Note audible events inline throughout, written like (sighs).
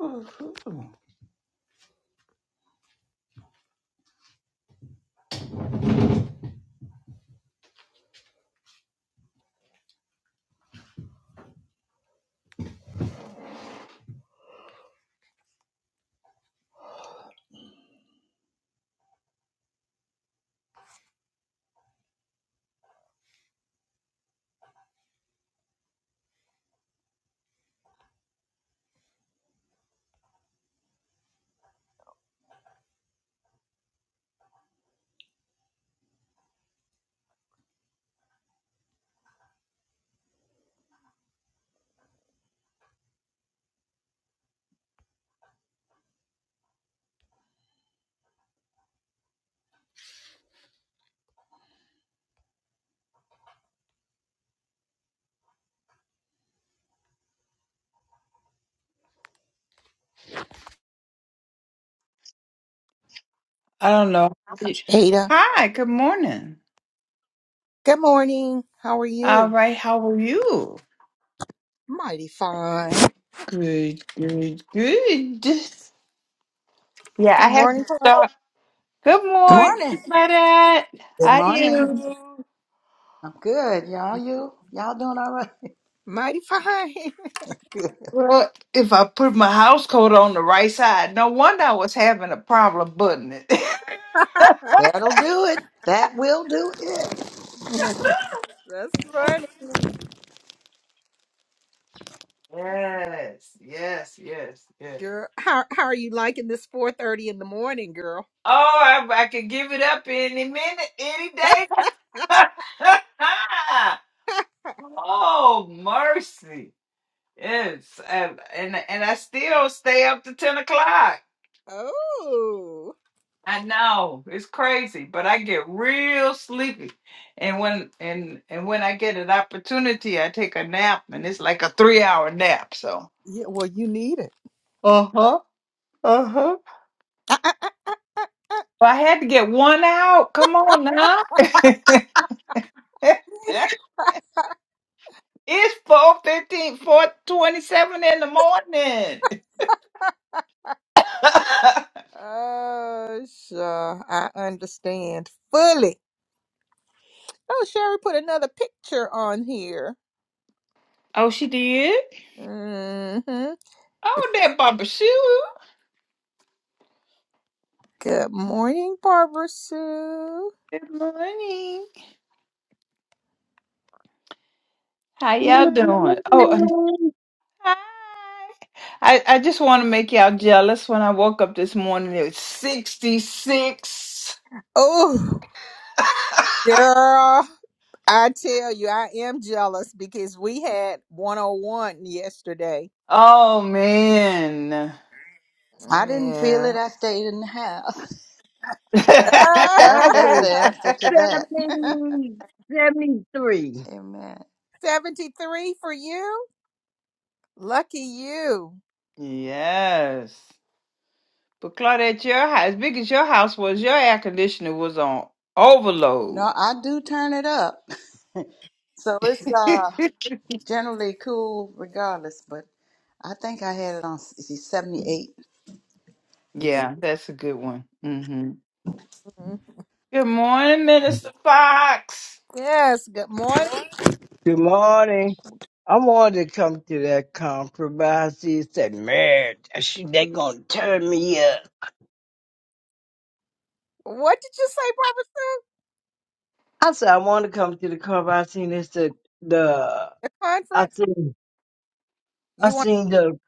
Ooh. I don't know. Ada, Hi, good morning. good morning. How are All you? right, how are you? Mighty fine. Good, good, good. (laughs) Yeah, Good I have (laughs) to morning, start. Good Good Veronica. morning, morning. my dad. Good How are morning. you? I'm good. Y'all, you y'all doing all right? Mighty fine. (laughs) Good. Well, if I put my house coat on the right side, no wonder I was having a problem buttoning it. (laughs) (laughs) That'll do it. That will do it. That's funny, Yes, yes, yes, yes. girl. How how are you liking this four thirty in the morning, girl? Oh, I, I could give it up any minute, any day. (laughs) Oh mercy. Yes. And and and I still stay up to ten o'clock. Oh, I know. It's crazy. But I get real sleepy. And when and and when I get an opportunity I take a nap and it's like a three hour nap, so yeah. Well, you need it. Uh-huh. Uh-huh. Well, I had to get one out. Come on now. (laughs) it's four fifteen, four twenty-seven in the morning. (laughs) Oh, sure. I understand fully. Oh, Sherry put another picture on here. oh, she did? Mm-hmm. Oh, that bumper shoe. Good morning, Barbara Sue. Good morning. How y'all Good doing? Oh, morning, hi. I, I just want to make y'all jealous. When I woke up this morning, it was 66. Oh, (laughs) girl. I tell you, I am jealous because we had 101 yesterday. oh, man. I didn't feel it. Yeah. I stayed in the house. (laughs) That's (laughs) that's Father. the answer to that. 70, 73. (laughs) Amen. 73 for you? Lucky you. Yes. But Claudette, your house, as big as your house was, your air conditioner was on No, overload. I do turn it up. (laughs) So it's (laughs) uh generally cool regardless, but I think I had it on 78 Yeah. yeah, that's a good one. hmm Good morning, Minister Fox. Yes, good morning. Good morning. I wanted to come to that compromise. He said, man, she, they going to turn me up. What did you say, Barbara? I said, I want to come to the compromise. I seen this, the, the, The I conference? seen, I You want seen the,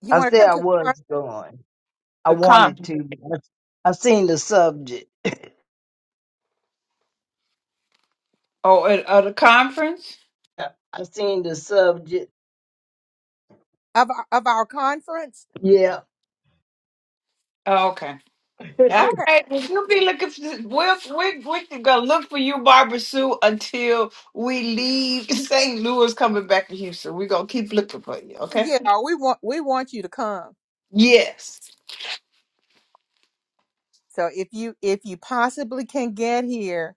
you I want to come said I to the con- was going. I The con. wanted to, but I, I seen the subject. Oh, at, at the conference? I seen the subject. of our, of our conference? Yeah. Oh, okay. (laughs) All Okay. right, well, you'll be looking for. We're, we're, we're gonna look for you, Barbara Sue, until we leave (laughs) St. Louis, coming back to Houston. We're gonna keep looking for you, okay? Yeah, we want we want you to come. Yes. So if you if you possibly can get here,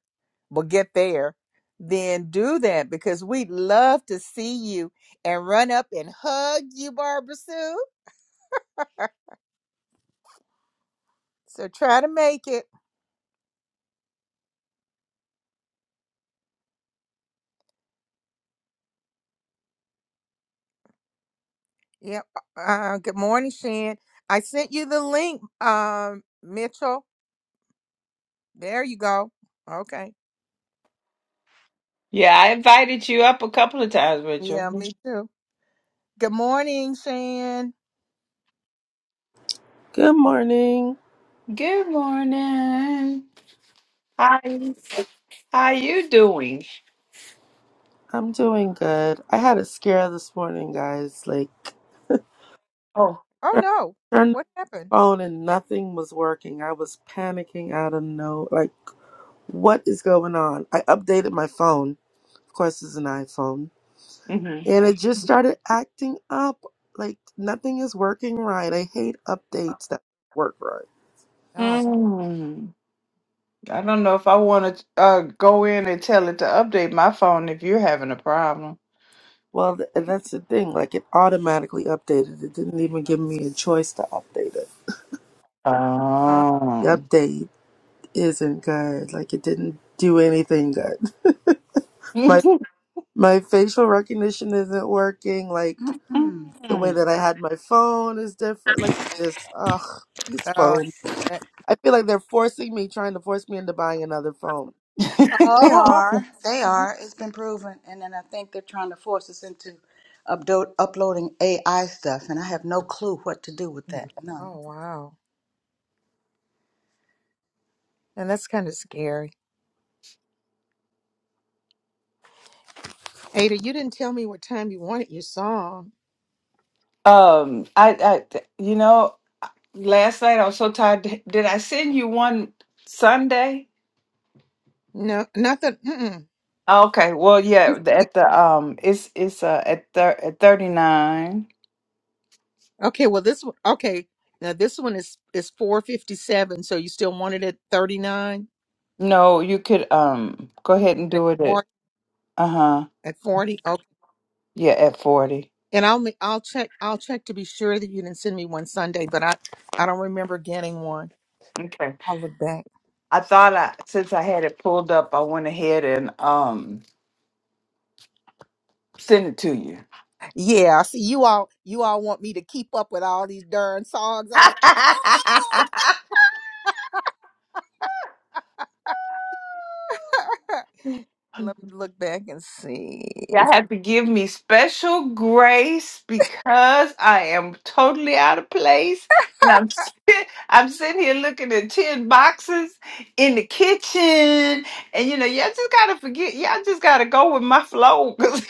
well get there, then do that because we'd love to see you and run up and hug you, Barbara Sue. So try to make it. Yep. Uh, good morning, Shan. I sent you the link, um, Mitchell. There you go. Okay. Yeah, I invited you up a couple of times, Yeah, Rachel. me too. Good morning, Shan. Good morning. Good morning. How how you doing? I'm doing good. I had a scare this morning, guys. Like, Oh. Oh turned no, turned what happened? the phone and nothing was working. I was panicking out of no, like, what is going on? I updated my phone. Of course, it's an iPhone. hmm And it just started acting up. Like, nothing is working right. I hate updates that work right. Oh, Mm. I don't know if I want to uh, go in and tell it to update my phone if you're having a problem. Well, th- and that's the thing. Like, it automatically updated. It didn't even give me a choice to update it. uh, The Oh. update. isn't good. Like it didn't do anything good. (laughs) (laughs) My my facial recognition isn't working. Like the way Mm. that I had my phone is different. Like just ugh, this oh, phone. that- I feel like they're forcing me, trying to force me into buying another phone. They oh, are. They are. It's been proven. And then I think they're trying to force us into updo- uploading AI stuff, and I have no clue what to do with that. (laughs) None. oh, wow. And that's kind of scary. Ada, you didn't tell me what time you wanted your song. Um, I, I, you know, last night I was so tired. Did did I send you one Sunday? No, nothing. Mm-mm. Oh, Okay, well, yeah, the- You- at the um, it's it's uh at thir at thirty nine. Okay, well this one. Okay, now this one is is four fifty seven. So you still want it at thirty nine No, you could um go ahead and at do it at forty uh huh at forty. Okay, yeah at forty. and I'll ma- I'll check I'll check to be sure that you didn't send me one Sunday, but I I don't remember getting one. Okay, I'll look back. I thought I since I had it pulled up, I went ahead and um send it to you. Yeah, I see you all you all want me to keep up with all these darn songs. I'm like, oh. (laughs) (laughs) Let me look back and see. Y'all have to give me special grace because I am totally out of place, and I'm (laughs) sit- I'm sitting here looking at ten boxes in the kitchen, and you know, y'all just gotta forget, y'all just gotta go with my flow (laughs) because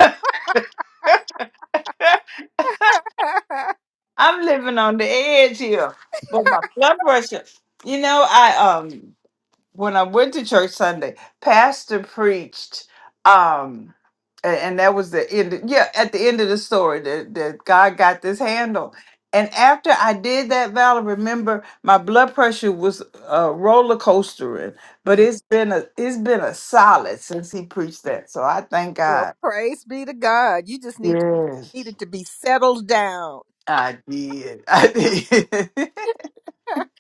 I'm living on the edge here. But my blood pressure, you know, I um. when I went to church Sunday, pastor preached um a- and, that was the end of- yeah, at the end of the story that, that God got this handle. And after I did that, Val, I remember my blood pressure was uh, roller coastering, (laughs) but it's been a it's been a solid since he preached that. So I thank Well, God. praise be to God. You just need to Yes, needed to be settled down. I did. I did. (laughs)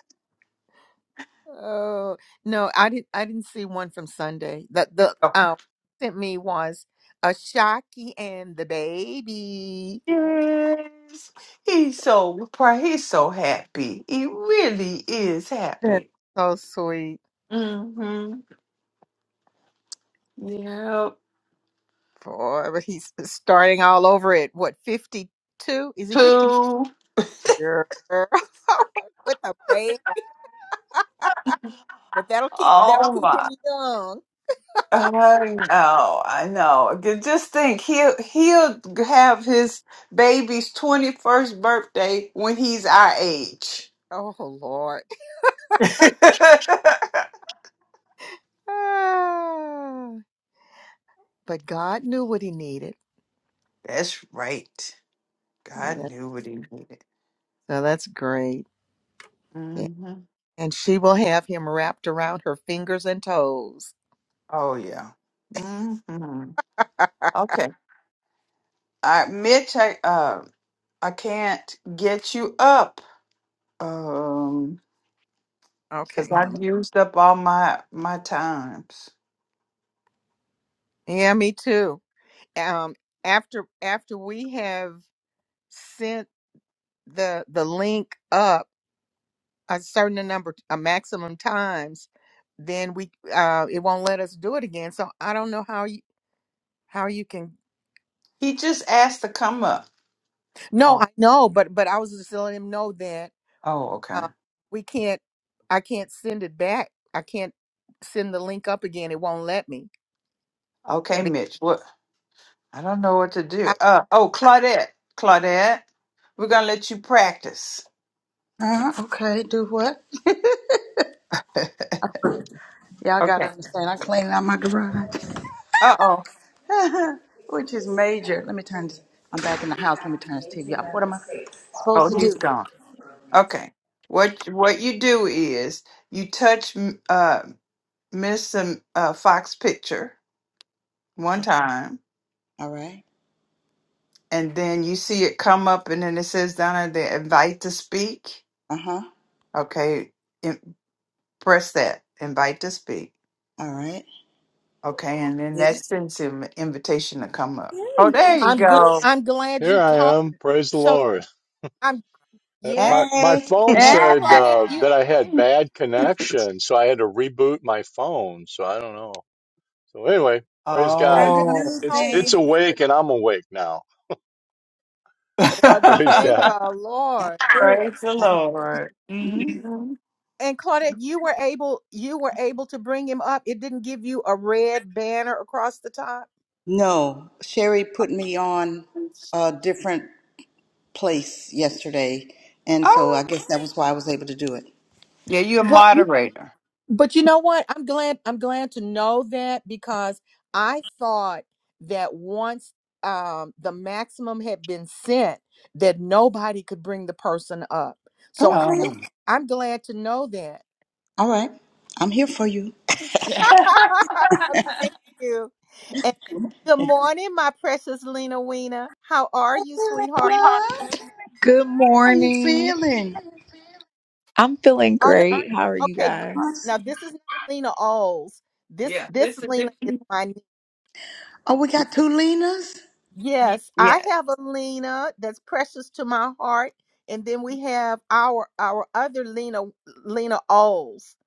oh no, I didn't. I didn't see one from Sunday. That the uh, sent me was a Shocky and the baby. (laughs) yes, he's so proud. He's so happy. He really is happy. That's so sweet. Mm-hmm. Yep. For he's starting all over at what fifty two? Is he fifty? Two. Girl, (laughs) with a baby, but that'll keep that'll Oh keep my. him young. I know. I know. Ju- Just think, he'll he'll have his baby's twenty first birthday when he's our age. (laughs) oh Lord. (laughs) That's Ah. But God knew what he needed. right. God Yeah. knew what he needed. So that's great. Yeah. hmm And she will have him wrapped around her fingers and toes. Oh yeah. hmm Okay. All right, Mitch. I uh, I can't get you up. Um. because Okay, let me I've used up all my my times. Yeah, me too. Um after after we have sent the the link up a certain number a maximum times, then we uh it won't let us do it again. So I don't know how you how you can He just asked to come up. No, Oh, I know, but but I was just letting him know that oh, okay, uh, we can't i can't send it back i can't send the link up again it won't let me okay, Be- Mitch. What? I don't know what to do. I, Uh, oh, I, Claudette, Claudette, we're gonna let you practice. (laughs) Uh, okay, do what? (laughs) Y'all gotta Okay. understand, I'm cleaning out my garage, Uh oh. (laughs) which is major. Let me turn this, I'm back in the house. Let me turn this TV off. What am I Oh, supposed to he's do? gone. Okay. What what you do is you touch m- uh Miss um, uh, Fox picture one time, All right. and then you see it come up, and then it says down there, invite to speak. Uh huh. Okay. Press that. Invite to speak. All right. Okay, and then Did that it? sends him an invitation to come up. Oh, Hey. there you i'm (laughs) good go. i'm glad Here you I talked am. Praise the so Lord. i'm Uh, yeah My my Hey. phone (laughs) so Hey! said claudette uh, you that I had bad (laughs) connection, so I had to reboot my phone. So I don't know. So anyway, praise God. Learned yeah a Oh. new It's so it's thing. weird awake and I'm awake now. (laughs) Praise well (laughs) Praise thank God. the Gotta lord do the it. Lord. Mhm. and claudette you were able you were able to bring him up it didn't give you a red banner across the top No, Sherry put me on a different place yesterday, and so I Oh, guess that was why I was able to do it. yeah, you're a moderator. But you know what? I'm glad I'm glad to know that because I thought that once um the maximum had been sent that nobody could bring the person up. So I'm gl- Okay. Oh. I'm glad to know that. All right. I'm here for you. (laughs) yeah, (laughs) Thank you. And good morning, my precious Lena Weena. How are you, Hey, sweetheart? Lena. Good How you morning. feeling? I'm feeling Oh no, great. How are you okay. guys? Now Awesome. this is not Lena Oles. This this this is a Lena is different. my Oh, we got two Lenas? Yes, I Yeah. have a Lena that's precious to my heart, and then we have our our other Lena Lena Oles,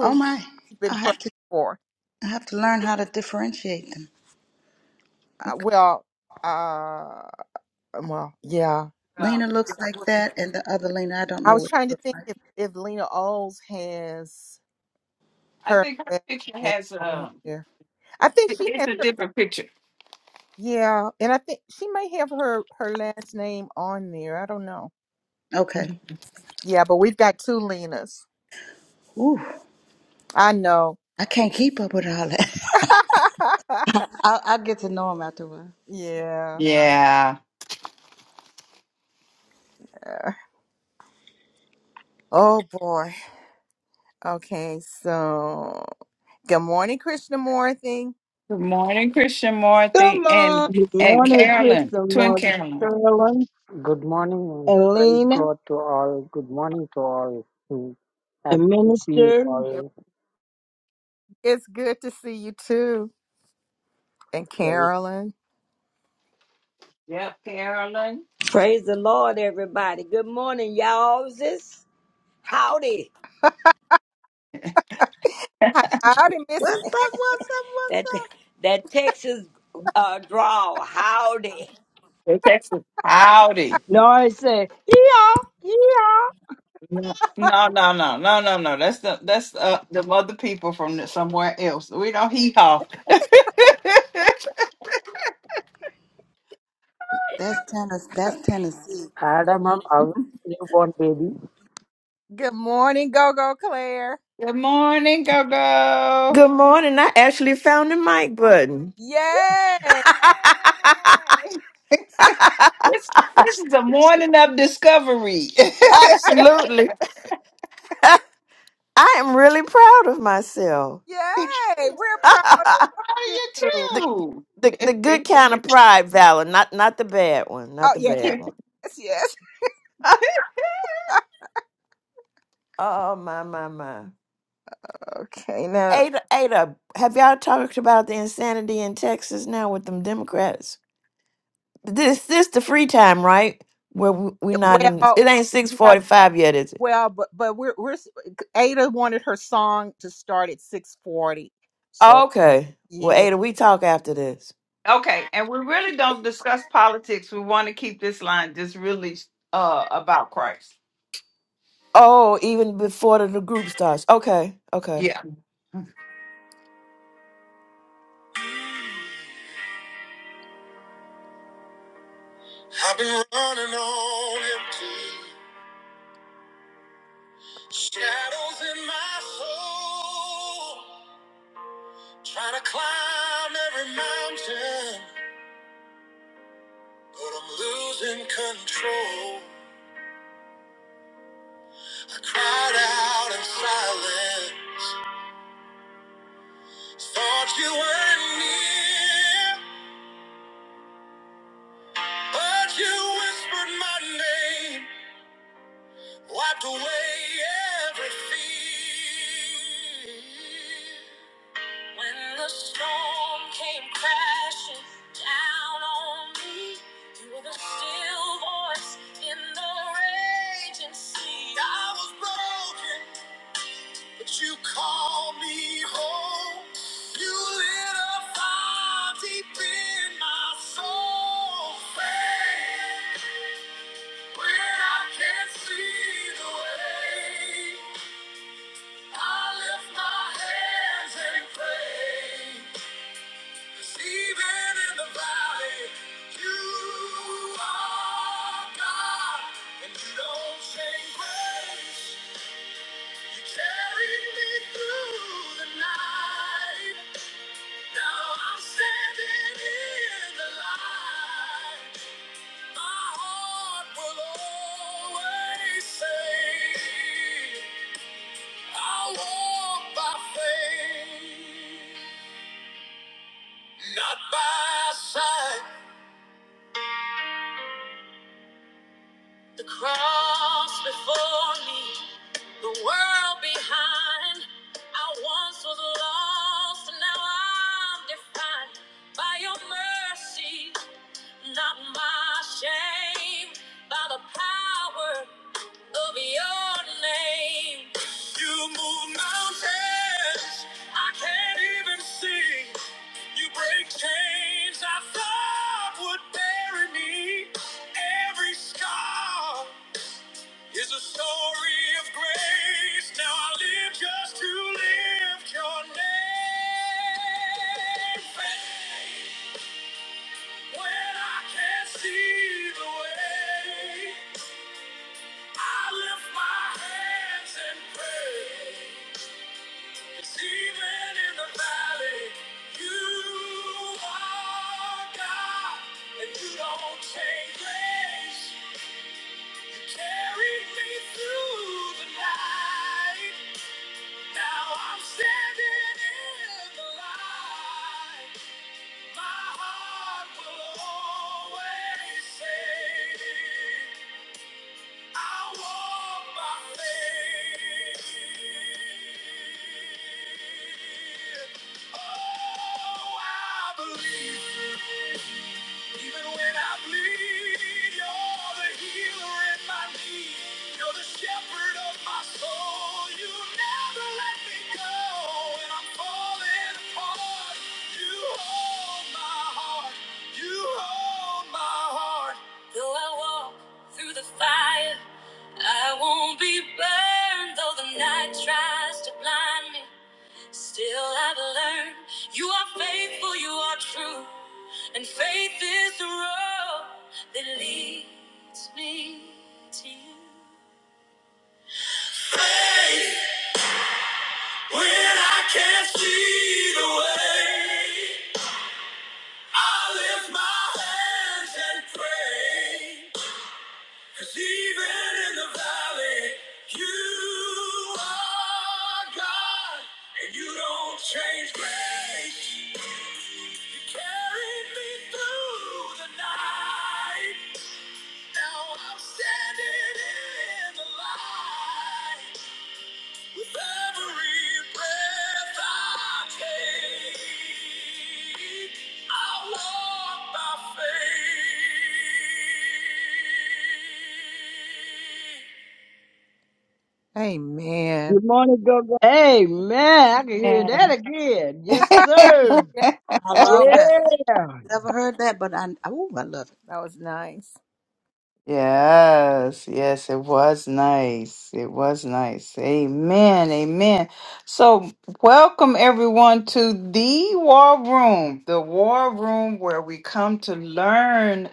Oh my. I been prayed have to for. I have to learn how to differentiate them. Uh, Okay. well, uh, well, yeah. Um, Lena yeah, looks like well, that and the other Lena I don't I know was what trying she to looks think if like. if Lena Oles has I her think her last picture name has on um, here. I think it- she it's has a her. different picture. Yeah, and I think she may have her her last name on there. I don't know. Okay. Yeah, but we've got two Lenas. Ooh. I know. I can't keep up with all that. (laughs) (laughs) I'll, I'll get to know him after a while. Yeah. Yeah. Yeah. Oh boy. Okay, so good morning, Krishnamurthy. Good morning, Christian Good Marthy and morning. Good and morning, Carolyn, Crystal, twin Morgan Carolyn. Sterling, Good morning and and praise Lena, God to all. Good morning to all. Hmm. Happy and to see you Minister. Yep. all. It's good to see you too. And Praise Carolyn. Yep, Carolyn. Praise the Lord, everybody. Good morning, y'all. This howdy. Howdy, What's Miss Tech. up? What's up? What's That up? that Texas uh, draw. Howdy. Hey, Texas. Howdy. No, I say, yeah, yeah. No, no, no, no, no, no. no. That's the that's uh, the other people from the- somewhere else. We don't hee haw. (laughs) That's Tennessee. That's Tennessee. Adam, our newborn baby. Good morning, Go Go Claire. Good morning, Gogo. Good morning. I actually found the mic button. Yay! Yay! This this is a morning of discovery. (laughs) Absolutely. I am really proud of myself. Yay! We're proud (laughs) of the, you. How are the the good kind of you pride, Valor, not not the bad one, not Oh the yeah, bad too? one. yes, yes. (laughs) (laughs) oh my my my. Okay, now Ada Ada, have y'all talked about the insanity in Texas now with them Democrats? This this the free time, right? Where we, we (laughs) not in it well, ain't yeah, 6:45 yet, is it? well, but but we're we're Ada wanted her song to start at six forty. So Okay. Well, yeah. Ada, we talk after this. Okay, and we really don't discuss politics. We want to keep this line just really uh about Christ. Oh, even before the, the group starts. Okay, okay. Yeah. I've been running on empty. Shadows in my soul. Trying to climb every mountain. But I'm losing control. I cried out in silence. Thought you were near. But you whispered my name. Wiped away every fear. When the storm came crashing down on me, you were the still voice in the raging sea. I was broken, but you called me home. You lit a fire deep in my soul. Faith, when I can't see the way, I lift my hands and pray. Even in the valley, you are God, and you don't change ways. You carried me through the night. Now I'm standing in the light. My heart will always say, I walk by faith, not by sight. The cross before me, the world behind. I once was lost, and now I'm defined by your mercy, not my shame, by the power of your name. You move mountains I can't even see. You break chains I thought would bury me. Every scar is a story of grace. Now I live just to lift your name. Faith, When I can't see the way, I lift my hands and pray. 'Cause even in the valley, you are God, and you don't change grace. You carried me through the night. Now I'm standing in the light. My heart will always say, I walk by faith. Oh, I believe. Even when I bleed, you're the healer in my need. You're the shepherd of my soul. You never let me go. When I'm falling apart, you hold my heart. You hold my heart. Through it, I burn though the night burn. You are faithful, true, and faith is the road that leads me to you. Faith. When I can't see the way, I lift my hands and pray. Cause even in the valley, you are God, and you don't change grace. You carried me through the night. Now I'm standing in the light. Amen. Good morning, go go. Amen. I can hear that again. Yes, sir. Yes, I love Lord. it. Yeah. Never heard that, but I oh, I love it. That was nice. Yes, yes, it was nice. It was nice. Amen. Amen. So, welcome everyone to the war room, the war room where we come to learn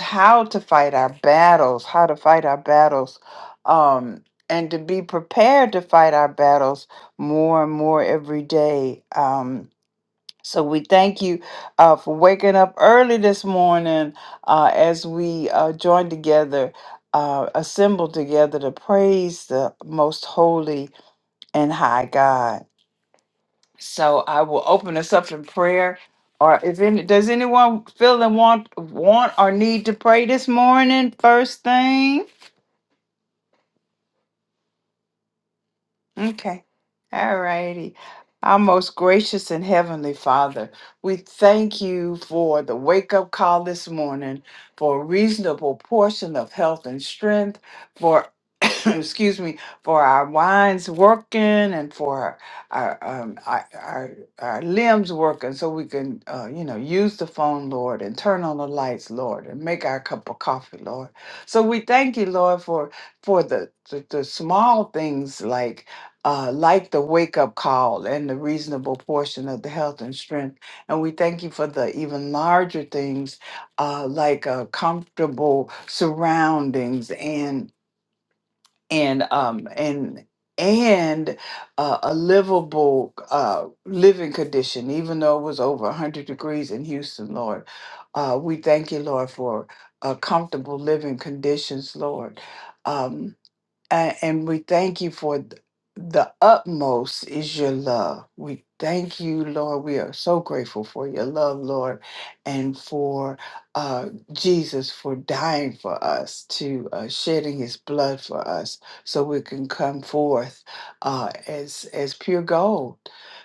how to fight our battles, how to fight our battles, um, and to be prepared to fight our battles more and more every day. Um, so we thank you uh, for waking up early this morning uh, as we uh, join together, uh, assemble together to praise the most holy and high God. So I will open us up in prayer. Or if any, does anyone feel the want, want or need to pray this morning? First thing. Okay. All righty. Our most gracious and heavenly Father, we thank you for the wake up call this morning, for a reasonable portion of health and strength, for (coughs) excuse me, for our minds working and for our um, our, our, our limbs working, so we can uh, you know use the phone, Lord, and turn on the lights, Lord, and make our cup of coffee, Lord. So we thank you, Lord, for for the, the, the small things like uh, like the wake up call and the reasonable portion of the health and strength. And we thank you for the even larger things uh, like uh, comfortable surroundings and and um, and and uh, a livable uh, living condition, even though it was over 100 degrees in Houston, Lord. Uh, we thank you, Lord, for uh, comfortable living conditions, Lord. Um, uh, and we thank you for th- the utmost is your love. We thank you, Lord. We are so grateful for your love, Lord, and for uh, Jesus for dying for us, to uh, shedding His blood for us, so we can come forth uh, as as pure gold.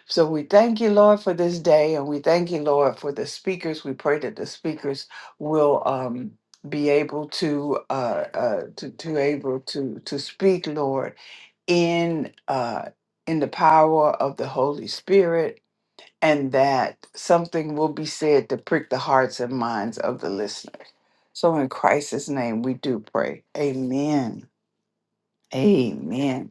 So we thank you, Lord, for this day, and we thank you, Lord, for the speakers. We pray that the speakers will. Um, be able to uh, uh, to to able to to speak, Lord, in uh, in the power of the Holy Spirit, and that something will be said to prick the hearts and minds of the listeners. So, in Christ's name, we do pray. Amen. Amen.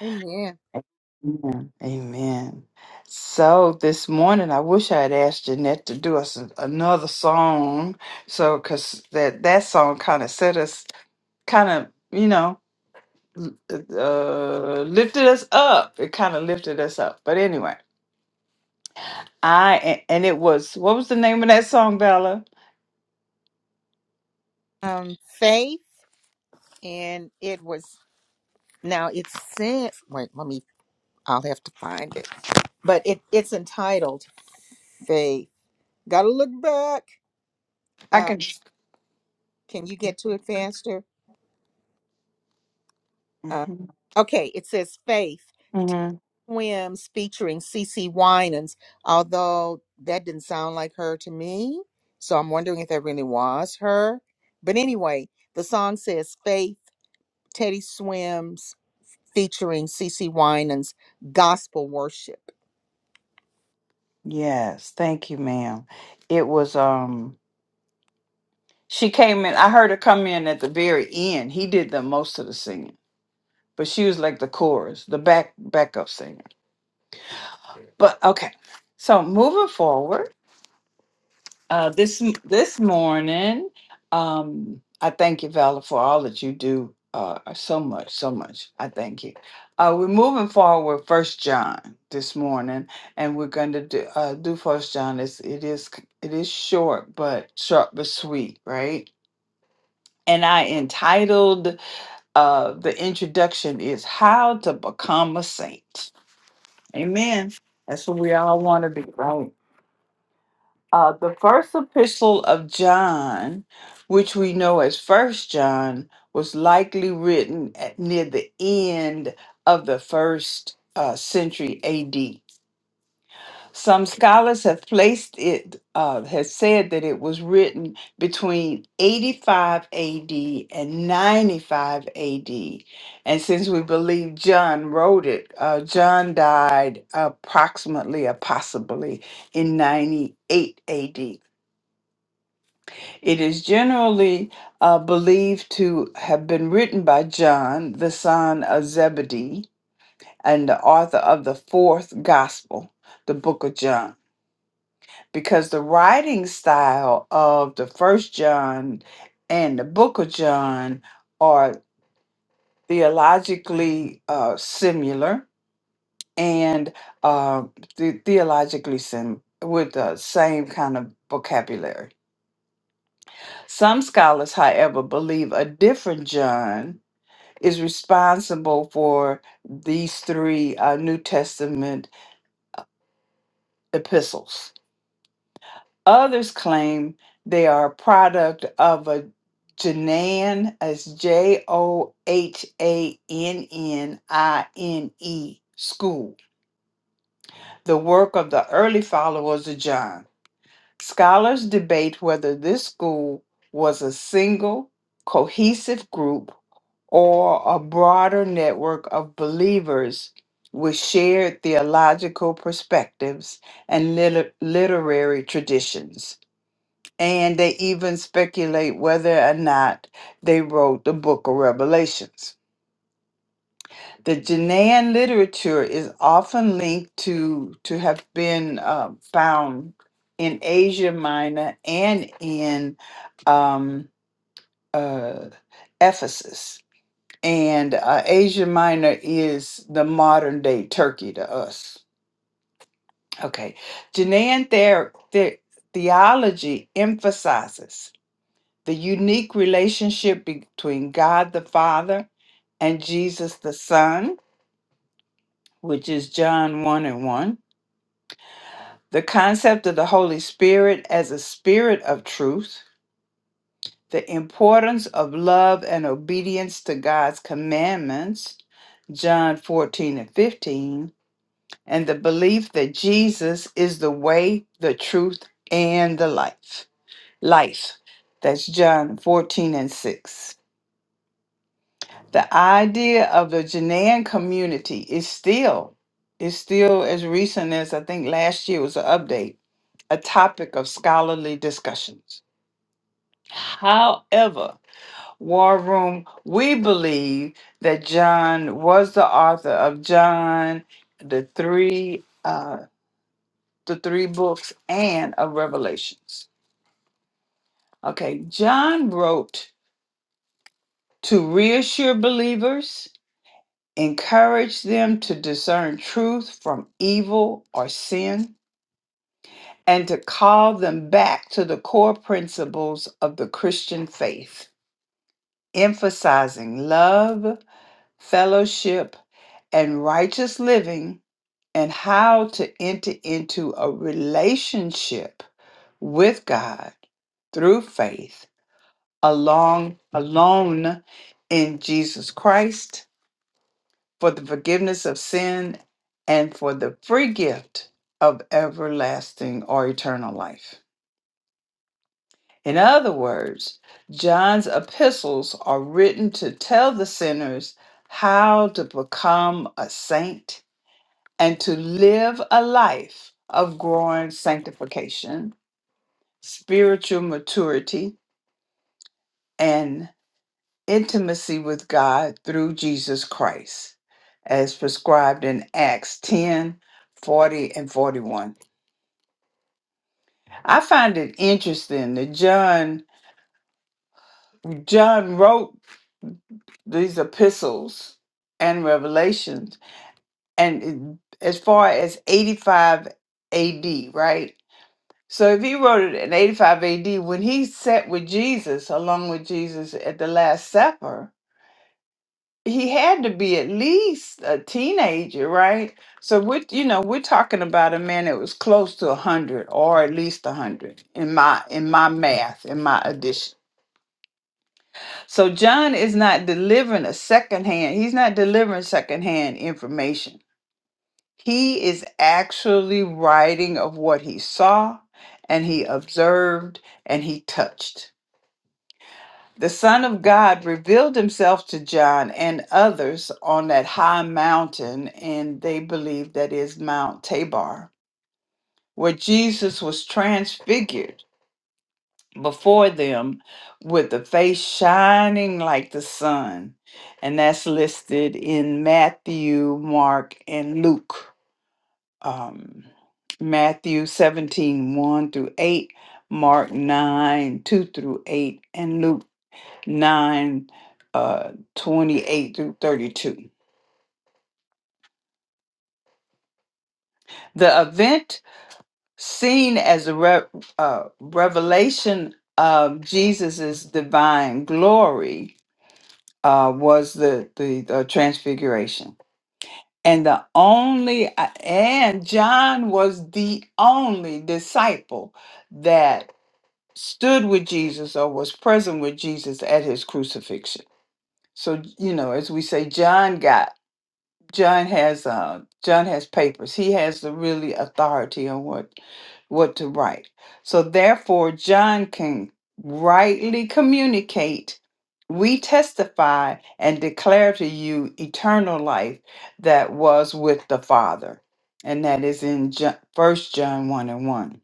Amen. Amen. Amen. So this morning, I wish I had asked Jeanette to do us an- another song. So, cause that that song kind of set us kind of, you know, uh, lifted us up. It kind of lifted us up. But anyway, I a- and it was what was the name of that song, Bella? Um, faith, and it was now it says. Wait, let me. I'll have to find it. But it it's entitled "Faith." Got to look back. I Uh, can. can you get to it faster? Uh, Mhm, okay, it says Faith Ted mhm. Swims featuring CeCe Winans, although that didn't sound like her to me. So I'm wondering if that really was her. But anyway, the song says Faith Teddy Swims featuring CeCe Winans Gospel Worship. Yes, thank you, ma'am. It was um. She came in. I heard her come in at the very end. He did the most of the singing, but she was like the chorus, the back backup singer. But okay, so moving forward. Uh, this m- this morning, um, I thank you, Vala, for all that you do. Uh, uh, so much, so much. I thank you. Uh, we're moving forward with First John this morning, and we're going to do, uh, do First John. It's, it is c- it is short, but short but sweet, right? And I entitled uh, the introduction is "How to Become a Saint." Amen. That's what we all want to be, right? Uh, the first epistle of John, which we know as First John, was likely written at near the end of the first uh, century AD. Some scholars have placed it, uh, have said that it was written between 85 AD and 95 AD. And since we believe John wrote it, uh, John died approximately or possibly in 98 AD. It is generally uh, believed to have been written by John, the son of Zebedee, and the author of the fourth gospel, the book of John, because the writing style of the first John and the book of John are theologically uh, similar and uh, the- theologically sim- with the same kind of vocabulary. Some scholars, however, believe a different John is responsible for these three uh, New Testament epistles. Others claim they are a product of a Johannine, as J O H A N N I N E school, the work of the early followers of John. Scholars debate whether this school was a single, cohesive group or a broader network of believers with shared theological perspectives and lit- literary traditions. And they even speculate whether or not they wrote the book of Revelations. The Ghanaian literature is often linked to to have been uh, found in Asia Minor and in um, uh, Ephesus. And uh, Asia Minor is the modern day Turkey to us. Okay, Ghanaian ther- the- theology emphasizes the unique relationship between God the Father and Jesus the Son, which is John 1 and 1 the concept of the Holy Spirit as a spirit of truth, the importance of love and obedience to God's commandments, John 14 and 15, and the belief that Jesus is the way, the truth, and the life. Life. That's John 14 and 6. The idea of the Ghanaian community is still, is still as recent as I think last year was an update, a topic of scholarly discussions. However, War Room, we believe that John was the author of John, the three uh the three books and of Revelations. Okay, John wrote to reassure believers, encourage them to discern truth from evil or sin, and to call them back to the core principles of the Christian faith, emphasizing love, fellowship, and righteous living and how to enter into a relationship with God through faith along alone in Jesus Christ for the forgiveness of sin and for the free gift of everlasting or eternal life. In other words, John's epistles are written to tell the sinners how to become a saint and to live a life of growing sanctification, spiritual maturity, and intimacy with God through Jesus Christ, as prescribed in Acts 10, 40, and 41. I find it interesting that John John wrote these epistles and revelations and it- as far as 85 AD, right? So if he wrote it in 85 AD, when he sat with Jesus, along with Jesus at the Last Supper, he had to be at least a teenager, right? So we're, you know, we're talking about a man that was close to 100 or at least 100 in my in my math, in my addition. So John is not delivering a secondhand. He's not delivering secondhand information. He is actually writing of what he saw and he observed and he touched. The Son of God revealed himself to John and others on that high mountain, and they believe that is Mount Tabor, where Jesus was transfigured before them with the face shining like the sun. And that's listed in Matthew, Mark, and Luke. Um, Matthew seventeen one through 8, Mark 9, 2 through 8, and Luke. 9 uh, 28 through 32. The event seen as a re- uh, revelation of Jesus's divine glory uh, was the, the, the transfiguration. And the only, uh, and John was the only disciple that stood with Jesus or was present with Jesus at his crucifixion. So, you know, as we say, John got John has uh John has papers. He has the really authority on what what to write. So therefore John can rightly communicate we testify and declare to you eternal life that was with the Father. And that is in First John 1 and 1.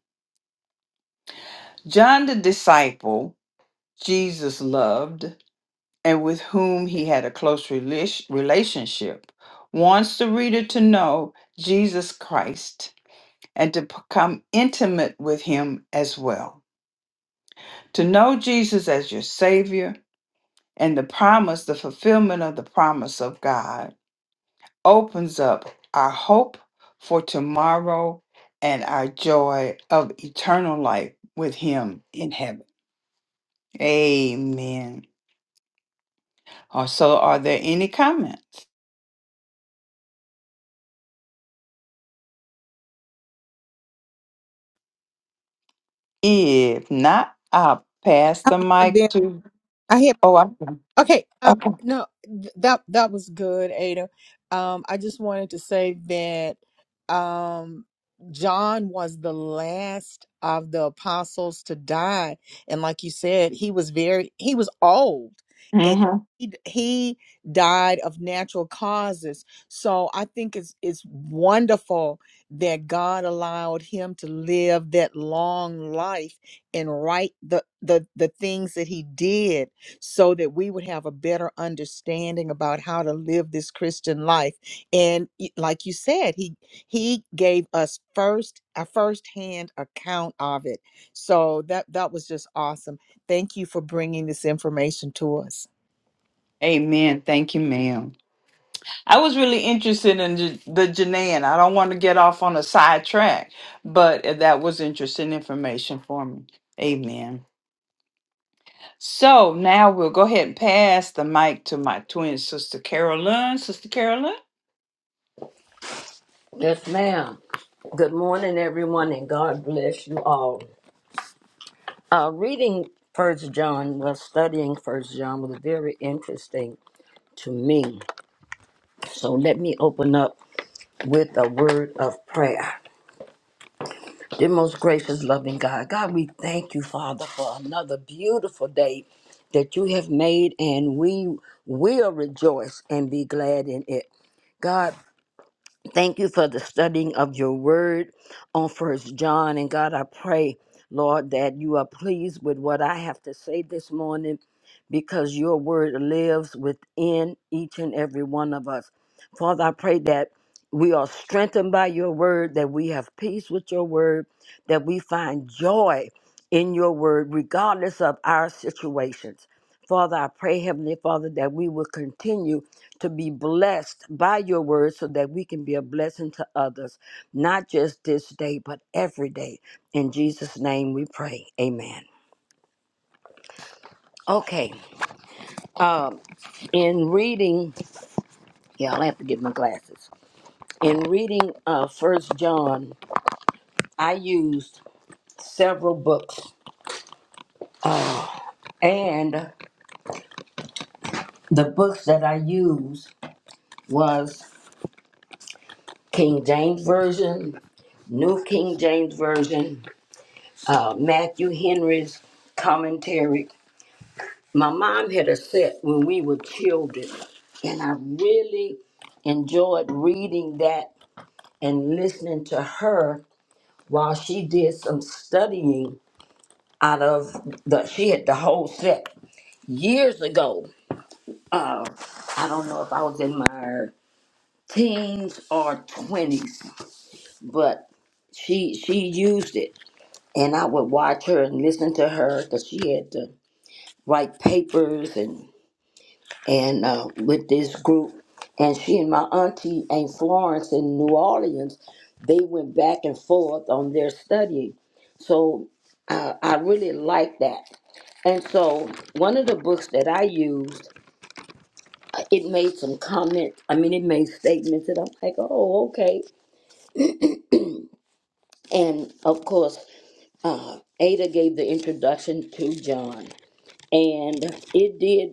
John the disciple Jesus loved and with whom he had a close relish- relationship, wants the reader to know Jesus Christ and to become intimate with him as well. To know Jesus as your Savior and the promise, the fulfillment of the promise of God, opens up our hope for tomorrow and our joy of eternal life with Him in heaven. Amen. Uh, So, are there any comments? If not, I'll pass the I've mic been- to. I had Oh, I, Okay, uh, okay. no, th- that that was good, Ada. Um, I just wanted to say that um, John was the last of the apostles to die, and like you said, he was very he was old, and hmm he d- he died of natural causes. So I think it's it's wonderful that God allowed him to live that long life and write the the the things that he did so that we would have a better understanding about how to live this Christian life. And y- like you said, he he gave us first a firsthand account of it. So that that was just awesome. Thank you for bringing this information to us. Amen. Thank you, ma'am. I was really interested in J- the Janaean. I don't want to get off on a side track, but that was interesting information for me. Amen. So now we'll go ahead and pass the mic to my twin sister, Carolyn. Sister Carolyn? Yes, ma'am. Good morning, everyone, and God bless you all. Uh, reading First John, well, studying First John was very interesting to me. So let me open up with a word of prayer. Dear most gracious, loving God, God, we thank you, Father, for another beautiful day that you have made, and we will rejoice and be glad in it. God, Thank you for the studying of your word on First John. And God, I pray, Lord, that you are pleased with what I have to say this morning because your word lives within each and every one of us. Father, I pray that we are strengthened by your word, that we have peace with your word, that we find joy in your word, regardless of our situations. Father, I pray, Heavenly Father, that we will continue to be blessed by your word so that we can be a blessing to others, not just this day, but every day. In Jesus' name we pray. Amen. Okay. Um, in reading, yeah, I'll have to get my glasses. In reading uh First John, I used several books. And the books that I used was King James Version, New King James Version, uh, Matthew Henry's commentary, My mom had a set when we were children, and I really enjoyed reading that and listening to her while she did some studying out of the she had the whole set years ago. Uh, I don't know if I was in my teens or twenties, but she she used it, and I would watch her and listen to her because she had to write papers and and uh, with this group. And she and my auntie Aunt Florence in New Orleans, they went back and forth on their studying. So uh, I really like that. And so one of the books that I used, uh, it made some comments. I mean, it made statements that I'm like, oh, okay. And of course, uh, Ada gave the introduction to John, and it did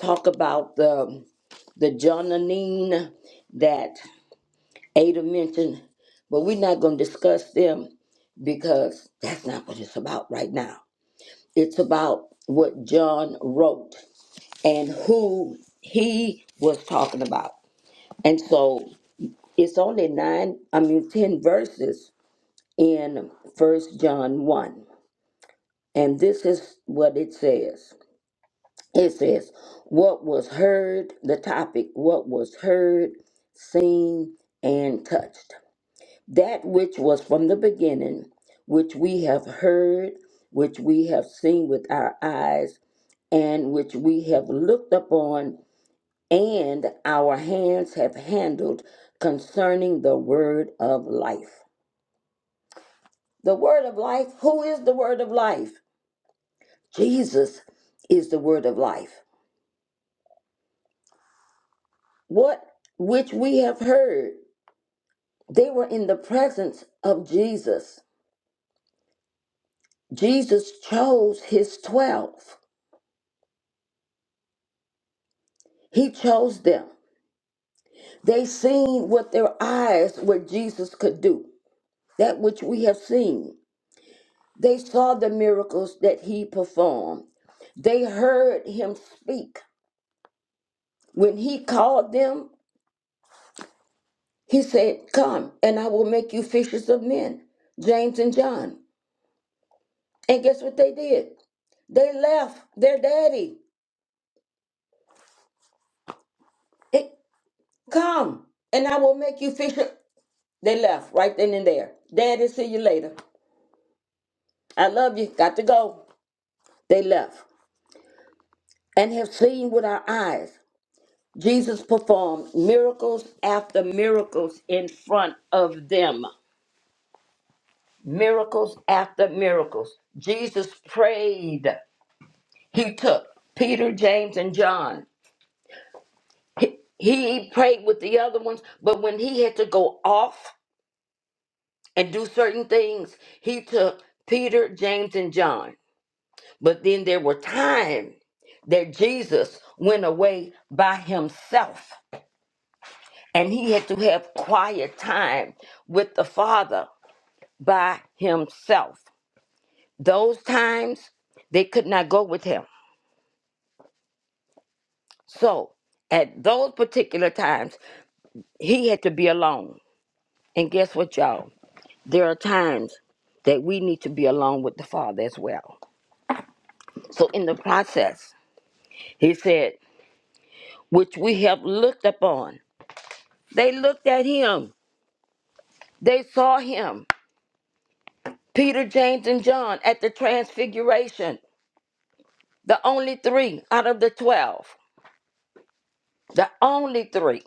talk about the the Johnanine that Ada mentioned, but we're not going to discuss them because that's not what it's about right now. It's about what John wrote and who he was talking about. And so it's only nine, I mean, 10 verses in First John 1. And this is what it says it says, What was heard, the topic, what was heard, seen, and touched. that which was from the beginning, which we have heard, which we have seen with our eyes, and which we have looked upon, and our hands have handled concerning the word of life. The word of life, who is the word of life? Jesus is the word of life. What which we have heard, they were in the presence of Jesus. Jesus chose his twelve. He chose them. They seen with their eyes what Jesus could do, that which we have seen. They saw the miracles that he performed. They heard him speak. When he called them, he said, Come, and I will make you fishers of men, James and John. And guess what they did? They left their daddy. It, Come, and I will make you fisher. They left right then and there. Daddy, see you later. I love you. Got to go. They left. and have seen with our eyes. Jesus performed miracles after miracles in front of them. Miracles after miracles. Jesus prayed. He took Peter, James, and John. He, he prayed with the other ones, but when he had to go off and do certain things, he took Peter, James, and John. But then there were times that Jesus went away by himself and he had to have quiet time with the father by himself. Those times they could not go with him. So at those particular times, he had to be alone. And guess what, y'all? There are times that we need to be alone with the Father as well. So in the process, he said, which we have looked upon. They looked at him, they saw him. Peter, James, and John at the transfiguration. The only three out of the 12, the only three,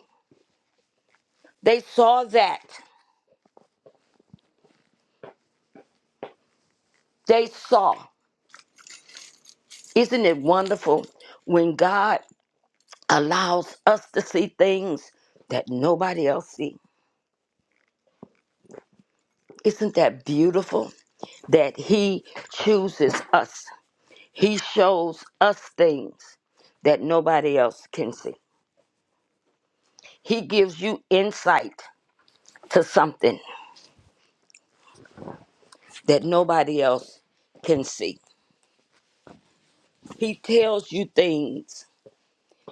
they saw that. They saw. Isn't it wonderful when God allows us to see things that nobody else sees? Isn't that beautiful that he chooses us? He shows us things that nobody else can see. He gives you insight to something that nobody else can see. He tells you things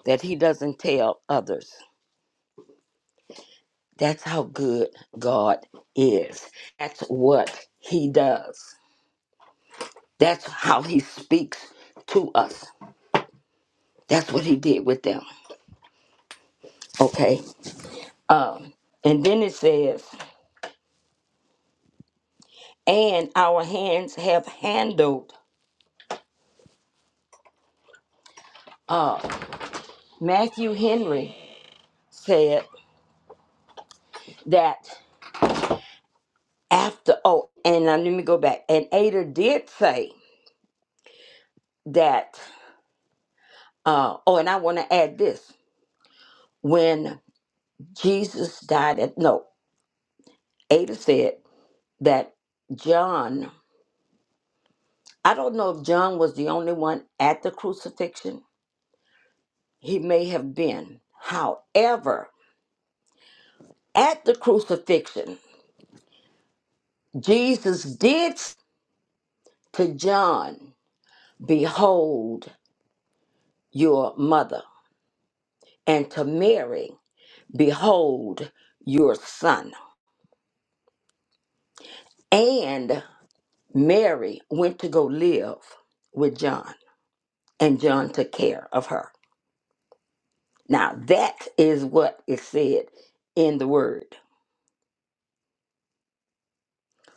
that he doesn't tell others. That's how good God is. That's what he does. That's how he speaks to us. That's what he did with them. Okay. Um, and then it says, and our hands have handled. Matthew Henry said that after, oh, and now let me go back. And Ada did say that, uh, oh, and I want to add this. When Jesus died at, no, Ada said that John, I don't know if John was the only one at the crucifixion. He may have been. However, at the crucifixion, Jesus did s- to John, Behold your mother, and to Mary, Behold your son. And Mary went to go live with John, and John took care of her. Now, that is what is said in the word.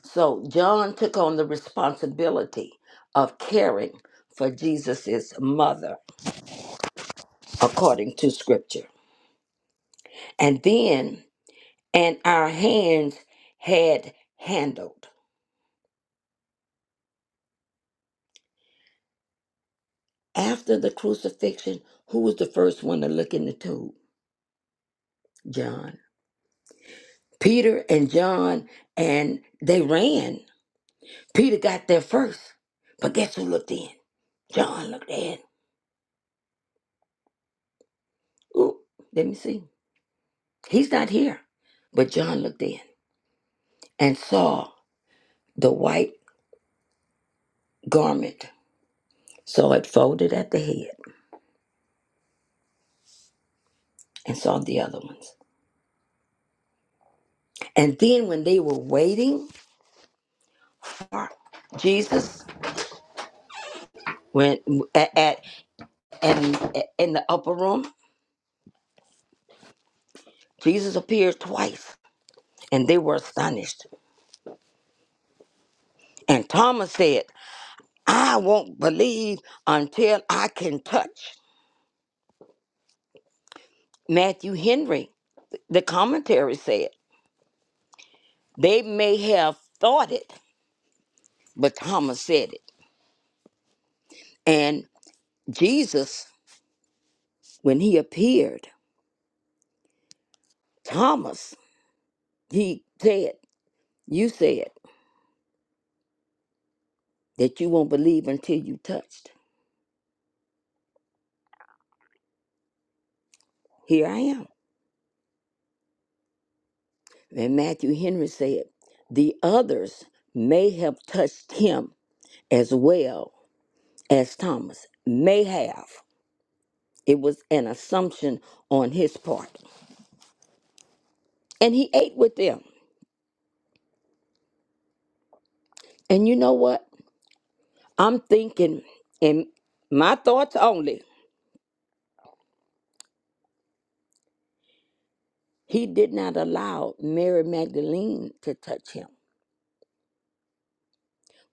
So, John took on the responsibility of caring for Jesus' mother, according to scripture. And then, and our hands had handled. After the crucifixion, who was the first one to look in the tomb? John. Peter and John, and they ran. Peter got there first, but guess who looked in? John looked in. Ooh, let me see. He's not here. But John looked in and saw the white garment, saw it folded at the head, and saw the other ones. And then when they were waiting for Jesus, when at, at and in the upper room, Jesus appeared twice, and they were astonished. And Thomas said, "I won't believe until I can touch." Matthew Henry, the commentary said, they may have thought it, but Thomas said it. And Jesus, when he appeared, Thomas, he said, You said that you won't believe until you touched. Here I am. And Matthew Henry said, The others may have touched him as well as Thomas. May have. It was an assumption on his part. And he ate with them. And you know what? I'm thinking, in my thoughts only, he did not allow Mary Magdalene to touch him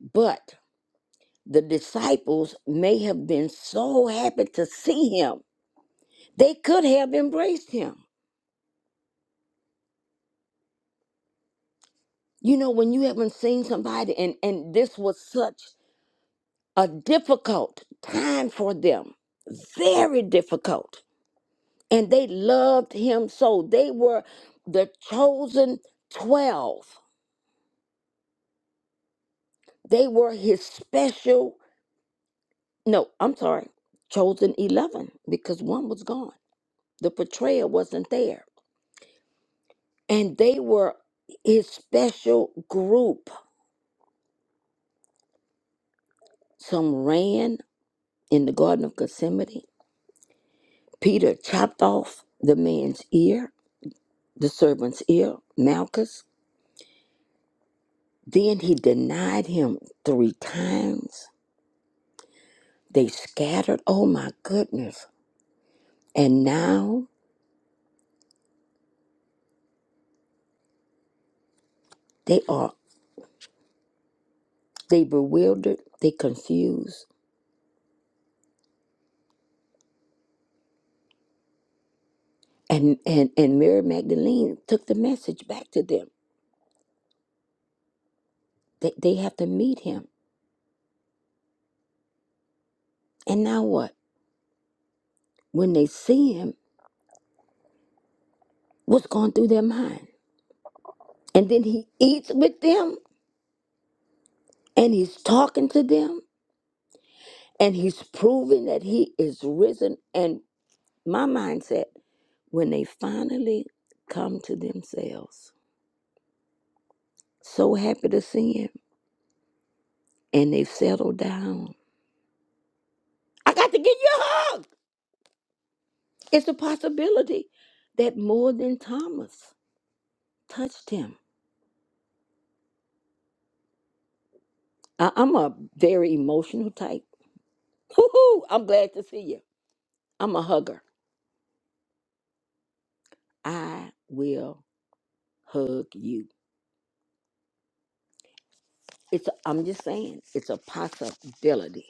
But the disciples may have been so happy to see him, they could have embraced him. You know, when you haven't seen somebody, and, and this was such a difficult time for them, very difficult. And they loved him so. They were the chosen 12, they were his special, no, I'm sorry, chosen 11, because one was gone. The betrayer wasn't there and they were his special group. Some ran in the Garden of Gethsemane. Peter chopped off the man's ear, the servant's ear, Malchus. Then he denied him three times. They scattered. Oh my goodness. And now they are they bewildered, they confused. And and, and Mary Magdalene took the message back to them. They, they have to meet him. And now what? When they see him, what's going through their mind. And then he eats with them and he's talking to them and he's proving that he is risen. And my mindset, when they finally come to themselves, so happy to see him and they've settled down. I got to give you a hug. It's a possibility that more than Thomas touched him. I- I'm a very emotional type. Woohoo! I'm glad to see you. I'm a hugger. I will hug you. It's I'm just saying, it's a possibility.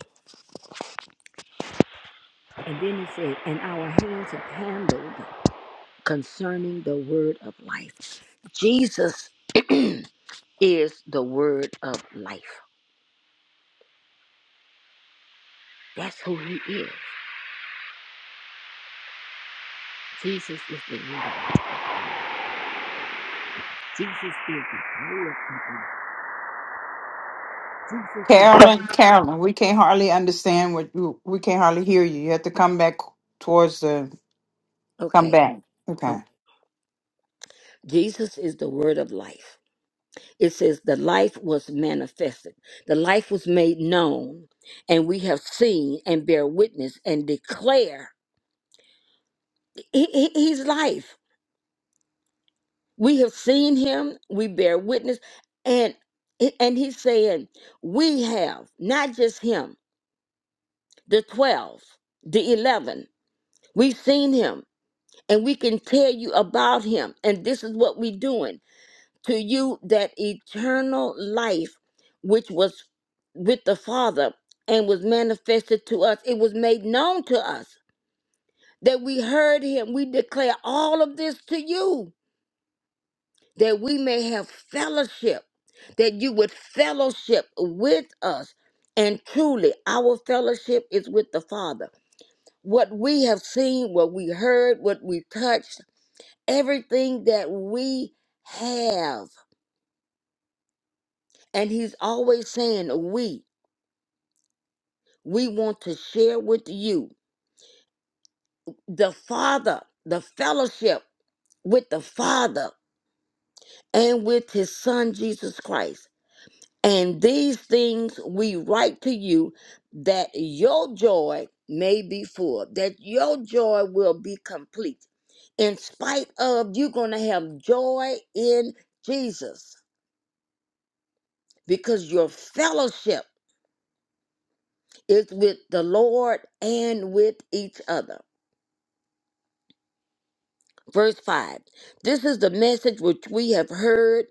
And then he said, and our hands have handled concerning the word of life. Jesus (clears throat) is the word of life. That's who he is. Jesus is the word of life. Jesus is the word of life. Jesus Carolyn, is Carolyn, we the can't hardly understand what you, we can't hardly hear you. You have to come back towards the, come Okay. back. Okay. okay. Jesus is the word of life. it says the life was manifested the life was made known and we have seen and bear witness and declare he- he- he's life we have seen him we bear witness and and he's saying we have not just him the 12 the 11 we've seen him and we can tell you about him and this is what we're doing to you that eternal life which was with the Father and was manifested to us. It was made known to us that we heard him. We declare all of this to you that we may have fellowship, that you would fellowship with us. And truly, our fellowship is with the Father. What we have seen, what we heard, what we touched, everything that we have. And he's always saying, we. We want to share with you the Father, the fellowship with the Father and with his Son Jesus Christ. And these things we write to you that your joy may be full, that your joy will be complete. In spite of, you're going to have joy in Jesus because your fellowship is with the Lord and with each other. Verse 5 This is the message which we have heard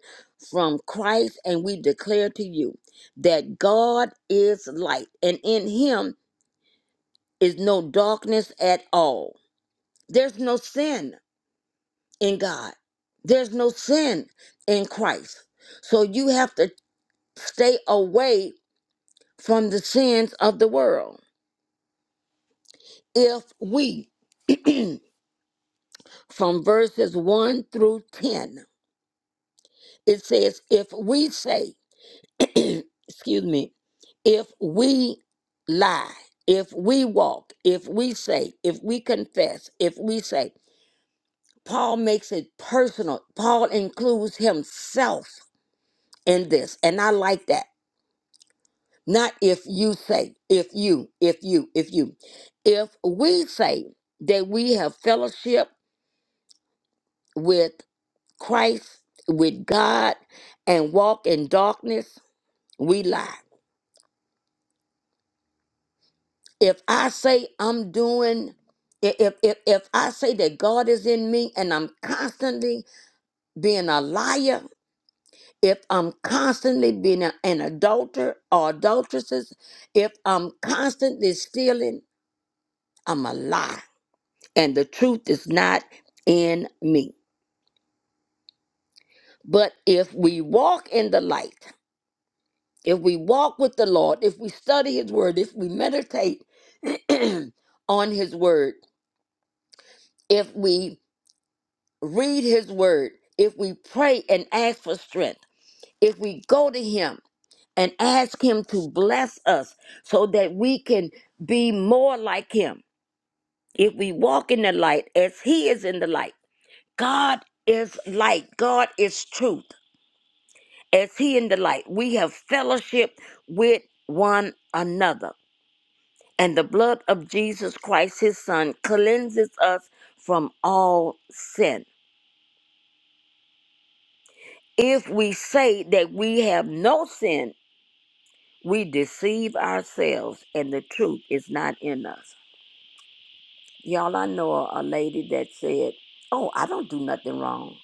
from Christ, and we declare to you that God is light, and in him is no darkness at all. There's no sin in God, there's no sin in Christ. So you have to stay away from the sins of the world. If we, (clears throat) from verses 1 through 10, it says, If we say, (clears throat) excuse me, if we lie, if we walk, if we say, if we confess, if we say, Paul makes it personal. Paul includes himself in this. And I like that. Not if you say, if you, if you, if you. If we say that we have fellowship with Christ, with God, and walk in darkness, we lie. if I say I'm doing, i- if if if I say that God is in me and I'm constantly being a liar, if I'm constantly being a- an adulterer or adulteresses, if I'm constantly stealing, I'm a lie, and the truth is not in me. But if we walk in the light, if we walk with the Lord, if we study His Word, if we meditate (clears throat) on His Word, if we read his word, if we pray and ask for strength, if we go to him and ask him to bless us so that we can be more like him, if we walk in the light as he is in the light, God is light, God is truth. As he in the light, we have fellowship with one another. And the blood of Jesus Christ, his son, cleanses us from all sin if we say that we have no sin We deceive ourselves and the truth is not in us. Y'all, I know a, a lady that said, Oh, I don't do nothing wrong.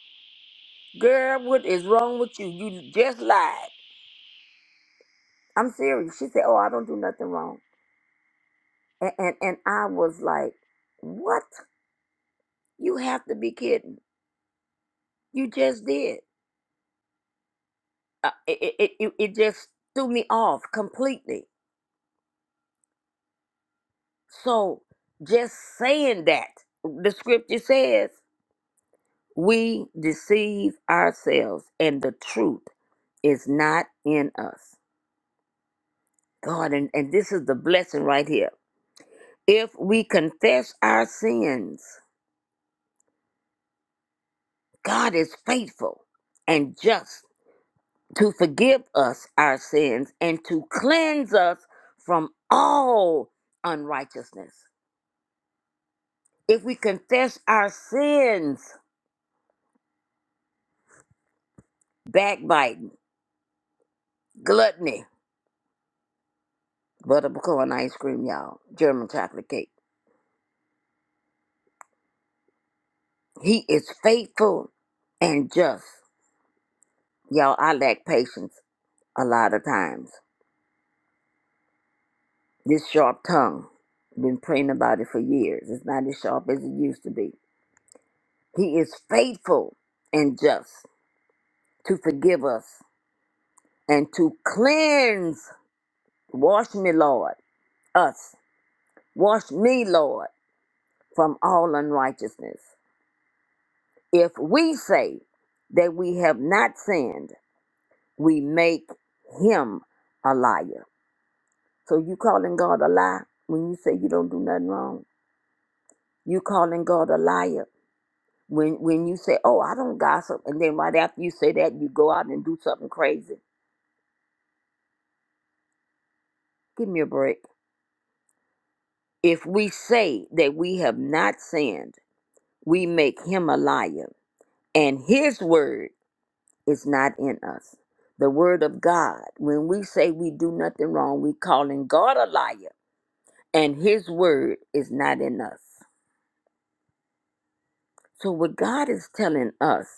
Girl, what is wrong with you? You just lied. I'm serious. She said, Oh, I don't do nothing wrong. And, and, and I was like, What? You have to be kidding. You just did. Uh, it, it, it, it it just threw me off completely. So just saying that, the scripture says, We deceive ourselves, and the truth is not in us. God, and, and this is the blessing right here. If we confess our sins, God is faithful and just to forgive us our sins and to cleanse us from all unrighteousness. If we confess our sins, backbiting, gluttony, buttercorn ice cream, y'all, German chocolate cake He is faithful and just. Y'all, I lack patience a lot of times. This sharp tongue, been praying about it for years. It's not as sharp as it used to be. He is faithful and just to forgive us and to cleanse. Wash me, Lord, us. Wash me, Lord, from all unrighteousness. If we say that we have not sinned, we make him a liar So you calling God a lie when you say you don't do nothing wrong. You calling God a liar when when you say, "Oh, I don't gossip," and then right after you say that, you go out and do something crazy. Give me a break. If we say that we have not sinned, we make Him a liar, and His word is not in us. The word of God. When we say we do nothing wrong, we calling God a liar, and His word is not in us. So what God is telling us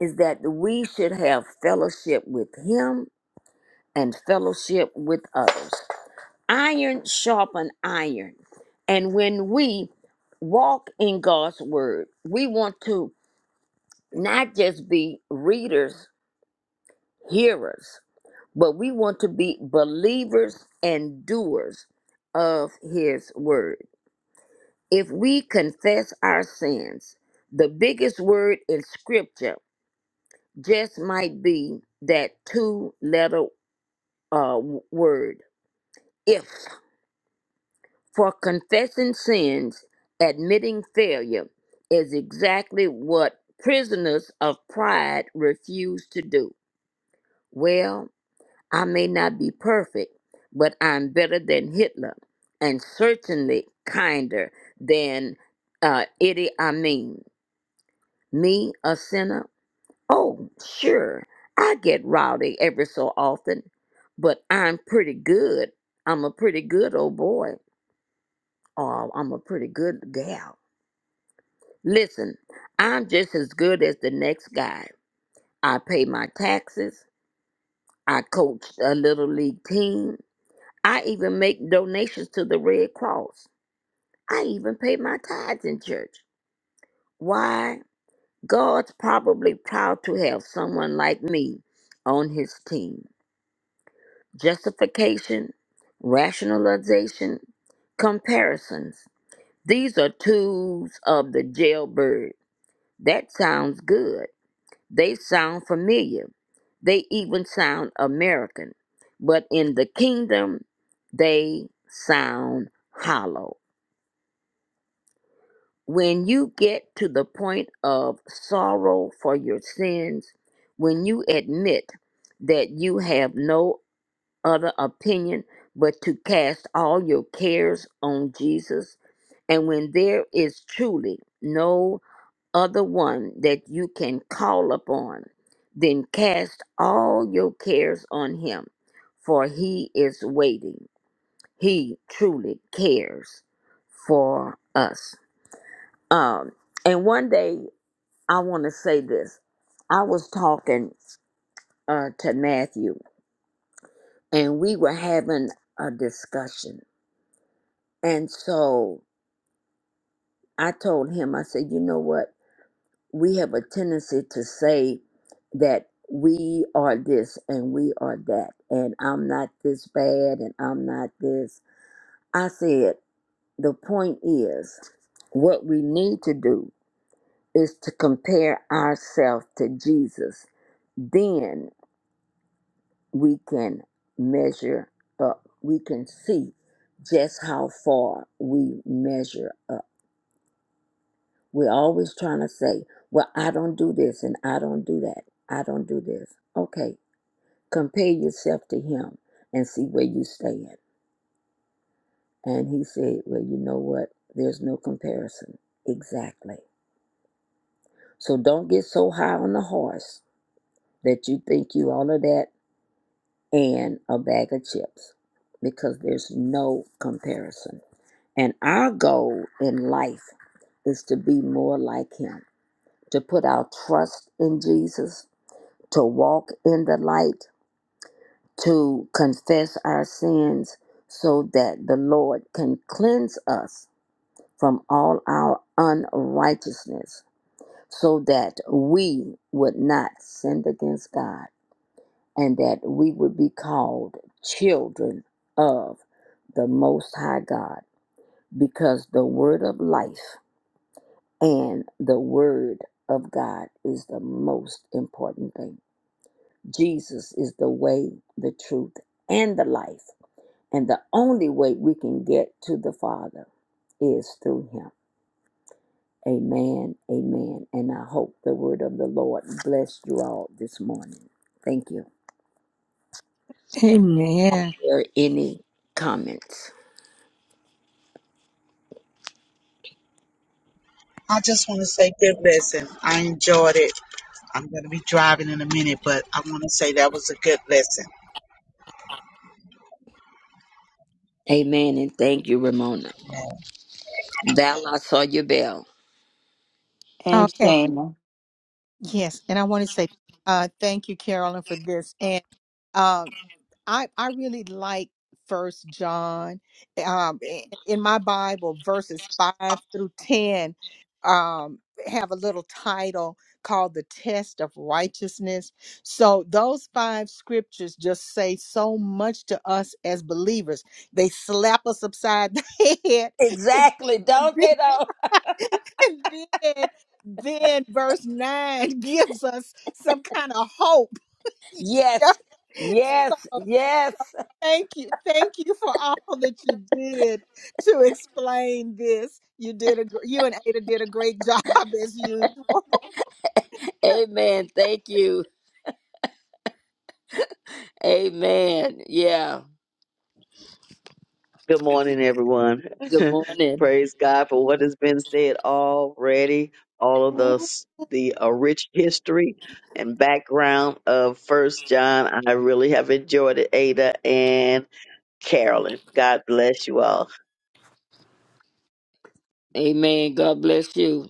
is that we should have fellowship with him and fellowship with others. Iron sharpen iron. And when we walk in God's word, we want to not just be readers, hearers, but we want to be believers and doers of his word. If we confess our sins, the biggest word in scripture just might be that two letter uh, w- word. If for confessing sins, admitting failure is exactly what prisoners of pride refuse to do. Well, I may not be perfect, but I'm better than Hitler and certainly kinder than uh, Idi Amin. Me, a sinner? Oh, sure, I get rowdy every so often, but I'm pretty good. I'm a pretty good old boy. Oh, I'm a pretty good gal. Listen, I'm just as good as the next guy. I pay my taxes. I coach a little league team. I even make donations to the Red Cross. I even pay my tithes in church. Why? God's probably proud to have someone like me on his team. Justification, rationalization, comparisons. These are tools of the jailbird. That sounds good They sound familiar. They even sound American. But in the kingdom, they sound hollow. When you get to the point of sorrow for your sins, when you admit that you have no other opinion but to cast all your cares on Jesus, and when there is truly no other one that you can call upon. Then cast all your cares on him, for he is waiting. He truly cares for us. Um, and one day, I want to say this. I was talking uh, to Matthew, and we were having a discussion. And so I told him, I said, you know what? we have a tendency to say that we are this and we are that, and I'm not this bad and I'm not this. I said, the point is, what we need to do is to compare ourselves to Jesus. Then we can measure up. We can see just how far we measure up. We're always trying to say, well, I don't do this and I don't do that. I don't do this. Okay, compare yourself to him and see where you stand. And he said, Well, you know what? There's no comparison. Exactly. So don't get so high on the horse that you think you all of that and a bag of chips because there's no comparison. And our goal in life is to be more like him, to put our trust in Jesus, to walk in the light, to confess our sins so that the Lord can cleanse us from all our unrighteousness, so that we would not sin against God and that we would be called children of the Most High God, because the Word of life and the Word of God is the most important thing. Jesus is the way, the truth, and the life. And the only way we can get to the Father is through Him. Amen, amen. And I hope the word of the Lord bless you all this morning. Thank you. Amen. Are there any comments? I just want to say good lesson. I enjoyed it. I'm going to be driving in a minute, but I want to say that was a good lesson. Amen, and thank you, Ramona. Val, I saw your bell. And Okay. Shana. Yes, and I want to say uh, thank you, Carolyn, for this. And um, I I really like First John. Um, i- in my Bible, verses five through ten um, have a little title called "The Test of Righteousness." So those five scriptures just say so much to us as believers. They slap us upside (laughs) the head and Exactly, (laughs) don't they though? (laughs) And then, then verse 9 (laughs) gives us some kind of hope. (laughs) you know? Yes, yes, So yes. thank you. Thank you for all that you did to explain this. You did a gr- you and Ada did a great job (laughs) as usual. Amen, thank you. Amen, yeah. Good morning, everyone. Good (laughs) morning. Praise God for what has been said already. All of Mm. the s- the uh, rich history and background of First John. I really have enjoyed it, Ada and Carolyn. God bless you all. Amen, God bless you.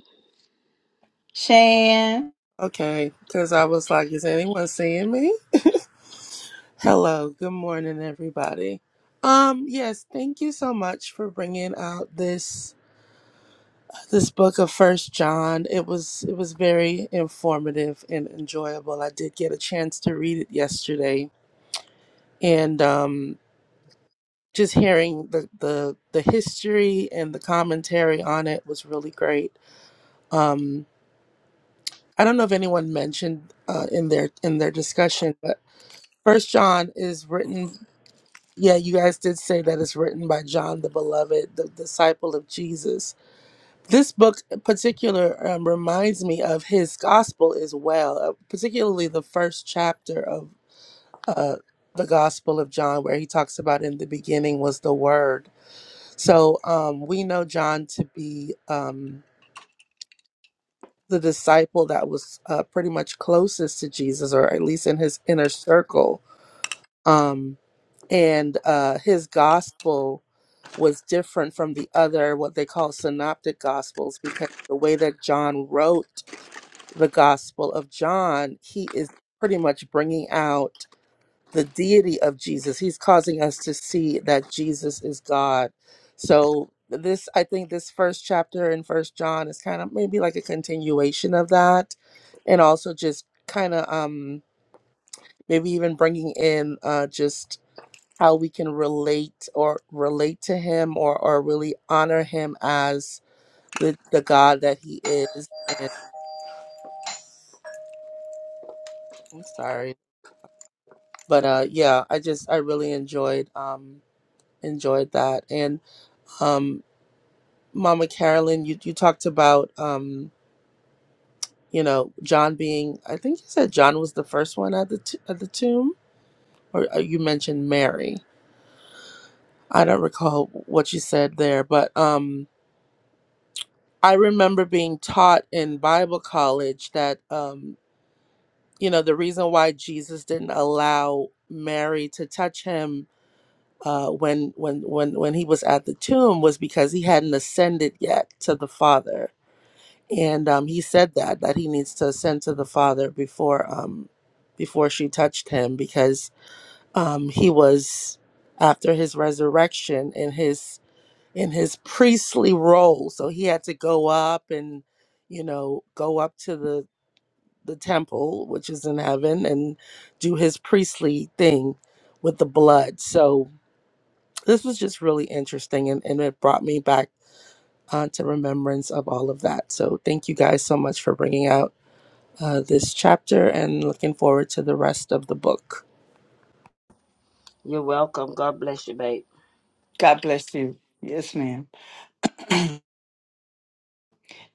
Shan. Okay, because I was like, is anyone seeing me? Hello, good morning, everybody. Um, yes, thank you so much for bringing out this this book of First John. It was it was very informative and enjoyable. I did get a chance to read it yesterday, and um, just hearing the the the history and the commentary on it was really great. Um, I don't know if anyone mentioned uh, in their in their discussion, but First John is written Yeah, you guys did say that it's written by John the Beloved, the disciple of Jesus. This book in particular um, reminds me of his gospel as well, uh, particularly the first chapter of uh, the Gospel of John, where he talks about in the beginning was the Word. So um, we know John to be um, the disciple that was uh, pretty much closest to Jesus, or at least in his inner circle. Um, and uh, his gospel was different from the other what they call synoptic gospels because the way that john wrote the gospel of john he is pretty much bringing out the deity of jesus he's causing us to see that jesus is god so this i think this first chapter in first john is kind of maybe like a continuation of that and also just kind of um maybe even bringing in uh just how we can relate or relate to him or or really honor him as the the God that he is. And I'm sorry, but uh, yeah, I just I really enjoyed um enjoyed that. And um, Mama Carolyn, you you talked about um you know John being I think you said John was the first one at the t- at the tomb, or uh, you mentioned Mary. I don't recall what you said there, but um. I remember being taught in Bible college that um. you know the reason why jesus didn't allow mary to touch him uh, when when when when he was at the tomb was because he hadn't ascended yet to the father and um, he said that that he needs to ascend to the father before um before she touched him because um he was after his resurrection in his in his priestly role so he had to go up and you know go up to the the temple, which is in heaven, and do his priestly thing with the blood. So this was just really interesting, and, and it brought me back uh, to remembrance of all of that. So thank you guys so much for bringing out uh, this chapter, and looking forward to the rest of the book. You're welcome. God bless you, babe. God bless you. Yes, ma'am. (clears throat)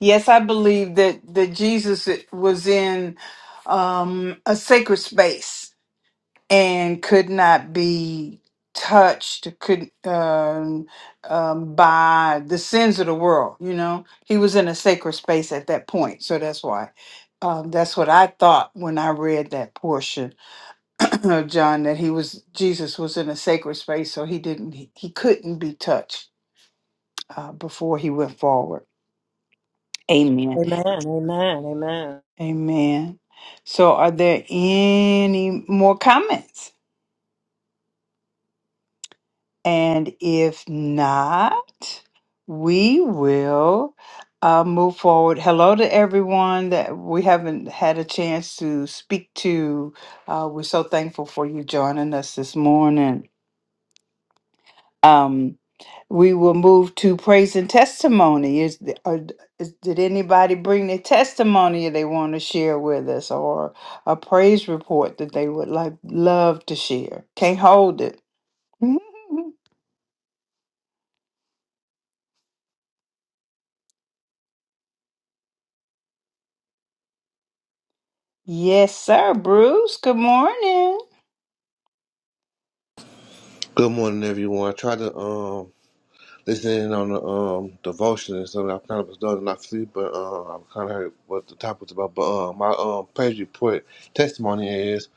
Yes, I believe that that Jesus was in um, a sacred space and could not be touched, could um, um, by the sins of the world. You know, he was in a sacred space at that point, so that's why. Um, that's what I thought when I read that portion (clears throat) of John that he was Jesus was in a sacred space, so he didn't he, he couldn't be touched uh, before he went forward. Amen. Amen. Amen. Amen. Amen. So, are there any more comments? And if not, we will uh, move forward. Hello to everyone that we haven't had a chance to speak to. Uh, we're so thankful for you joining us this morning. Um, we will move to praise and testimony. Is, the- or d- is did anybody bring their testimony they want to share with us, or a praise report that they would like love to share? Can't hold it. (laughs) yes, sir. Bruce. Good morning. Good morning, everyone. I tried to um listen in on the um devotion and something. I kind of was dozing off sleep, but um I kind of heard what the topic was about. But um my um page report testimony is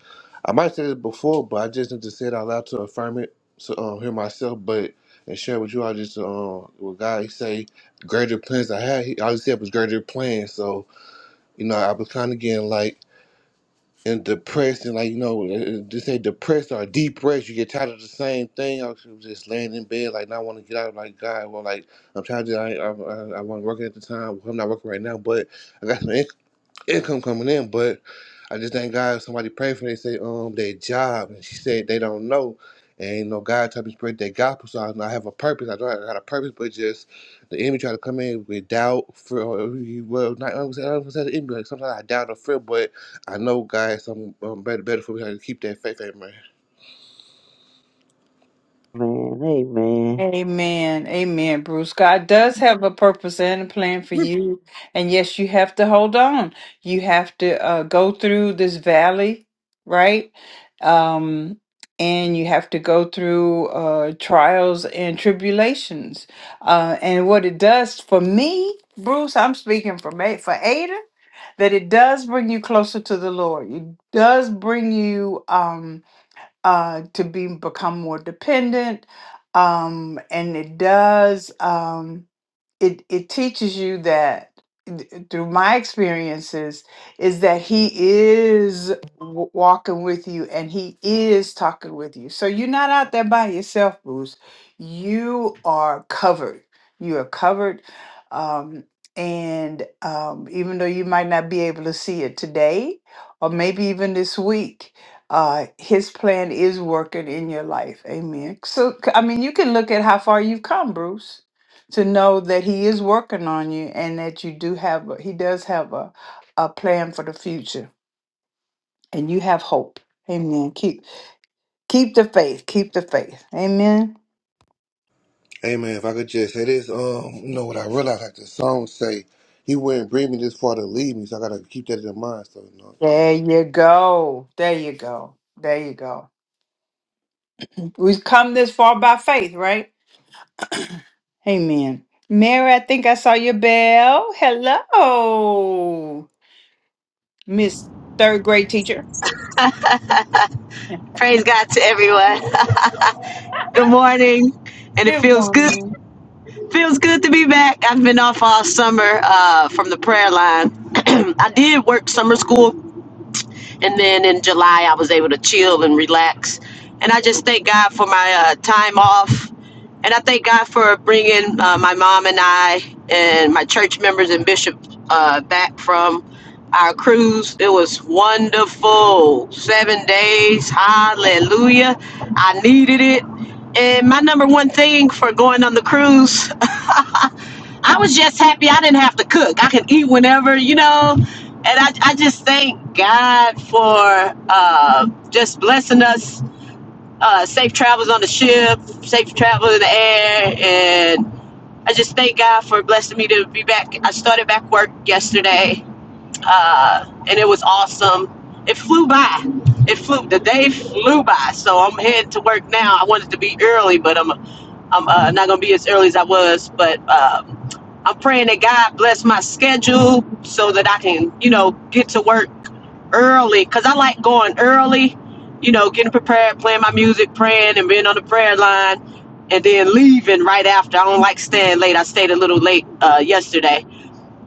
I might say this before, but I just need to say it out loud to affirm it to um hear myself, but and share with you. I just um what God he say greater plans I had. He all he said was greater plans. So you know I was kind of getting like and depressed and like you know uh, they say depressed or depressed you get tired of the same thing i was just laying in bed like now i want to get out like god well like i'm tired of i i, I, I wasn't working at the time Well, i'm not working right now but i got some income income coming in, but I just thank God somebody prayed for me. They say, um, their job. And she said they don't know. And you know, God told me to spread that gospel. So I, know I have a purpose. I know I got a purpose, but just the enemy try to come in with doubt, fear. Or, well, not I don't say I don't say the enemy. Like sometimes I doubt or fear, but I know God has something um, better, better for me. I just keep that faith, amen. Man, amen. Amen. Amen, Bruce. God does have a purpose and a plan for (laughs) you. And yes, you have to hold on. You have to uh, go through this valley, right? Um, and you have to go through uh, trials and tribulations. Uh, and what it does for me, Bruce, I'm speaking for, me, for Ada, that it does bring you closer to the Lord. It does bring you. Um, uh, to be become more dependent, um, and it does. Um, it it teaches you that th- through my experiences is that he is w- walking with you and he is talking with you so you're not out there by yourself bruce you are covered you are covered um, and um, even though you might not be able to see it today or maybe even this week uh, his plan is working in your life amen so c- i mean you can look at how far you've come bruce to know that he is working on you and that you do have a, he does have a, a plan for the future and you have hope amen keep keep the faith keep the faith amen Amen. If I could just say this, um, you know what I realized, like the song say, He wouldn't bring me this far to leave me, so I gotta keep that in mind. So, you know, amen. there you go there you go there you go we've come this far by faith right amen mary i think i saw your bell hello miss third grade teacher Yeah. Praise God to everyone. (laughs) good morning, and it good feels good. morning Feels good to be back. I've been off all summer uh, from the prayer line. (clears throat) I did work summer school and then in July, I was able to chill and relax. And I just thank God for my uh, time off. And I thank God for bringing uh, my mom and I and my church members and bishop uh, back from our cruise. It was wonderful. Seven days. Hallelujah. I needed it. And my number one thing for going on the cruise I was just happy I didn't have to cook. I could eat whenever, you know. And I, I just thank God for uh, just blessing us uh, safe travels on the ship, safe travel in the air. And I just thank God for blessing me to be back. I started back work yesterday uh, and it was awesome. It flew by. It flew. The day flew by. So I'm headed to work now. I wanted to be early, but I'm I'm uh, not gonna be as early as I was. But um, I'm praying that God bless my schedule so that I can, you know, get to work early. Cause I like going early. You know, getting prepared, playing my music, praying, and being on the prayer line, and then leaving right after. I don't like staying late. I stayed a little late uh, yesterday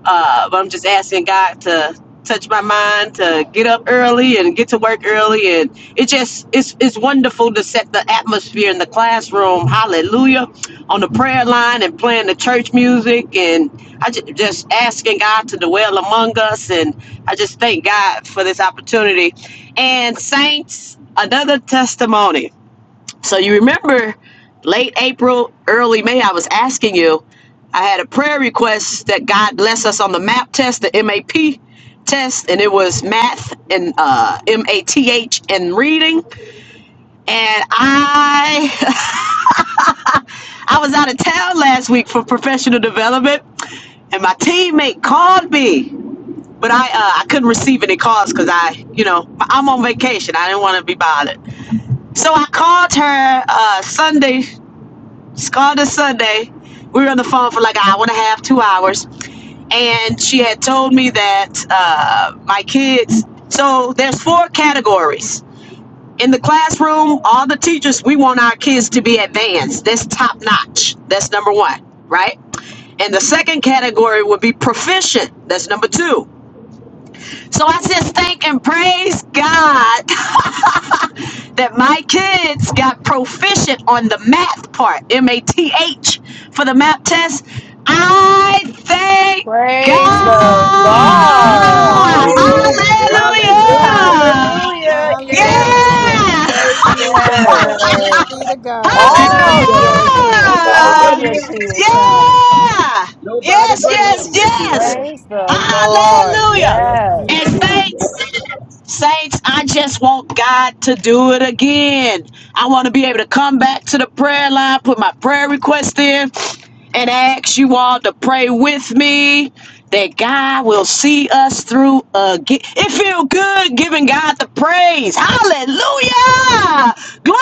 uh, but I'm just asking God to touch my mind to get up early and get to work early and it just it's it's wonderful to set the atmosphere in the classroom hallelujah on the prayer line and playing the church music and i just, just asking god to dwell among us and i just thank god for this opportunity and saints another testimony so you remember late April, early May, I was asking you, I had a prayer request that God bless us on the MAP test, the MAP test, and it was math and uh, M-A-T-H and reading. And I (laughs) I was out of town last week for professional development, and my teammate called me. But I uh, I couldn't receive any calls because I, you know, I'm on vacation. I didn't want to be bothered. So I called her uh, Sunday called this Sunday. We were on the phone for like an hour and a half, two hours. And she had told me that uh, my kids, so there's four categories. In the classroom, all the teachers, we want our kids to be advanced. That's top notch. That's number one, right? And the second category would be proficient. That's number two. So I just thank and praise God (laughs) that my kids got proficient on the math part, M A T H, for the math test. I thank Praise God. the Lord. Amen. Woo-hoo-hoo. Hallelujah. Hallelujah. Hallelujah. Hallelujah. Yes. Yeah. Hallelujah. Thank you, (laughs) Lord. Praise Yes. be to God. Thank you, All God. your 'cause Hallelujah. children, nobody all but your Him, kids, huh? Yeah. nobody Yes, but yes, Him that did yes. that. Praise the Lord. Hallelujah. Thank Yes. you, And Jesus. thanks. Saints, I just want God to do it again. I want to be able to come back to the prayer line, put my prayer request in, and ask you all to pray with me that God will see us through again. It feel good giving God the praise. Hallelujah! Glory!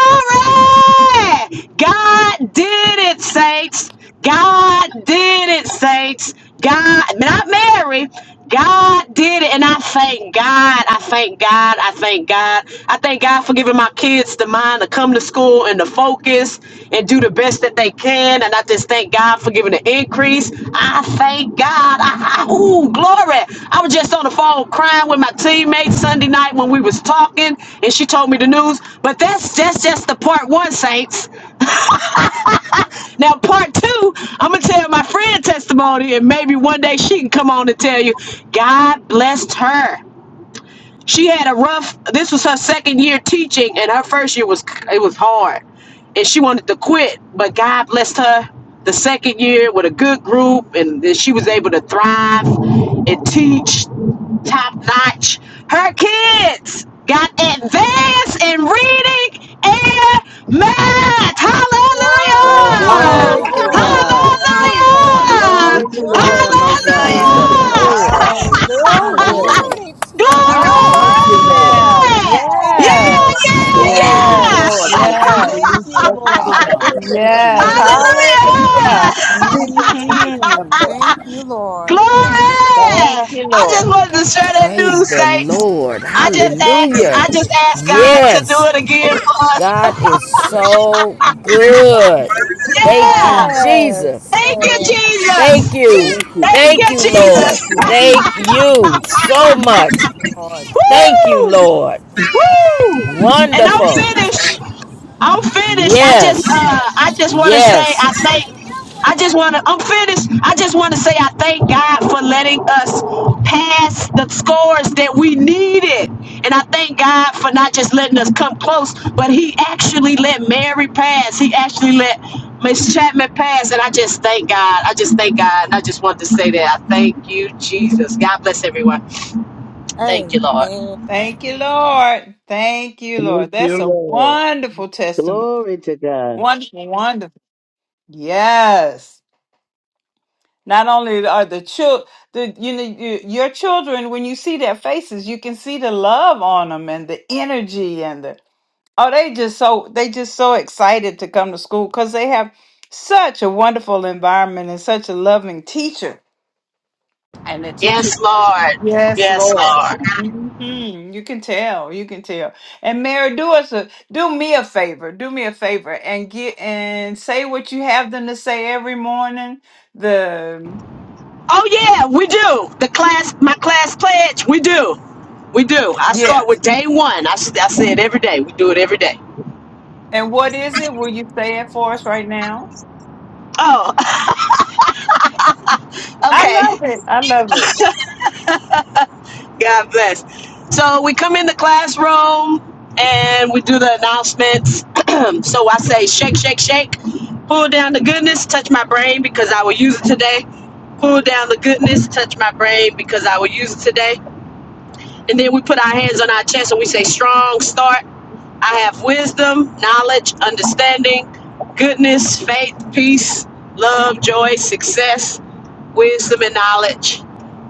God did it, saints. God did it, saints. God, not Mary. God did it, and I thank God. I thank God. I thank God. I thank God for giving my kids the mind to come to school and to focus and do the best that they can. And I just thank God for giving the increase. I thank God. I, I, ooh, glory. I was just on the phone crying with my teammate Sunday night when we was talking, and she told me the news. But that's that's just the part one, saints. Now, part two, I'm gonna tell my friend testimony, and maybe one day she can come on and tell you, God blessed her she had a rough this was her second year teaching and her first year was it was hard and she wanted to quit but god blessed her the second year with a good group and then she was able to thrive and teach top notch her kids got advanced in reading and math Whoa. Well, hallelujah Glory. glory to Hallelujah. (laughs) God. Hallelujah. hallelujah Thank Glory to you, the What Lord, a for Lamb you of to be Praise hallelujah God. the Woo. this blessing. Lord. bomb. Thank you, (laughs) Hallelujah. Lord. Hallelujah. Glory to the All Glory! Thank Lord. right you, Lord. now. Thank you, Yeah, Yes. yeah, Thank Jesus. Glory you, to yeah! God. Yes. Lord, for Yes. using Thank these you, vessels of Lord. It honor. was a Thank Thank you, Yes, Lord. you, Lord. hallelujah. Hallelujah! tenure and teaching of hmm Thank you, (laughs) Lord. Glory! Thank you, I Lord. just wanted to share that Praise news, the saints. Lord. I just asked, Hallelujah. I just asked God to do Yes, it again for us. God is so good. Thank Yeah! you, Yes, Jesus. Thank you, Lord. Thank Jesus! you. Thank you, Thank Thank you, you, Jesus. Lord. Thank Jesus! you, Thank Jesus. you so much. Lord, yes, Thank you, (laughs) Woo! Lord. Woo! And I'm thank Wonderful. you, Lord. finished. I'm finished. I just Yes. uh I just wanna say I Yes. thank I just wanna I'm finished. I just wanna say I thank God for letting us pass the scores that we needed. And I thank God for not just letting us come close, but he actually let Mary pass. He actually let Miss Chapman pass. And I just thank God. I just thank God. And I just want to say that I thank you, Jesus. God bless everyone. Thank you, Lord. Amen. Thank you, Lord. Thank you, Thank Lord. you, That's a Lord. wonderful testimony. Glory to God. Wonderful, wonderful. Yes. Not only are the children, the you know you- your children, when you see their faces, you can see the love on them and the energy and the Oh, they just so they just so excited to come to school because they have such a wonderful environment and such a loving teacher. And the teacher, Yes, Lord. yes, Yes, Lord. Lord. hmm You can tell, you can tell. And Mary, do us a do me a favor, do me a favor, and get and say what you have them to say every morning. The Oh yeah, we do. The class, my class pledge, we do. We do. I start yes, with day one. I, s- I say it every day. We do it every day. and what is it? Will you say it for us right now? Oh, (laughs) I okay. love it. I love it. God bless. So we come in the classroom and we do the announcements. (clears throat) so I say shake, shake, shake. Pull down the goodness, touch my brain because I will use it today. Pull down the goodness, touch my brain because I will use it today. And then we put our hands on our chest and we say strong start. I have wisdom, knowledge, understanding, goodness, faith, peace, love, joy, success, wisdom, and knowledge,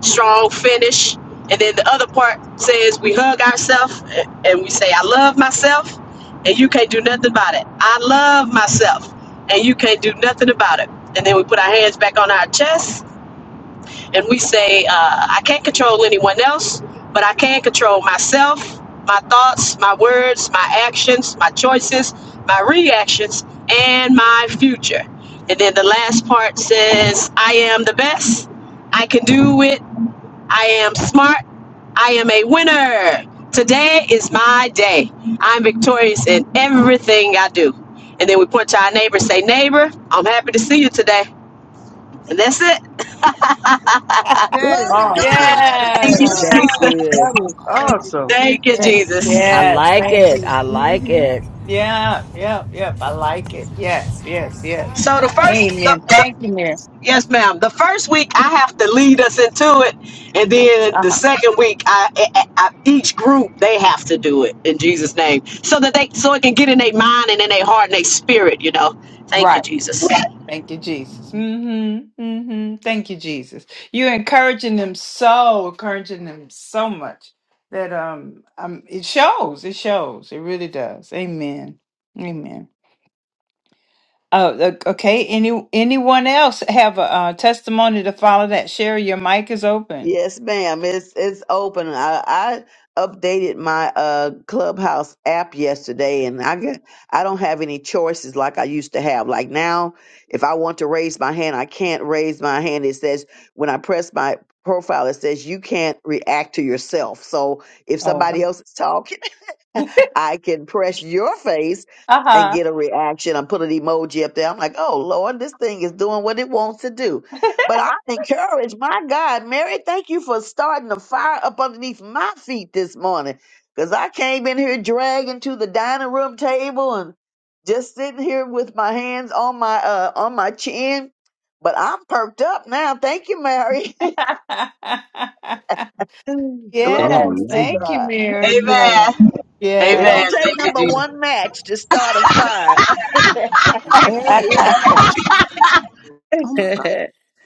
strong finish. And then the other part says we hug ourselves and we say, I love myself, and you can't do nothing about it. I love myself, and you can't do nothing about it. And then we put our hands back on our chest and we say, uh, I can't control anyone else, but I can control myself, my thoughts, my words, my actions, my choices, my reactions, and my future. And then the last part says, I am the best. I can do it. I am smart. I am a winner. Today is my day. I'm victorious in everything I do. And then we point to our neighbor, say, Neighbor, I'm happy to see you today. And that's it. That Glory is to God. Awesome. That is Yes. Thank you, all. That's Jesus. beautiful. good. That is awesome. Amen. Thank you, Yeah. Jesus. I Yes, like thank it. you. I like hmm it. Yeah, yeah, yeah. I like it. Yes, yes, yes. So the first, the, Amen. the- Thank you, Miss. yes, ma'am. The first week I have to lead us into it, and then the Uh-huh. second week, I, I, I each group they have to do it in Jesus' name, so that they so it can get in their mind and in their heart and their spirit. You know. Thank you, Right. Jesus. Thank you, Jesus. Mm-hmm. Mm-hmm. Thank you, Jesus. You're encouraging them so, encouraging them so much that um um it shows. It shows. It really does. Amen. Amen. Oh, look, okay. Any anyone else have a uh, testimony to follow that? Sherry, your mic is open. Yes, ma'am. It's it's open. I, I updated my uh Clubhouse app yesterday, and I got, I don't have any choices like I used to have. Like now, if I want to raise my hand, I can't raise my hand. It says when I press my profile, it says you can't react to yourself. So if somebody Oh, else is talking. (laughs) I can press your face and uh huh. get a reaction. I'm putting an emoji up there. I'm like, oh Lord, this thing is doing what it wants to do. But I encourage my God, Mary, thank you for starting a fire up underneath my feet this morning. Cause I came in here dragging to the dining room table and just sitting here with my hands on my uh on my chin. But I'm perked up now. Thank you, Mary. (laughs) (laughs) Glory yes, to Amen. thank you, God. Mary. Yeah, Amen. It Amen. don't take Thank you, number Jesus. one match to start a fire Mary yeah. (laughs) is. Oh (laughs) my God.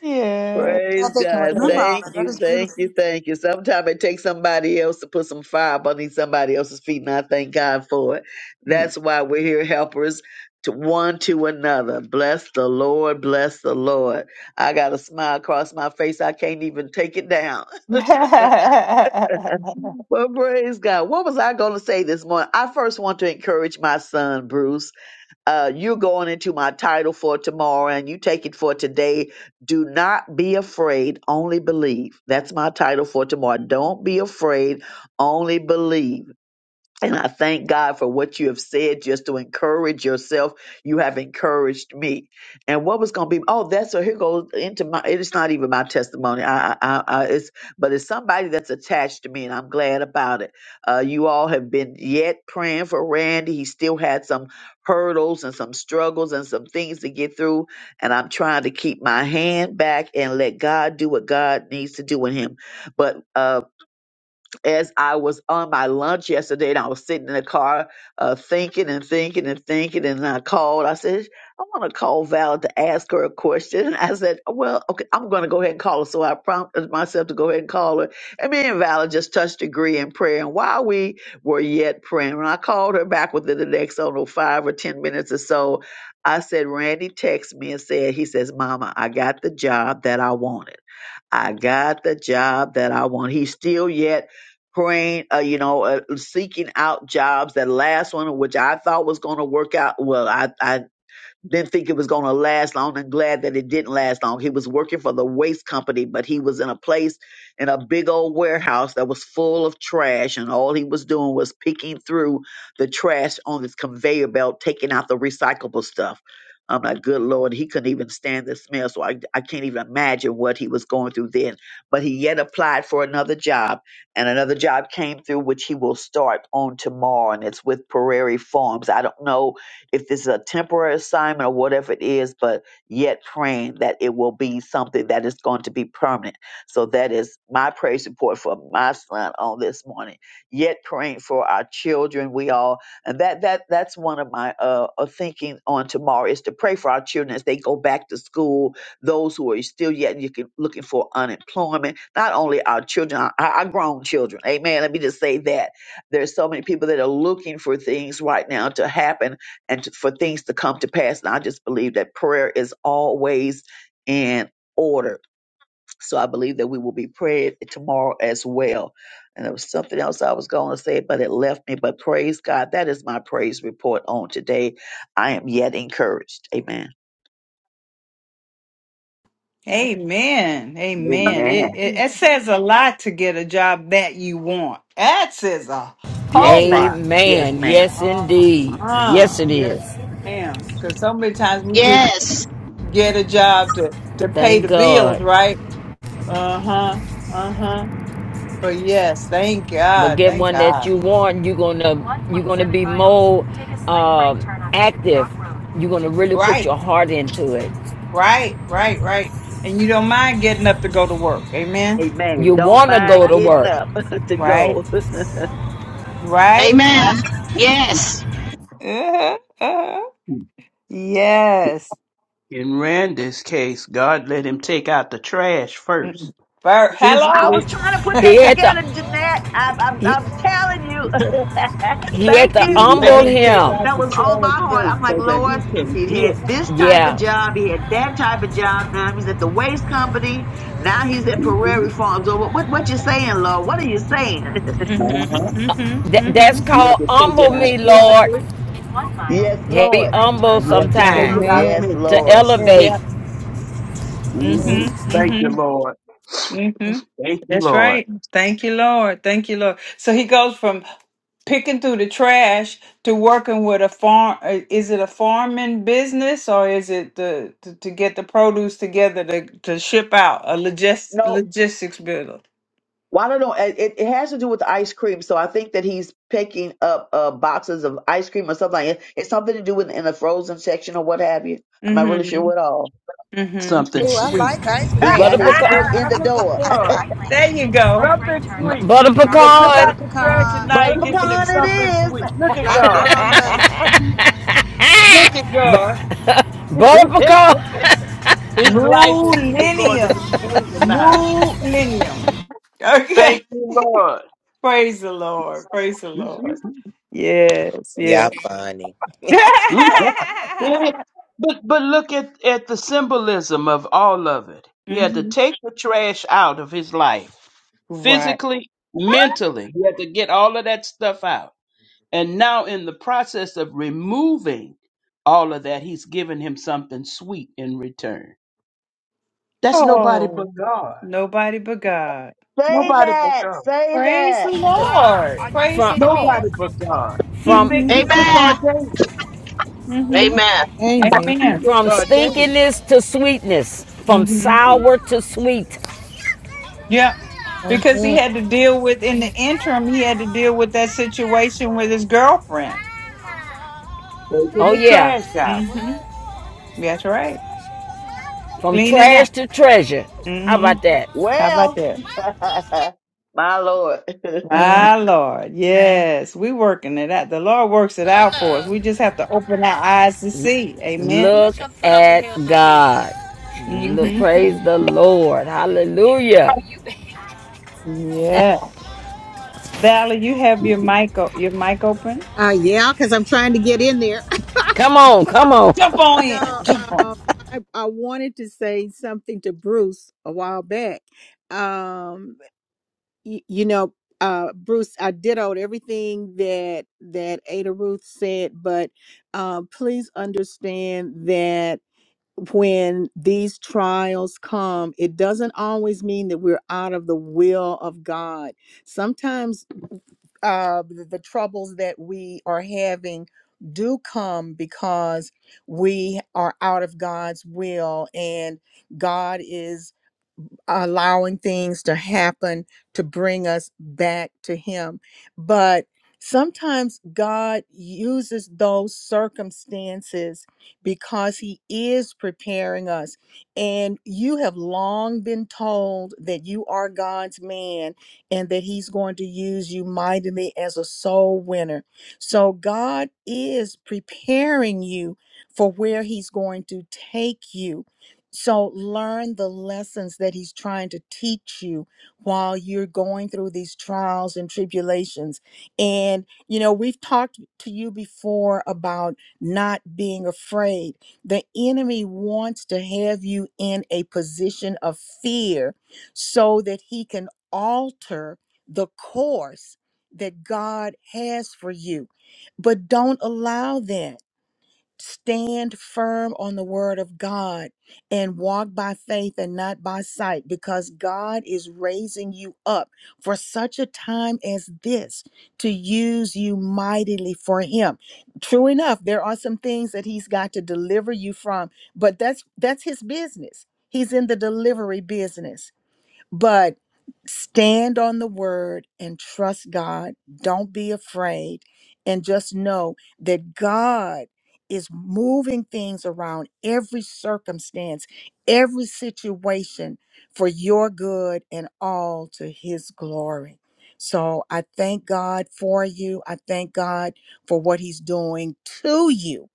Yes. Praise Glad they can God. remember all Thank that. yes. That you. is Thank beautiful. you. Thank you. Sometimes it takes somebody else to put some fire underneath somebody else's feet, and I thank God for it. That's why we're here, helpers to one to another. Bless the Lord. Bless the Lord. I got a smile across my face. I can't even take it down. (laughs) (laughs) Well, praise God. What was I going to say this morning? I first want to encourage my son, Bruce uh, you're going into my title for tomorrow and you take it for today. Do not be afraid, only believe. That's my title for tomorrow. Don't be afraid, only believe and I thank God for what you have said just to encourage yourself. You have encouraged me. And what was going to be, oh, that's so. here goes into my, it's not even my testimony. I, I, I, I- it's, but it's somebody that's attached to me and I'm glad about it. Uh, you all have been yet praying for Randy. He still had some hurdles and some struggles and some things to get through. And I'm trying to keep my hand back and let God do what God needs to do in him. But, uh, as I was on my lunch yesterday and I was sitting in the car uh, thinking and thinking and thinking, and I called. I said, I want to call Val to ask her a question. And I said, Well, okay, I'm going to go ahead and call her. So I prompted myself to go ahead and call her. And me and Val just touched agree in prayer. And while we were yet praying, when I called her back within the next, I don't know, five or 10 minutes or so, I said, Randy texted me and said, He says, Mama, I got the job that I wanted. I got the job that I want. He's still yet praying, uh, you know, uh, seeking out jobs. That last one, which I thought was going to work out, well, I, I didn't think it was going to last long and glad that it didn't last long. He was working for the waste company, but he was in a place in a big old warehouse that was full of trash, and all he was doing was picking through the trash on this conveyor belt, taking out the recyclable stuff. I'm like, good Lord, he couldn't even stand the smell. So I, I can't even imagine what he was going through then. But he yet applied for another job, and another job came through, which he will start on tomorrow, and it's with Prairie Farms. I don't know if this is a temporary assignment or whatever it is, but yet praying that it will be something that is going to be permanent. So that is my praise report for my son on this morning. Yet praying for our children, we all and that that that's one of my uh, uh thinking on tomorrow is to pray for our children as they go back to school. Those who are still yet you can, looking for unemployment, not only our children, our, our grown children. Amen. Let me just say that there's so many people that are looking for things right now to happen and to- for things to come to pass. And I just believe that prayer is always in order. So I believe that we will be prayed tomorrow as well. And there was something else I was going to say, but it left me. But praise God. That is my praise report on today. I am yet encouraged. Amen. Amen. Amen. It, Amen. it it says a lot to get a job that you want. That says a Yes, whole ma'am. lot. Yes, Amen. ma'am. Yes, Uh, indeed. Yes, uh, it yes, is. ma'am. Because so many times we just Yes. get a job to, to pay the Thank bills, God. right? Uh huh. Uh huh. But yes, thank But God. get Thank one that God. you want. You're gonna you're gonna be more uh, active. You're gonna really put Right. your heart into it. Right. Right. Right. And you don't mind getting up to go to work. Amen. Amen. You Don't wanna go mind to getting work. up (laughs) to Right. go. Right? Amen. Yes. Uh-huh. Uh-huh. Yes. In Randy's case, God let him take out the trash first. Mm. Ver- I Hello? was Physically, trying to put He that had to together, Jeanette. I, I'm, he, I'm telling you. (laughs) he (laughs) he had thank to you. let humble Thank him you. take him. out That the was on trash my heart. first I'm like, so that Lord, he can he get. had this type of Yeah, job. He had that type of job. Now he's at the waste company. Now he's at Prairie hmm Farms. Or what, what you saying, Lord? What are you saying? Uh-huh. Mm-hmm. Mm-hmm. That- Mm-hmm. that's He had called to take humble it out me, Lord. physically One (laughs) mile. yes, Yeah, Be Lord. humble and he had to take sometimes it out Amen. Yes, to mentally. Lord. Yeah. elevate. Yeah. Amen. hmm Mm-hmm. Thank you, Mm-hmm. Lord. Mm-hmm. Thank you, That's Lord. right. Thank you, Lord. Thank you, Lord. So he goes from picking through the trash to working with a farm. uh, Is it a farming business or is it the to, to get the produce together to, to ship out a logis- No. logistics builder? Well, I don't know. It, it it has to do with the ice cream. So I think that he's picking up uh, boxes of ice cream or something like that. It's something to do with in the frozen section or what have you. I'm not really sure Mm-hmm. what all. Mm-hmm. Something Oh, I sweet. like ice He got Butter cream, his pecan. foot in (laughs) the Look at door. Use the God. right lane There to you take a go. slight right Something turn. sweet. Butter He done took butter pecan. out the trash (laughs) and now pecan, he's Butter giving him pecan it something is. sweet. Look at black God. walnut, (laughs) Look at God. Butter (laughs) pecan. His life is either going to be Millennium. sweet or not. Millennium. Okay. Thank you, Lord. (laughs) Praise the Lord. Praise the (laughs) Lord. Yes, Y'all yes. funny. (laughs) Mhm. Yeah. But but look at, at the symbolism of all of it. He had to hmm take the trash out of his life, Right. physically, mentally. He had to get all of that stuff out. And now, in the process of removing all of that, he's given him something sweet in return. That's nobody but Oh, God. nobody but God. say Nobody but that. God. Say Praise the that. Lord. Praise the From, Lord. Nobody but God. He from fi- hmm he just Amen. ordained it. hmm Amen. From, Amen. He Amen. just from ordained stinkiness to sweetness, from hmm it. sour to sweet. Yeah. Because he Amen. had to deal with in the interim, he had to deal with that situation with his girlfriend. taking Oh, the yeah. trash hmm out. That's right. From Cleaning up. trash to treasure. How Mm-hmm. about that? How about Well, that? (laughs) my Lord. Amen. My Lord. Yes, we working it out. The Lord works it out for us. We just have to open our eyes to see. Amen. Look at God. Look, hmm praise the Lord. Hallelujah. Yeah. Valerie, you have your mic o- your mic open. Uh, yeah, because I'm trying to get in there. (laughs) Come on, come on. Jump on in. So Jump on. um, I, I wanted to say something to Bruce a while back. Um, y- you know, uh, Bruce, I dittoed everything that that Ada Ruth said, but uh, please understand that when these trials come, it doesn't always mean that we're out of the will of God. Sometimes uh, the, the troubles that we are having do come because we are out of God's will and God is allowing things to happen to bring us back to Him. But sometimes God uses those circumstances because He is preparing us. And you have long been told that you are God's man and that He's going to use you mightily as a soul winner. So God is preparing you for where He's going to take you so learn the lessons that he's trying to teach you while you're going through these trials and tribulations. And, you know, we've talked to you before about not being afraid. The enemy wants to have you in a position of fear so that he can alter the course that God has for you. But don't allow that Stand firm on the word of God and walk by faith and not by sight because God is raising you up for such a time as this to use you mightily for him. True enough, there are some things that he's got to deliver you from, but that's that's his business. He's in the delivery business. But stand on the word and trust God. Don't be afraid. And just know that God is moving things around every circumstance, every situation for your good and all to his glory. So I thank God for you. I thank God for what he's doing to you.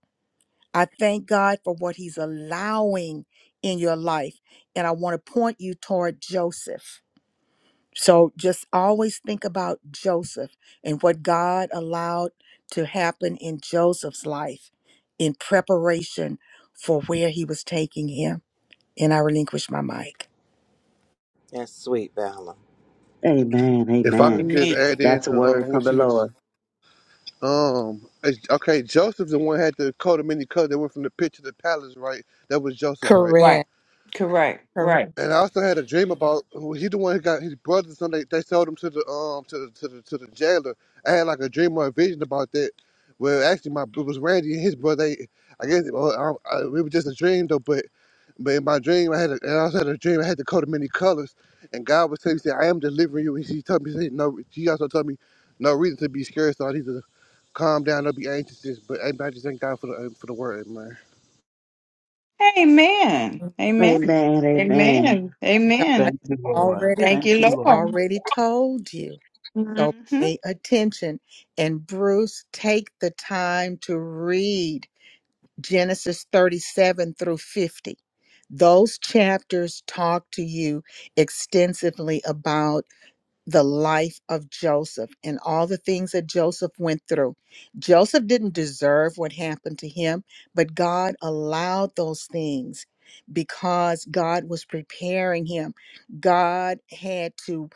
I thank God for what he's allowing in your life. And I want to point you toward Joseph. So just always think about Joseph and what God allowed to happen in Joseph's life in preparation for where he was taking him. And I relinquish my mic. That's sweet, Valor. (laughs) amen. If I in. could Amen. just Amen. add in That's a to um, word what from the she was. Lord. Um. it's- Okay, Joseph's the one had the coat of many colors that went from the pit to the palace, right? That was Joseph, right? Right. Correct. Correct. Correct. Right. And I also had a dream about who- he the one who got his brothers. Some they, they sold him to the um to the, to the to the jailer. I had like a dream or a vision about that. Well, actually, my it was Randy and his brother. They, I guess well, I, I, it was just a dream though. But but in my dream, I had a, I also had a dream. I had the coat of many colors, and God was telling me, he said, "I am delivering you." And He told me, he said, "No." He also told me, "No reason to be scared. So I need to calm down. Don't be anxious." But I I just thank God for the for the word, man. Amen. Amen. Amen. Amen. Amen. God Amen. Thank you, Lord. already, Thank you, Thank you, he's Lord. Lord. already told you. So hmm pay attention. And Bruce, take the time to read. Genesis 37 through 50. Those chapters talk to you extensively about the life of Joseph and all the things that Joseph went through. Joseph didn't deserve what happened to him, but God allowed those things because God was preparing him. God had to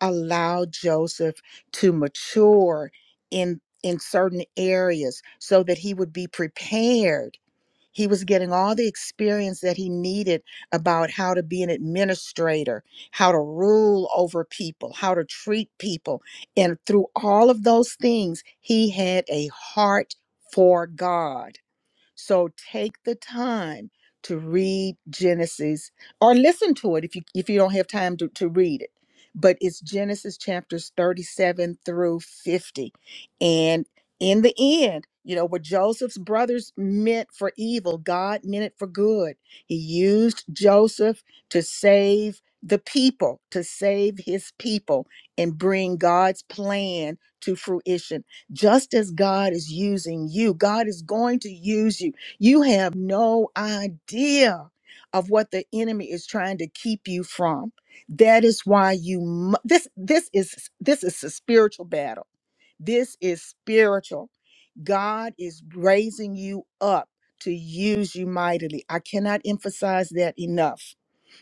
allow Joseph to mature in in certain areas so that he would be prepared he was getting all the experience that he needed about how to be an administrator, how to rule over people, how to treat people. And through all of those things, he had a heart for God. So take the time to read Genesis or listen to it if you if you don't have time to, to read it. But it's Genesis chapters 37 through 50. And in the end, you know, what Joseph's brothers meant for evil, God meant it for good. He used Joseph to save the people, to save his people and bring God's plan to fruition just as God is using you, God is going to use you. You have no idea of what the enemy is trying to keep you from. That is why you mu- this this is this is a spiritual battle. This is spiritual. God is raising you up to use you mightily. I cannot emphasize that enough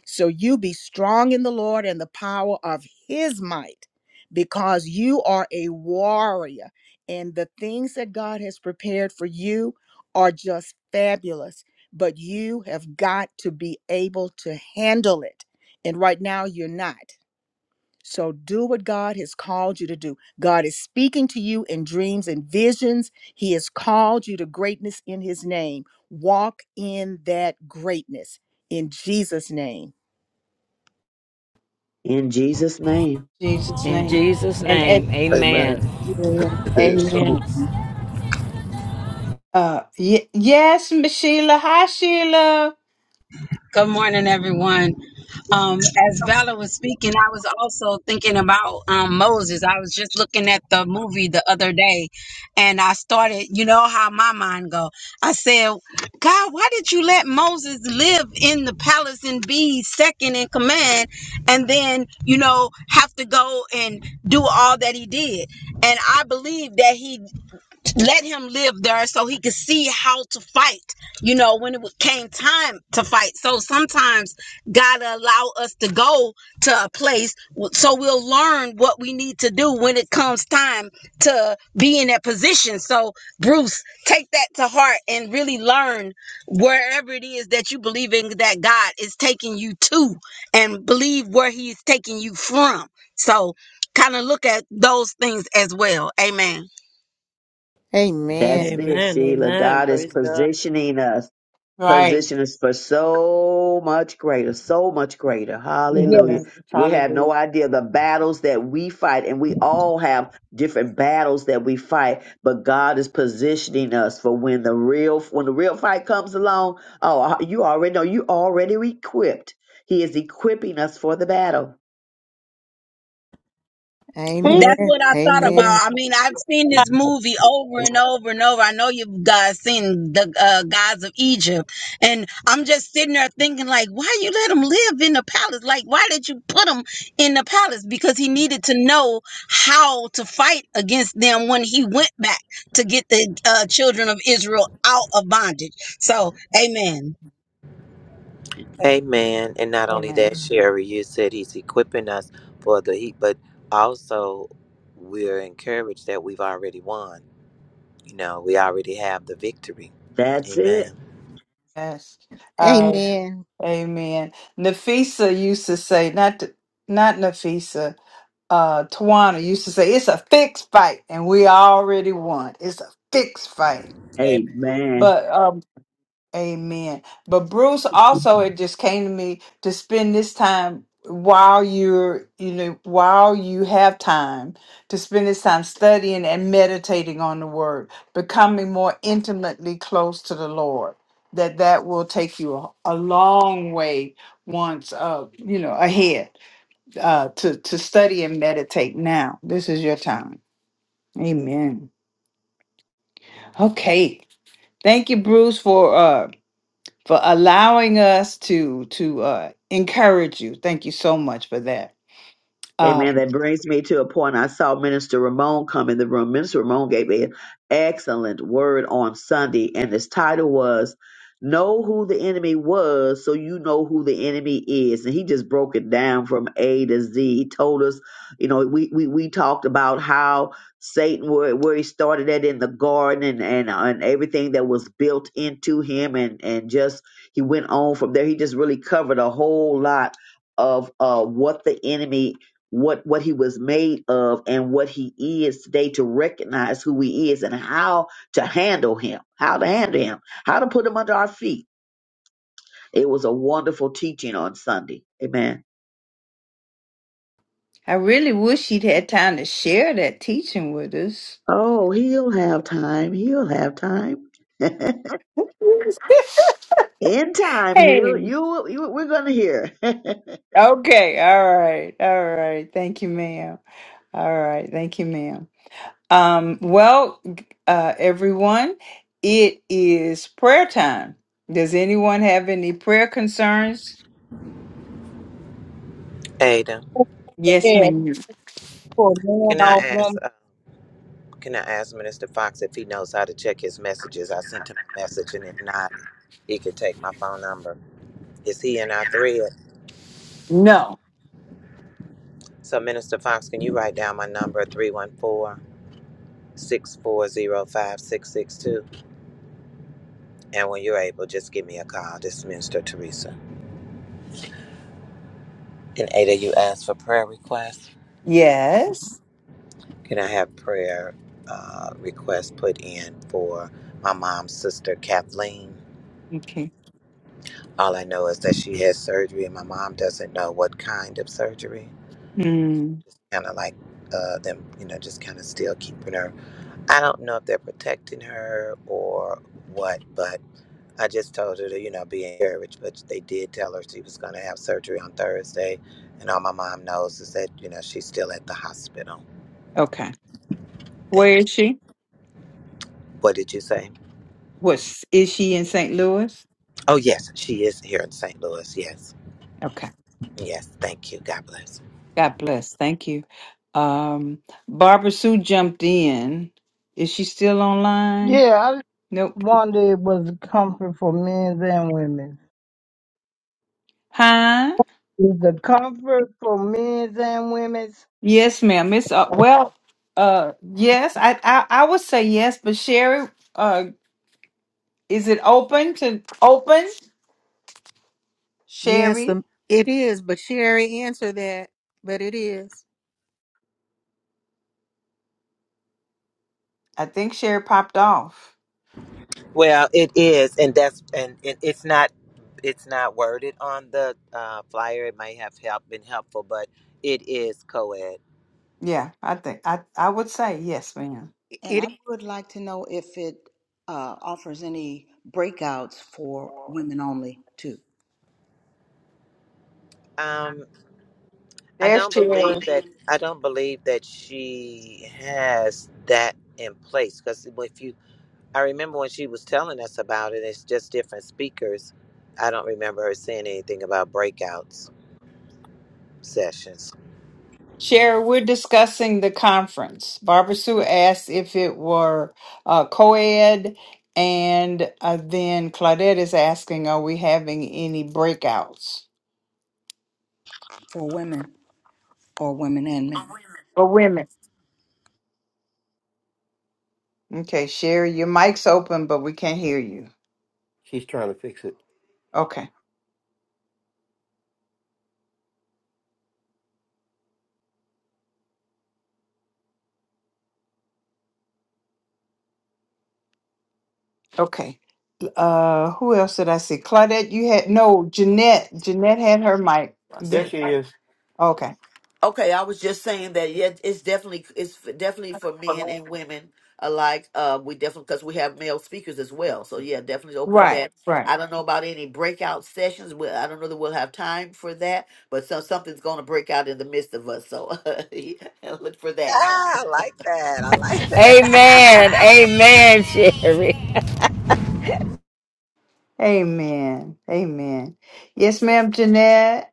so you be strong in the Lord and the power of his might, because you are a warrior. And the things that God has prepared for you are just fabulous, but you have got to be able to handle it. And right now, you're not. So do what God has called you to do. God is speaking to you in dreams and visions. He has called you to greatness in his name. Walk in that greatness in Jesus' name. In Jesus' name. Jesus' In name. Jesus' And at, name, Amen. amen. It is so. amen. Hallelujah. Uh, y- yes, Miss Sheila. Hi, Sheila. Good morning, everyone. Um, as Valor was speaking, I was also thinking about um, Moses. I was just looking at the movie the other day, and I started. You know how my mind go. I said, "God, why did you let Moses live in the palace and be second in command, and then you know have to go and do all that he did?" And I believe that he let him live there so he could see how to fight you know when it came time to fight so sometimes god allow us to go to a place so we'll learn what we need to do when it comes time to be in that position so bruce take that to heart and really learn wherever it is that you believe in that god is taking you to and believe where he's taking you from so kind of look at those things as well amen Amen. That's it, Amen. Sheila. Amen. God is Praise God. positioning us, Right. position us for so much greater, so much greater. Yeah. Yes. Hallelujah. We have no Hallelujah. idea the battles that we fight, and we all have different battles that we fight, but God is positioning us for when the real when the real fight comes along. Oh, uh, you already know you already equipped. He is equipping us for the battle. Feet That's Amen. what I thought Amen. about. I mean, I've seen this movie over and over and over. I know you guys seen the uh, gods of Egypt, and I'm just sitting there thinking, like, why you let him live in the palace? Like, why did you put him in the palace? Because he needed to know how to fight against them when he went back to get the uh, children of Israel out of bondage. So, Amen. Amen. And not only Amen. that, Sherry, you said he's equipping us for the heat, but also we're encouraged that we've already won. You know, we already have the victory. That's it. Amen. Yes. Uh, Amen. amen. Nafisa used to say, not to, not Nafisa, uh, Tawana used to say, it's a fixed fight, and we already won. It's a fixed fight. Amen. Amen. But um, Amen. But Bruce, also, it just came to me to spend this time while you're, you know, while you have time to spend this time studying and meditating on the Word, becoming more intimately close to the Lord. That that will take you a, a long way once, uh, you know, ahead uh, to to study and meditate. Now, this is your time. Amen. Okay. Thank you, Bruce, for uh, for allowing us to to uh, encourage you. Thank you so much for that. Um, Amen. That brings me to a point. I saw Minister Ramon come in the room. Minister Ramon gave an excellent word on Sunday, and his title was Know Who the Enemy Was So You Know Who the Enemy Is. And he just broke it down from A to Z. He told us, you know, we, we, we talked about how Satan, where, where he started at in the garden and, and, uh, and everything that was built into him, and, and just he went on from there. He just really covered a whole lot of uh, what the enemy what what he was made of and what he is today to recognize who he is and how to handle him how to handle him how to put him under our feet it was a wonderful teaching on sunday amen I really wish she'd had time to share that teaching with us. oh he'll have time he'll have time (laughs) in time he'll Hey. you, you we're gonna hear (laughs) Okay. All right. All right. Thank you, ma'am. All right. Thank you, ma'am. Um, well, uh, everyone, it is prayer time. Does anyone have any prayer concerns? Ada, Yes, asked ma'am. for men can I or ask? women. Uh, can I ask Minister Fox if he knows how to check his messages? I sent him a message, and if not, he can take my phone number. Is he in our thread? No. So, Minister Fox, can you write down my number, 314 6405662. And when you're able, just give me a call. This is Minister Teresa. And Ada, you asked for prayer requests. Yes. Can I have prayer uh, requests put in for my mom's sister, Kathleen? Okay. All I know is that she has surgery, and my mom doesn't know what kind of surgery. Mm, Kind of like uh, them, you know, just kind of still keeping her. I don't know if they're protecting her or what, but. I just told her to, you know, be encouraged, but they did tell her she was going to have surgery on Thursday. And all my mom knows is that, you know, she's still at the hospital. okay. Where Thank is you. she? What did you say? What's is she in St. Louis? Oh, yes, she is here in St. Louis. Yes. Okay. Yes. Thank you. God bless. God bless. Thank you. Um Barbara Sue jumped in. Is she still online? Yeah, I Nope. wonder it was a comfort for men and women. Huh? Is the comfort for men and women? Yes, ma'am. It's uh, well uh yes, I, I I would say yes, but Sherry, uh is it open to open? Yes, Sherry? um, it is. But Sherry, answer that. But It is. I think Sherry popped off. Well, it is. And that's, and, and it's not, it's not worded on the uh, flyer. It may have help, been helpful, but it is co ed. Yeah, I think I I would say yes, ma'am. is. and It. is. I would like to know if it uh, offers any breakouts for women only too, I There's don't Sherry. believe that. I don't believe that she has that in place because if you, I remember when she was telling us about it. It's just different speakers. I don't remember her saying anything about breakouts sessions. Share, we're discussing the conference. Barbara Sue asked if it were uh, co ed, and uh, then Claudette is asking, are we having any breakouts? for women or women and men. For women. Okay, Sherry, your mic's open, but we can't hear you. She's trying to fix it. Okay, okay. Uh, who else did I see? Claudette, you had, no, Jeanette. Jeanette had her mic. let There The- see. she second. is. Okay. Okay, I was just saying that. Yeah, it's definitely it's f- definitely for men and women alike. Uh, we definitely because we have male speakers as well. So yeah, definitely open for Right, that. right. I don't know about any breakout sessions. We, I don't know that we'll have time for that. But so something's going to break out in the midst of us. So (laughs) yeah, look for that. Ah, I like that. I like (laughs) Amen. that. Amen, Sherry. Amen. Amen. Yes, ma'am, Jeanette.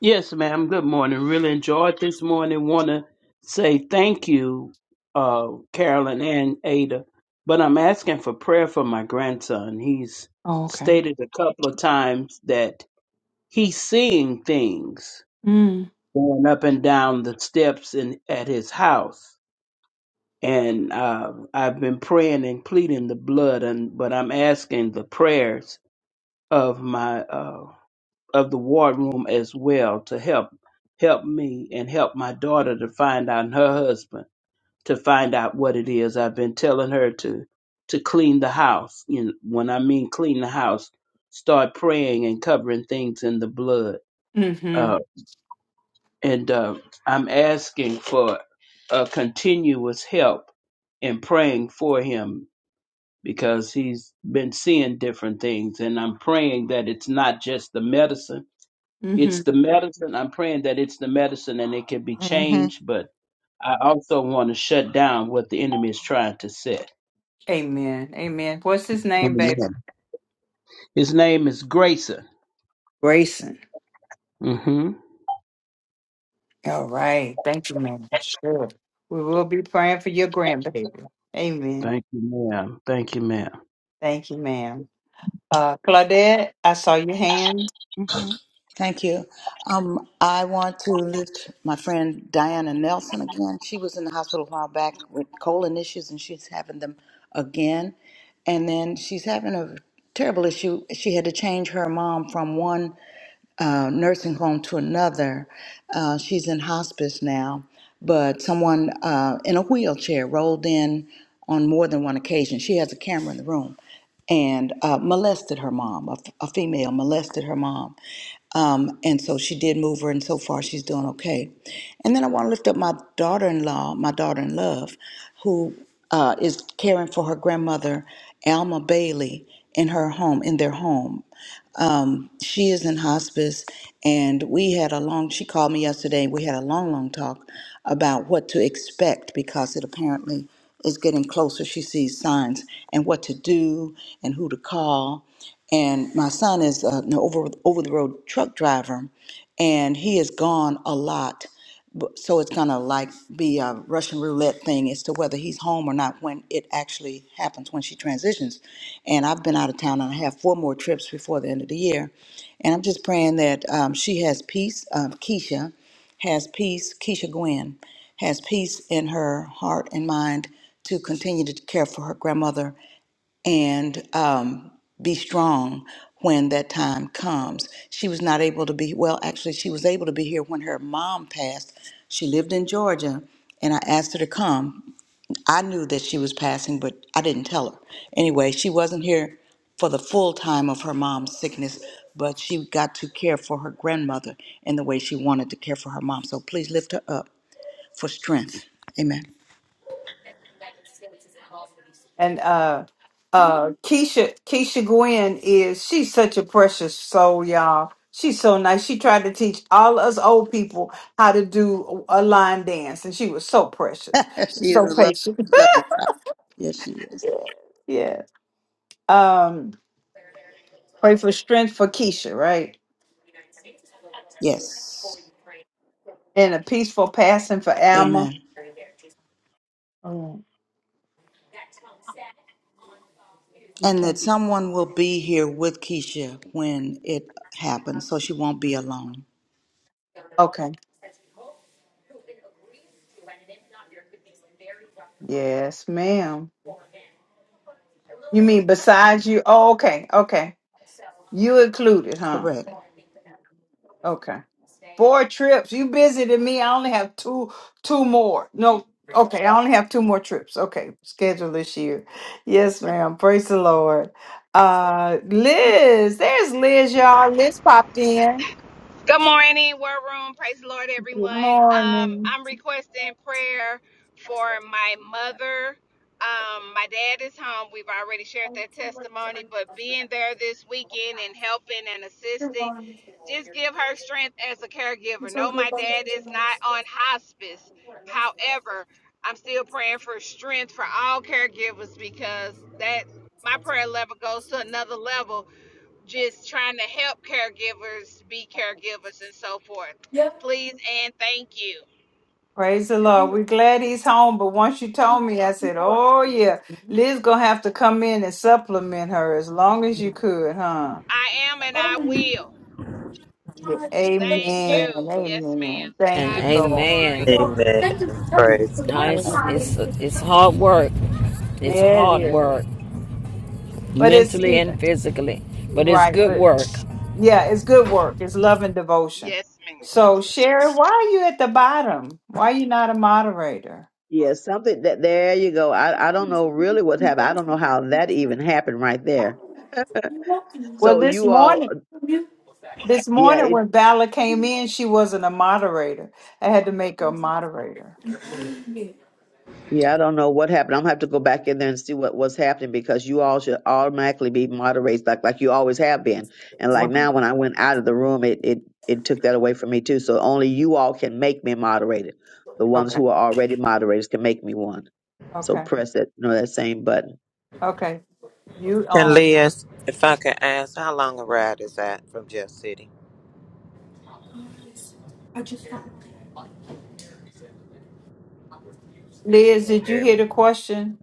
Yes, ma'am. Good morning. Really enjoyed this morning. Want to say thank you, uh, Carolyn and Ada. But I'm asking for prayer for my grandson. He's Oh, okay. stated a couple of times that he's seeing things Hmm. going up and down the steps in at his house. and uh, I've been praying and pleading the blood, and but I'm asking the prayers of my uh, of the war room as well to help help me and help my daughter to find out and her husband to find out what it is. I've been telling her to to clean the house. You know, when I mean clean the house, start praying and covering things in the blood. Mm-hmm. Uh, and uh, I'm asking for a continuous help in praying for him because he's been seeing different things. And I'm praying that it's not just the medicine, Mm-hmm. it's the medicine. I'm praying that it's the medicine and it can be Mm-hmm. changed, but I also want to shut down what the enemy is trying to set. Amen. Amen. What's his name, baby? Amen. His name is Grayson. Grayson. Mm-hmm. All right. Thank you, ma'am. Sure. We will be praying for your grandbaby. Amen. Thank you, ma'am. Thank you, ma'am. Thank you, ma'am. Uh Claudette, I saw your hand. Thank you. Um, I want to lift my friend Diana Nelson again. She was in the hospital a while back with colon issues, and she's having them again. And then she's having a terrible issue. She had to change her mom from one uh, nursing home to another. Uh, she's in hospice now, but someone uh, in a wheelchair rolled in on more than one occasion. She has a camera in the room and uh, molested her mom. A, f- a female molested her mom um, and so she did move her, and so far she's doing okay. And then I want to lift up my daughter in law, my daughter in love, who uh, is caring for her grandmother, Alma Bailey, in her home, in their home she is in hospice and we had a long she called me yesterday we had a long long talk about what to expect because it apparently is getting closer she sees signs and what to do and who to call and my son is uh, an over over the road truck driver and he is gone a lot B- so it's gonna like be a Russian roulette thing as to whether he's home or not when it actually happens when she transitions. And I've been out of town and I have four more trips before the end of the year. And I'm just praying that um, she has peace. Um, Keisha has peace. Keisha Gwen has peace in her heart and mind to continue to care for her grandmother and um, be strong when that time comes. She was not able to be, well, actually, she was able to be here when her mom passed. She lived in Georgia, and I asked her to come I knew that she was passing, but I didn't tell her. Anyway, she wasn't here for the full time of her mom's sickness, but she got to care for her grandmother in the way she wanted to care for her mom. So please lift her up for strength. Amen. And uh uh Keisha Keisha Gwen is she's such a precious soul, y'all. She's so nice. She tried to teach all us old people how to do a line dance, and she was so (laughs) precious. She's she is so a lovely, patient. (laughs) lovely child. Yes, she is. Yeah. Yes. Um, Pray for strength for Keisha, right? Yes. And a peaceful passing for Alma. Amen. Oh, And that okay. someone will be here with Keisha when it happens, so she won't be alone. Okay. Yes, ma'am. You mean besides you? Oh, okay. Okay. You included, huh? Correct. Okay. Four trips. You busy than me. I only have two two more. No, okay. I only have two more trips. Okay. Scheduled this year. Yes, ma'am. Praise the Lord. Uh Liz. There's Liz, y'all. Liz popped in. Good morning, War Room. Praise the Lord, Good everyone. Um, morning. I'm requesting prayer for my mother. Um, my dad is home. We've already shared that testimony, but being there this weekend and helping and assisting, just give her strength as a caregiver. No, my dad is not on hospice. However, I'm still praying for strength for all caregivers because that my prayer level goes to another level just trying to help caregivers be caregivers and so forth. Yeah, Please and thank you. Praise the Lord. we We're glad he's home, but once you told me, I said, Oh yeah, Liz gonna have to come in and supplement her as long as you could, huh? I am and I Oh will. Yeah. my God! Thank that's Amen. you. Yes, ma'am. Amen. To Thank And you, God be the Lord. (laughs) amen. glory. beautiful. Amen. Thank you for telling me. Praise For God. Now what it's time? it's Amen. it's hard work. It's Yeah, it hard is. work, But it's mentally you know, and physically, but it's right, good but work. yeah, it's good work. It's love and devotion. Yes, ma'am. So Sherry, why are you at the bottom? Why are you not a moderator? yeah something that there you go I, I don't know really what You happened i don't know how that even happened right there welcome me. Well, so this you all morning. you This yeah morning it when Bella came in, she wasn't a moderator. I had to make her a moderator. muted me. Yeah, I don't know what happened. I'm gonna have to go back in there and see what was happening because you all should automatically be moderates like like you always have been. And like Right. now when I went out of the room it it, it took that away from me too. So only you all can make me moderated. The ones Okay, who are already moderators can make me one. So okay, press that you know that same button. okay. You And um Leah, if I could ask, how long a ride is that from Jeff City? I just do She Liz, can did you hear me. hear the question?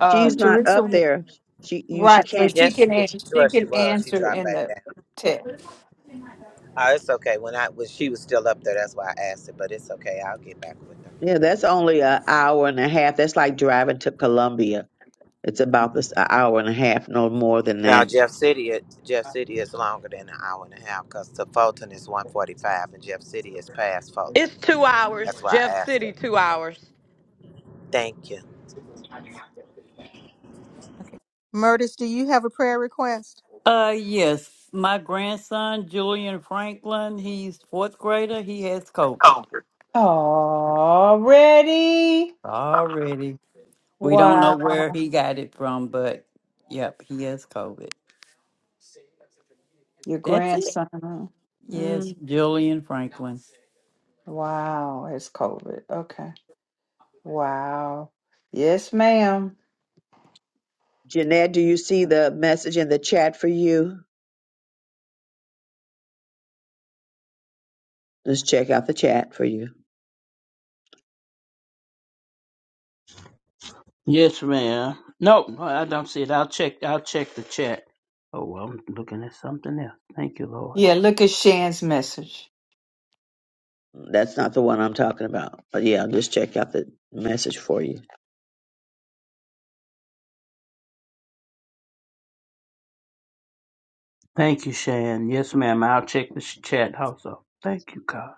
Uh She's not Teresa up was- there. She you she right, can't but she Yes, can she is. answer she Sure, she can was. She answer dropped in back down. the text. Oh, it's okay. When I when she was still up there, that's why I asked it. But it's okay. I'll get back with her. yeah, that's only an hour and a half. That's like driving to Columbia. It's about this an hour and a half, no more than Now that. Jeff City, Jeff City is longer than an hour and a half because to Fulton is one forty five, and Jeff City is past Fulton. That's why I asked her. Thank you. Okay. Murtis, do you have a prayer request? Uh, yes, my grandson Julian Franklin, he's fourth grader. He has COVID Oh. Already? already. We don't know Wow. where he got it from, but yep, he has COVID. Your That's it. grandson. huh? Yes, Mm, Julian Franklin. wow, it's COVID. Okay. Wow. Yes, ma'am. Jeanette, do you see the message in the chat for you? Just check out the chat for you. Yes, ma'am. No, no, I don't see it. I'll check. I'll check the chat. Oh, well, I'm looking at something else. Thank you, Lord. Yeah, look at Shan's message. That's not the one I'm talking about. But yeah, just check out the message for you. Thank you, Shan. Yes, ma'am. I'll check the sh- chat also. Thank you, God.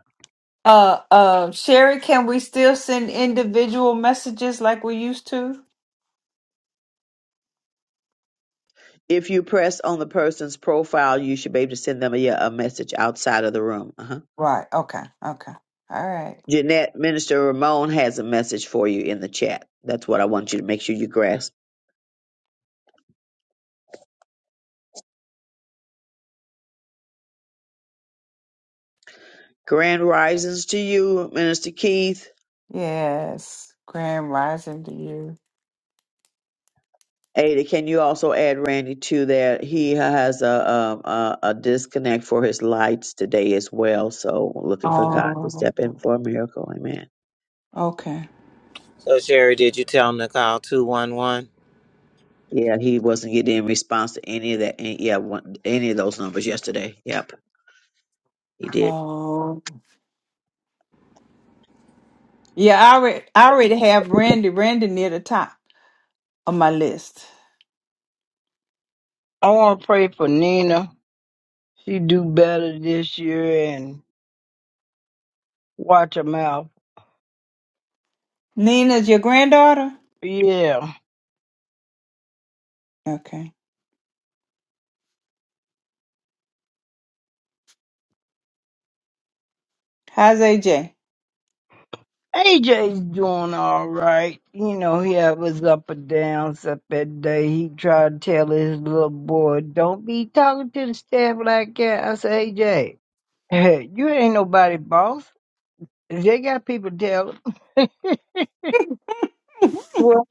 Uh, uh, Sherry, can we still send individual messages like we used to? If you press on the person's profile, you should be able to send them a, yeah, a message outside of the room. Uh-huh. Right. Okay. Okay. All right. Jeanette, Minister Ramon has a message for you in the chat. That's what I want you to make sure you grasp. Grand risings to you, Minister Keith. Yes. Grand rising to you. Ada, can you also add Randy to that? He has a um a, a disconnect for his lights today as well. So looking for God to Oh. step in for a miracle. Amen. Okay. So Sherry, did you tell them to call two one one? Yeah, he wasn't getting any response to any of that. Any, yeah, one, any of those numbers yesterday. Yep, he did. Oh. Yeah. I already, I already have Randy. Randy near the top of my list. I want to pray for Nina. She do better this year and watch her mouth. Nina's your granddaughter. Yeah. Okay. How's AJ? AJ's doing all right. You know, he had his up and downs up that day. He tried to tell his little boy, don't be talking to the staff like that. I said, AJ, hey, you ain't nobody boss. If they got people to tell them. (laughs) Well,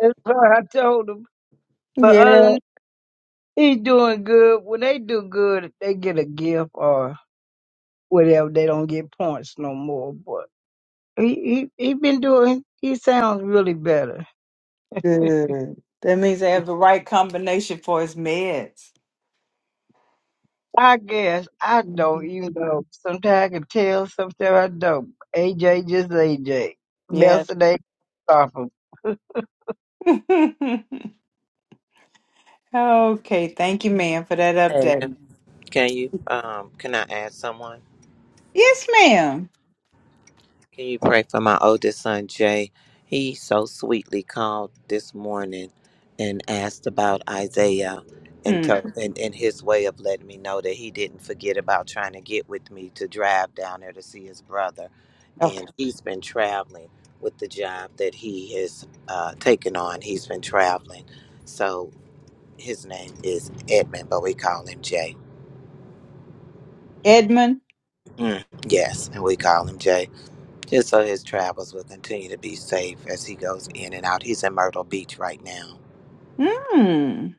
that's what I told him. But other Yeah. than he's doing good. When they do good, they get a gift or whatever. They don't get points no more. but. He he he been doing. He sounds really better. Good. That means I have the right combination for his meds. I guess I don't hmm even know. Sometimes I can tell. Sometimes I don't. AJ just AJ. Yeah. Nelson A. Harper. (laughs) Okay, thank you, ma'am, for that Hey, update. can you um can I add someone? Yes, ma'am. Can you pray for my oldest son, Jay? He so sweetly called this morning and asked about Isaiah and Mm, told and, and his way of letting me know that he didn't forget about trying to get with me to drive down there to see his brother. okay. And he's been traveling with the job that he has uh, taken on. He's been traveling. So his name is Edmund, but we call him Jay. Edmund. Mm, yes, and we call him Jay. just so his travels will continue to be safe as he goes in and out. He's in Myrtle Beach right now. Mm.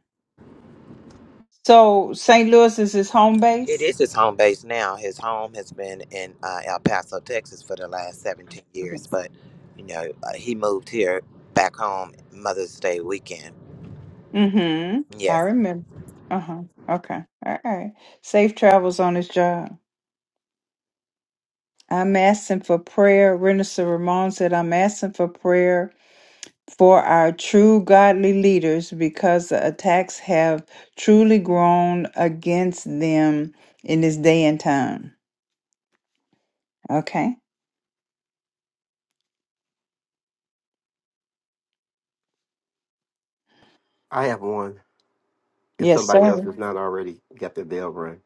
So St. Louis is his home It base? is his home base now. His home has been in uh, El Paso, Texas for the last 17 years, Yes. but you know, uh, he moved here back home Mother's Day weekend. Mm-hmm. I Yes, remember. Uh-huh. Okay. All right. Safe travels on his job. I'm asking for prayer. Renaissance Ramon said, I'm asking for prayer for our true godly leaders because the attacks have truly grown against them in this day and time. Okay. I have one. If Yes, somebody else sir. has not already got their bell rung.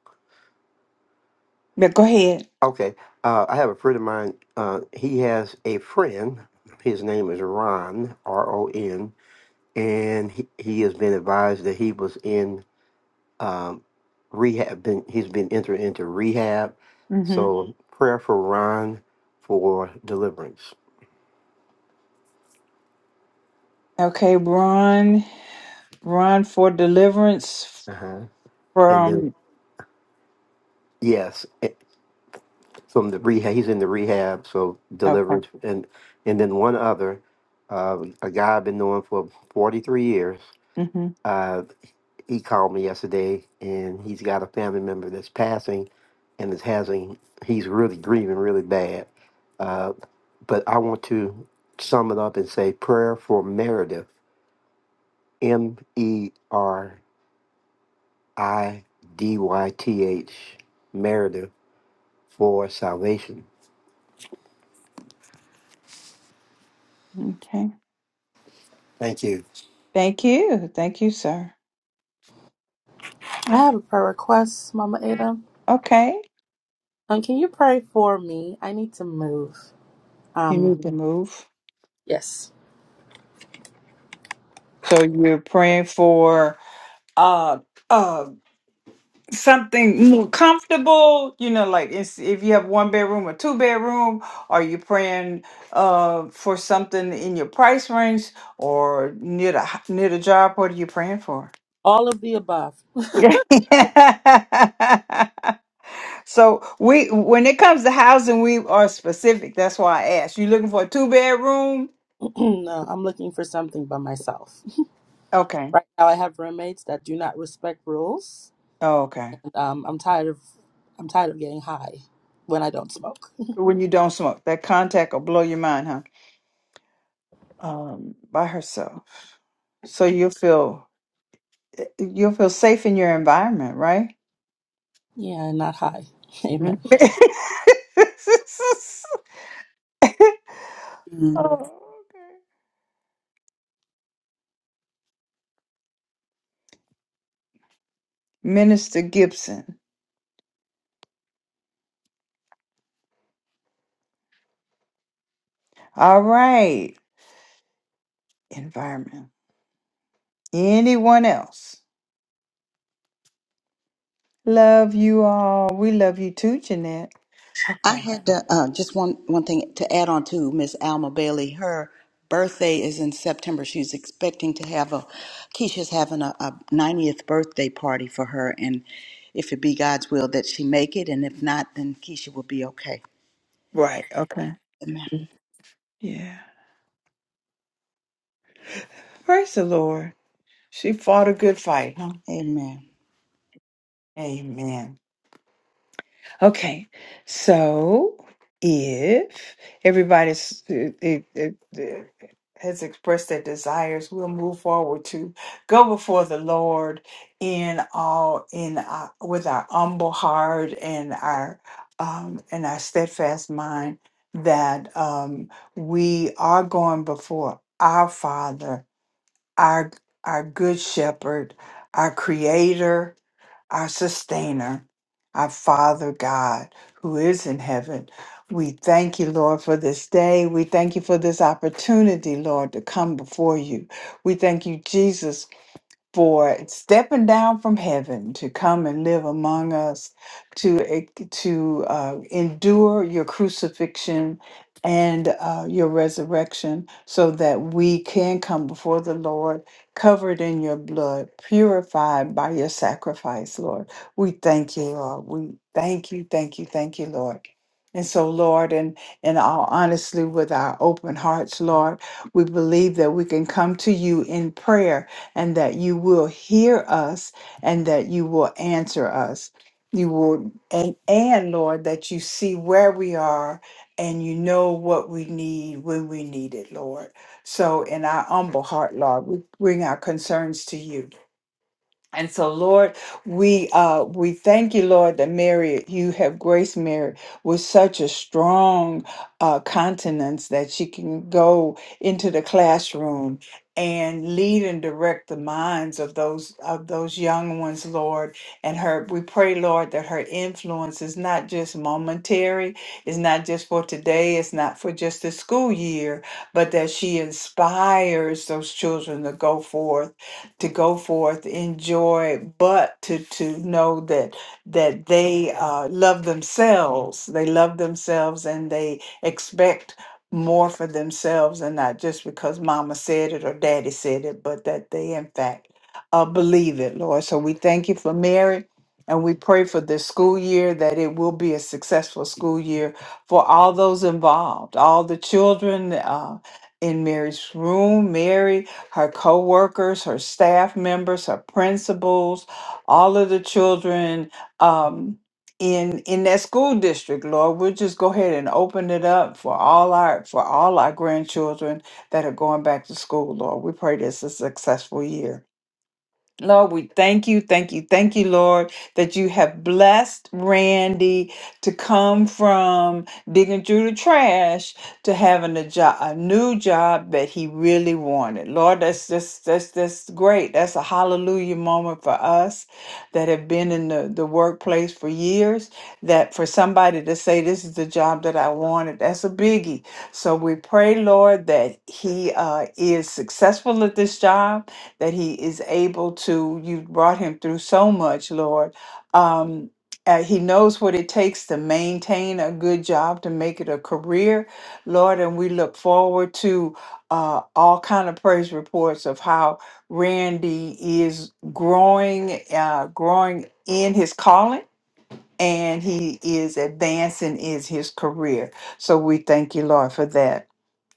But go ahead. Okay. Uh, I have a friend of mine. Uh, he has a friend. His name is Ron, R O N, and he, he has been advised that he was in um, rehab. Been, he's been entered into rehab. hmm So prayer for Ron for deliverance. Okay, Ron. Ron for deliverance Uh-huh. And then, from. yes, eh, from the rehab, he's in the rehab, so Okay. deliverance. And, and then one other, uh, a guy I've been knowing for 43 years. hmm uh, he called me yesterday and he's got a family member that's passing and is having he's really grieving really bad uh, but i want to sum it up and say prayer for meredith m-e-r-i-d-y-t-h meredith for salvation Okay. thank you Thank you. Thank you, sir. I have a prayer request, Mama Ada. Okay. Um, can you pray for me? I need to move. You Um, need to move. Yes. So you're praying for uh uh something more comfortable. You know, like it's, if you have one bedroom or two bedroom, are you praying uh for something in your price range or near the h- near the job? What are you praying for? all of the above. (laughs) so we when it comes to housing, we are specific. That's why I asked. You looking for a two bedroom? (clears throat) no, I'm looking for something by myself. Okay. Right now, I have roommates that do not respect rules. Oh, okay. And, um, I'm tired of I'm tired of getting high when I don't smoke. When you don't smoke, that contact will blow your mind, huh? Um, by herself. So you'll feel you'll feel safe in your environment, right? Yeah, not high. (laughs) (laughs) Amen. oh, okay. Minister Gibson. All right. Environment. Anyone else? Love you all. We love you too, Jeanette. I Okay. had to, uh, just one one thing to add on to Miss Alma Bailey. Her birthday is in September. She's expecting to have a Keisha's having a, a 90th birthday party for her, and if it be God's will that she make it, and if not, then Keisha will be okay. Right. Okay. Amen. Yeah. Praise the Lord. She fought a good fight, huh? Amen. Amen. Okay, so if everybody's uh, uh, uh, uh, has expressed their desires, we'll move forward to go before the Lord in all in our, with our humble heart and our um, and our steadfast mind that um, we are going before our Father, our our Good Shepherd, our Creator our sustainer, our Father God who is in heaven. We thank you, Lord, for this day. We thank you for this opportunity, Lord, to come before you. We thank you, Jesus, for stepping down from heaven to come and live among us, to e- to uh, endure your crucifixion and uh, your resurrection, so that we can come before the Lord, covered in your blood, purified by your sacrifice, Lord. We thank you, Lord. We thank you, thank you, thank you, Lord. And so, Lord, and in in all honesty, with our open hearts, Lord, we believe that we can come to you in prayer and that you will hear us and that you will answer us. You will, and, and Lord, that you see where we are and you know what we need when we need it, Lord. So, in our humble heart, Lord, we bring our concerns to you. And so, Lord, we uh, we thank you, Lord, that Mary, you have graced Mary with such a strong uh, continence that she can go into the classroom and lead and direct the minds of those of those young ones, Lord. And her, we pray, Lord, that her influence is not just momentary, it's not just for today, it's not for just the school year, but that she inspires those children to go forth to go forth, enjoy, but to to know that that they uh, love themselves. They love themselves and they expect more for themselves and not just because mama said it or daddy said it, but that they in fact uh, believe it, Lord. So we thank you for Mary. And we pray for this school year that it will be a successful school year for all those involved, all the children uh, in Mary's room, Mary, her co-workers, her staff members, her principals, all of the children um, in in that school district. Lord, we'll just go ahead and open it up for all our for all our grandchildren that are going back to school. Lord, we pray this is a successful year. Lord, we thank you, thank you, thank you, Lord, that you have blessed Randy to come from digging through the trash to having a job, a new job that he really wanted. Lord, that's just that's that's great. That's a hallelujah moment for us that have been in the, the workplace for years. That for somebody to say this is the job that I wanted, that's a biggie. So we pray, Lord, that he uh, is successful at this job that he is able to you brought him through so much lord um uh, he knows what it takes to maintain a good job to make it a career lord and we look forward to uh, all kind of praise reports of how randy is growing uh, growing in his calling and he is advancing is his career so we thank you lord for that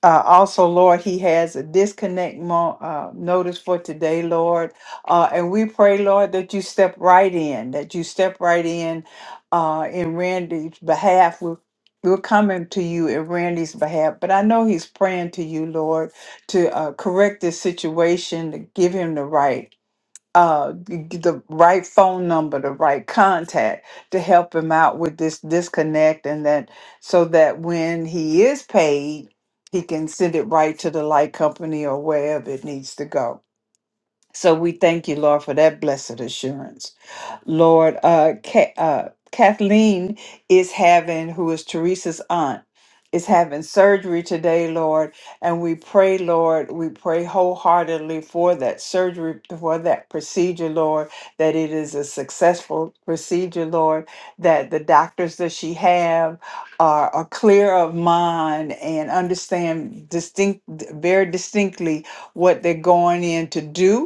uh, also, Lord, he has a disconnect mo- uh, notice for today, Lord. Uh, and we pray, Lord, that you step right in, that you step right in uh, in Randy's behalf. We're, we're coming to you in Randy's behalf, but I know he's praying to you, Lord, to uh, correct this situation, to give him the right uh g- g- the right phone number the right contact to help him out with this disconnect and that so that when he is paid he can send it right to the light company or wherever it needs to go so we thank you lord for that blessed assurance Lord uh, Ca- uh, Kathleen is having, who is Teresa's aunt, is having surgery today, Lord. And we pray, Lord, we pray wholeheartedly for that surgery, for that procedure, Lord, that it is a successful procedure, Lord, that the doctors that she have are, are clear of mind and understand distinct, very distinctly what they're going in to do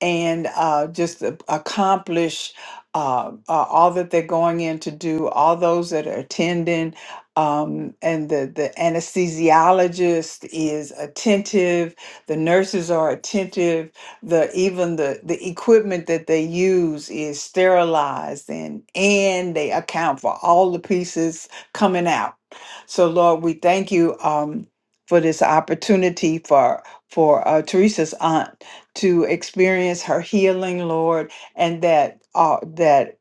and uh, just a- accomplish uh, uh, all that they're going in to do, all those that are attending, um, and the, the anesthesiologist is attentive, the nurses are attentive, the even the, the equipment that they use is sterilized and and they account for all the pieces coming out. So Lord, we thank you um, for this opportunity for for uh, Teresa's aunt to experience her healing, Lord, and that uh, that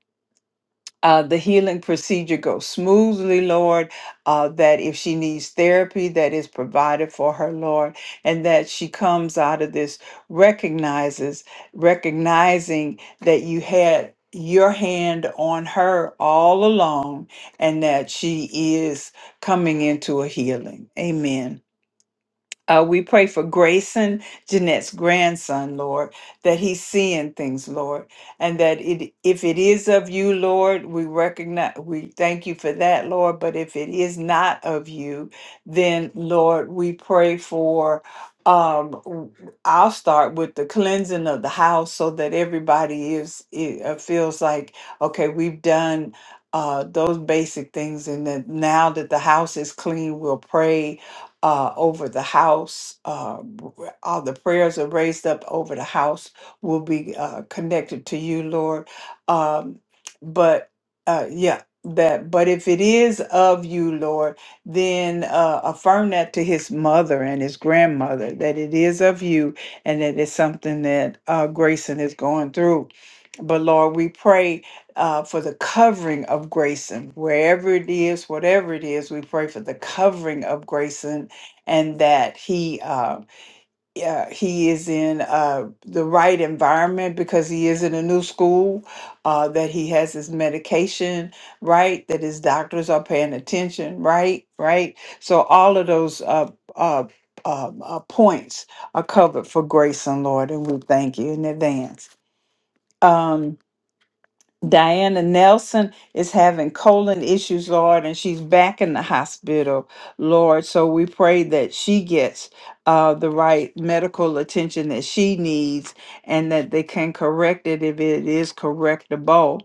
uh, the healing procedure goes smoothly, Lord. Uh, that if she needs therapy, that is provided for her, Lord, and that she comes out of this recognizes recognizing that you had your hand on her all along, and that she is coming into a healing. Amen. Uh, we pray for Grayson, Jeanette's grandson, Lord, that he's seeing things, Lord, and that it, if it is of you, Lord, we recognize, we thank you for that, Lord. But if it is not of you, then, Lord, we pray for. Um, w- I'll start with the cleansing of the house so that everybody is it, uh, feels like okay, we've done uh, those basic things, and that now that the house is clean, we'll pray uh, over the house. Uh, r- all the prayers are raised up over the house will be uh, connected to you, Lord. Um, but uh, yeah, that. But if it is of you, Lord, then uh, affirm that to his mother and his grandmother that it is of you, and that it's something that uh, Grayson is going through. But Lord, we pray uh, for the covering of Grayson, wherever it is, whatever it is, we pray for the covering of Grayson and that he uh, yeah, he is in uh, the right environment because he is in a new school, uh, that he has his medication right, that his doctors are paying attention right, right. So all of those uh, uh, um, uh, points are covered for grace and Lord, and we thank you in advance. Um, Diana Nelson is having colon issues, Lord, and she's back in the hospital, Lord. So we pray that she gets uh, the right medical attention that she needs and that they can correct it if it is correctable.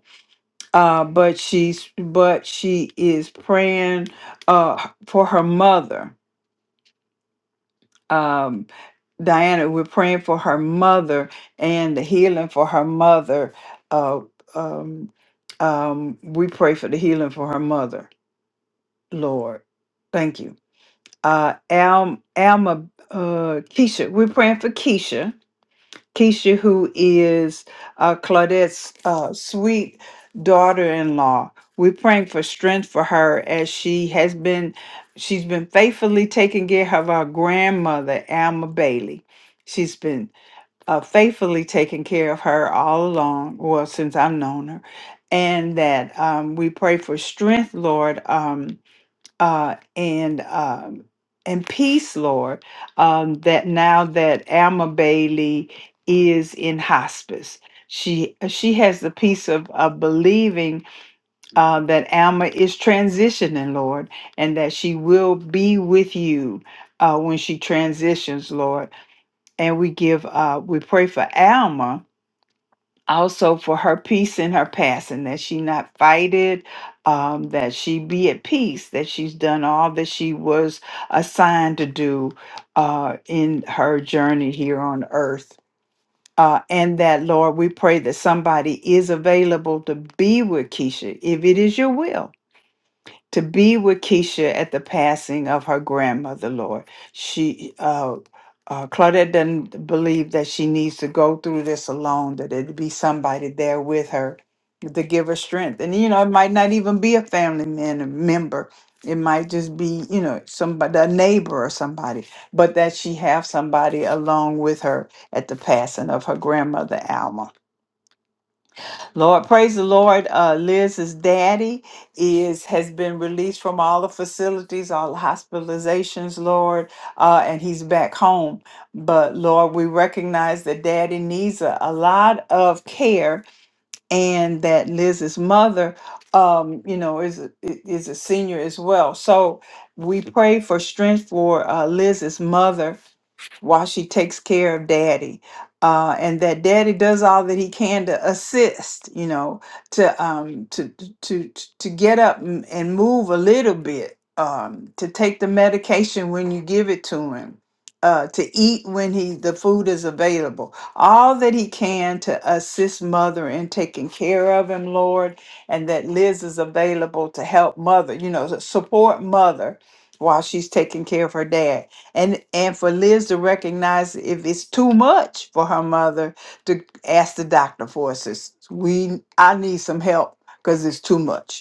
Uh, but she's but she is praying uh, for her mother um, Diana, we're praying for her mother and the healing for her mother. Uh, um, um, we pray for the healing for her mother, Lord. Thank you. Uh, Al, Alma, uh, Keisha, we're praying for Keisha Keisha, who is uh, Claudette's uh, sweet daughter-in-law. We're praying for strength for her as she has been, she's been faithfully taking care of our grandmother, Alma Bailey. She's been uh, faithfully taking care of her all along, well, since I've known her. And that um, we pray for strength, Lord, um, uh, and um, and peace, Lord, um, that now that Alma Bailey is in hospice, she she has the peace of, of believing uh, that Alma is transitioning, Lord, and that she will be with you uh, when she transitions, Lord. And we give uh, we pray for Alma also for her peace in her passing, that she not fight it, um, that she be at peace, that she's done all that she was assigned to do uh, in her journey here on earth. Uh, and that, Lord, we pray that somebody is available to be with Keisha if it is your will to be with Keisha at the passing of her grandmother, Lord. She, uh, uh, Claudette doesn't believe that she needs to go through this alone, that it'd be somebody there with her to give her strength. And, you know, it might not even be a family man, member. It might just be, you know, somebody, a neighbor or somebody, but that she have somebody along with her at the passing of her grandmother, Alma. Lord, praise the Lord. Uh, Liz's daddy is has been released from all the facilities, all the hospitalizations, Lord, uh, and he's back home. But Lord, we recognize that daddy needs a, a lot of care and that Liz's mother, um, you know, is a, i- is a senior as well. So we pray for strength for uh, Liz's mother while she takes care of daddy uh, and that daddy does all that he can to assist you know to um to to to to get up and and move a little bit um to take the medication when you give it to him uh, to eat when he the food is available. All that he can to assist mother in taking care of him, Lord, and that Liz is available to help mother. You know, to support mother while she's taking care of her dad, and and for Liz to recognize if it's too much for her mother to ask the doctor for assistance. We I need some help because it's too much.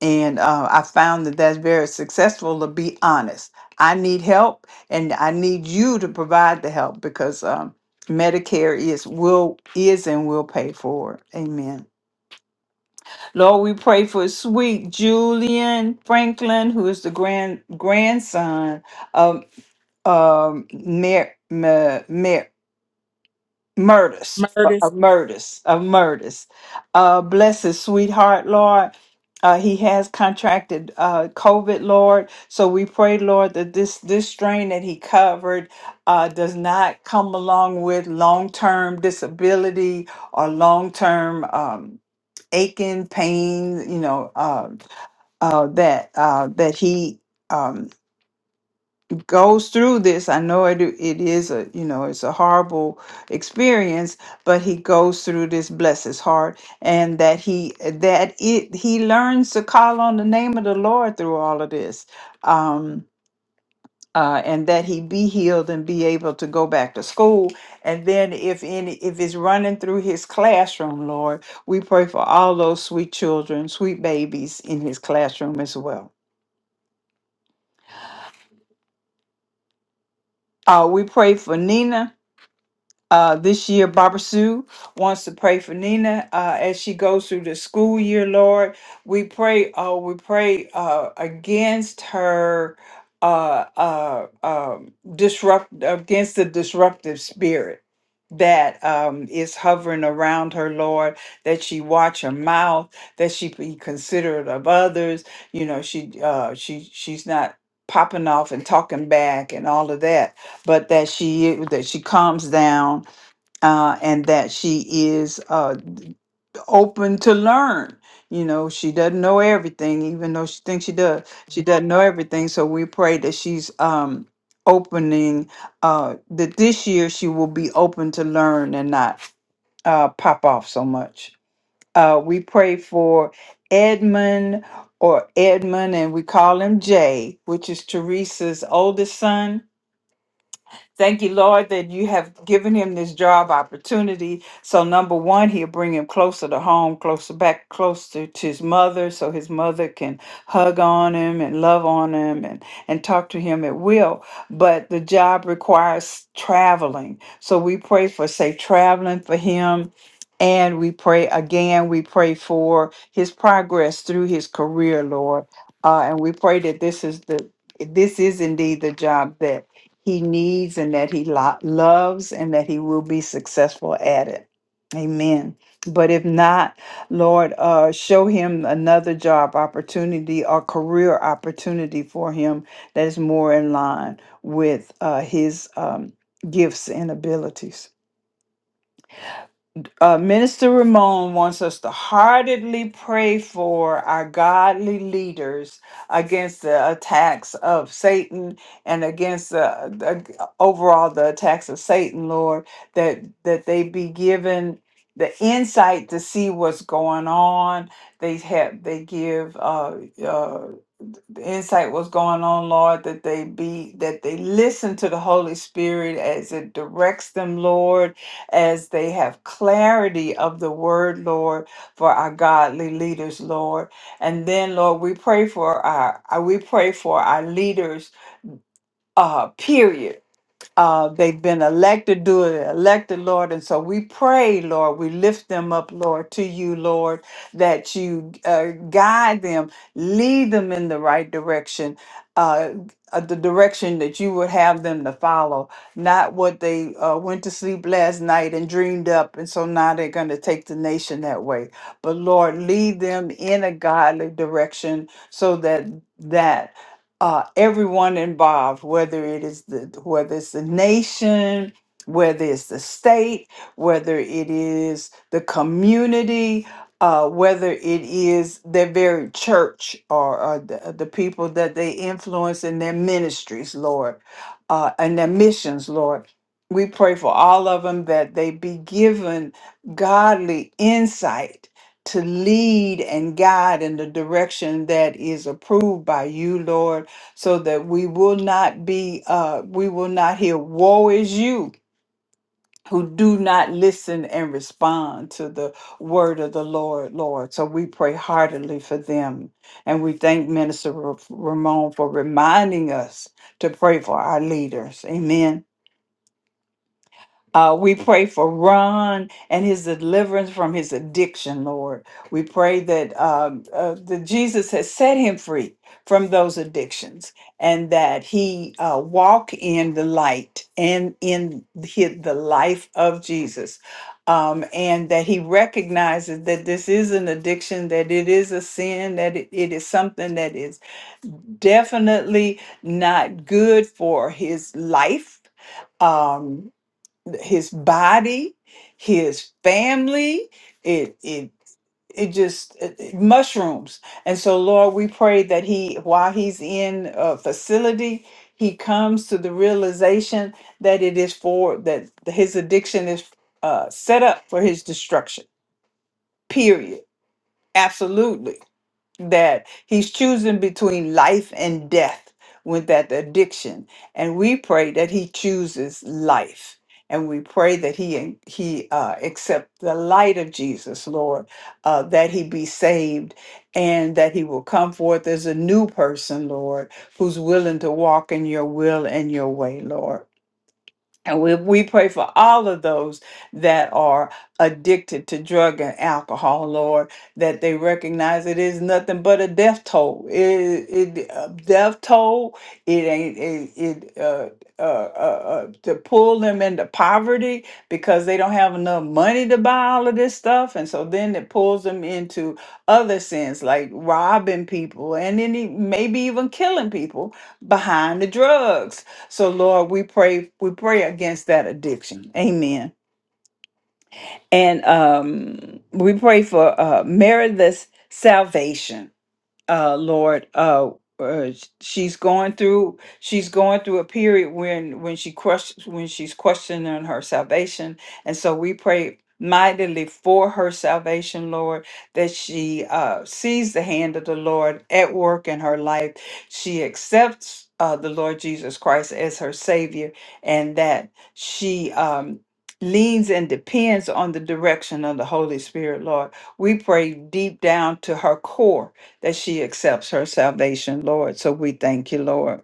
And uh, I found that that's very successful to be honest. I need help and I need you to provide the help because um, Medicare is will is and will pay for it. Amen. Lord, we pray for sweet Julian Franklin, who is the grand grandson of um, Mar- Murders, Murtis. a murders, a murders. Uh, bless his sweetheart, Lord. Uh, he has contracted uh, COVID, Lord. So we pray, Lord, that this this strain that he covered uh, does not come along with long term disability or long term um, aching, pain. You know uh, uh, that uh, that he. um, goes through this i know it, it is a you know it's a horrible experience but he goes through this bless his heart and that he that it he learns to call on the name of the lord through all of this um uh, and that he be healed and be able to go back to school and then if any if it's running through his classroom lord we pray for all those sweet children sweet babies in his classroom as well uh, we pray for nina Uh, this year, Barbara Sue wants to pray for Nina uh, as she goes through the school year. Lord, we pray. Uh, we pray uh, against her uh, uh, um, disrupt against the disruptive spirit that um, is hovering around her. Lord, that she watch her mouth, that she be considerate of others. You know, she uh, she she's not popping off and talking back and all of that, but that she that she calms down uh, and that she is uh, open to learn. You know, she doesn't know everything, even though she thinks she does. She doesn't know everything. So we pray that she's um, opening, uh, that this year she will be open to learn and not uh, pop off so much. Uh, we pray for Edmund or Edmund, and we call him Jay, which is Teresa's oldest son Thank you, Lord, that you have given him this job opportunity. So, number one, he'll bring him closer to home, closer back, closer to his mother, so his mother can hug on him and love on him and, and talk to him at will. But the job requires traveling. So, we pray for safe traveling for him. And we pray again, we pray for his progress through his career, Lord. Uh, and we pray that this is the this is indeed the job that he needs and that he lo- loves and that he will be successful at it. Amen. But if not, Lord, uh, show him another job opportunity or career opportunity for him that is more in line with uh, his um, gifts and abilities. Uh, Minister Ramon wants us to heartedly pray for our godly leaders against the attacks of Satan and against the, the overall the attacks of Satan, Lord, that that they be given the insight to see what's going on. They have they give uh, uh, the insight was going on, Lord, that they be that they listen to the Holy Spirit as it directs them, Lord, as they have clarity of the word, Lord, for our godly leaders, Lord. And then, Lord, we pray for our uh, we pray for our leaders, uh, period uh, they've been elected, do it, elected, Lord. And so we pray, Lord, we lift them up, Lord, to you, Lord, that you uh, guide them, lead them in the right direction, uh, uh, the direction that you would have them to follow, not what they uh, went to sleep last night and dreamed up. And so now they're going to take the nation that way. But Lord, lead them in a godly direction so that. that uh, everyone involved, whether it is the whether it's the nation, whether it's the state, whether it is the community, uh, whether it is their very church or, or the, the people that they influence in their ministries, Lord, uh, and their missions, Lord. We pray for all of them that they be given godly insight to lead and guide in the direction that is approved by you, Lord so that we will not be uh we will not hear woe is you who do not listen and respond to the word of the Lord, Lord. So we pray heartily for them. And we thank Minister Ra- Ramon for reminding us to pray for our leaders. Amen. Uh, we pray for Ron and his deliverance from his addiction, Lord. We pray that um, uh, the Jesus has set him free from those addictions and that he uh, walk in the light and in hi- the life of Jesus. Um, and that he recognizes that this is an addiction, that it is a sin, that it it is something that is definitely not good for his life. Um, his body, his family. It it it just it- it- mushrooms. And so, Lord, we pray that he, while he's in a facility, he comes to the realization that it is for that his addiction is uh, set up for his destruction. Period. Absolutely that he's choosing between life and death with that addiction and we pray that he chooses life and we pray that he he uh, accept the light of jesus lord uh, that he be saved and that he will come forth as a new person lord who's willing to walk in your will and your way lord and we, we pray for all of those that are addicted to drug and alcohol, Lord, that they recognize it is nothing but a death toll. It, it a death toll. It ain't it. it uh, uh, uh, uh, to pull them into poverty because they don't have enough money to buy all of this stuff, and so then it pulls them into other sins like robbing people and any maybe even killing people behind the drugs so Lord, we pray we pray against that addiction. Amen. And um we pray for uh meritless salvation uh lord uh, uh sh- she's going through she's going through a period when when she crushed when she's questioning her salvation and so we pray mightily for her salvation lord that she uh sees the hand of the lord at work in her life she accepts uh, the Lord Jesus Christ as her Savior, and that she um, leans and depends on the direction of the Holy Spirit, Lord. We pray deep down to her core that she accepts her salvation, Lord. So we thank you, Lord.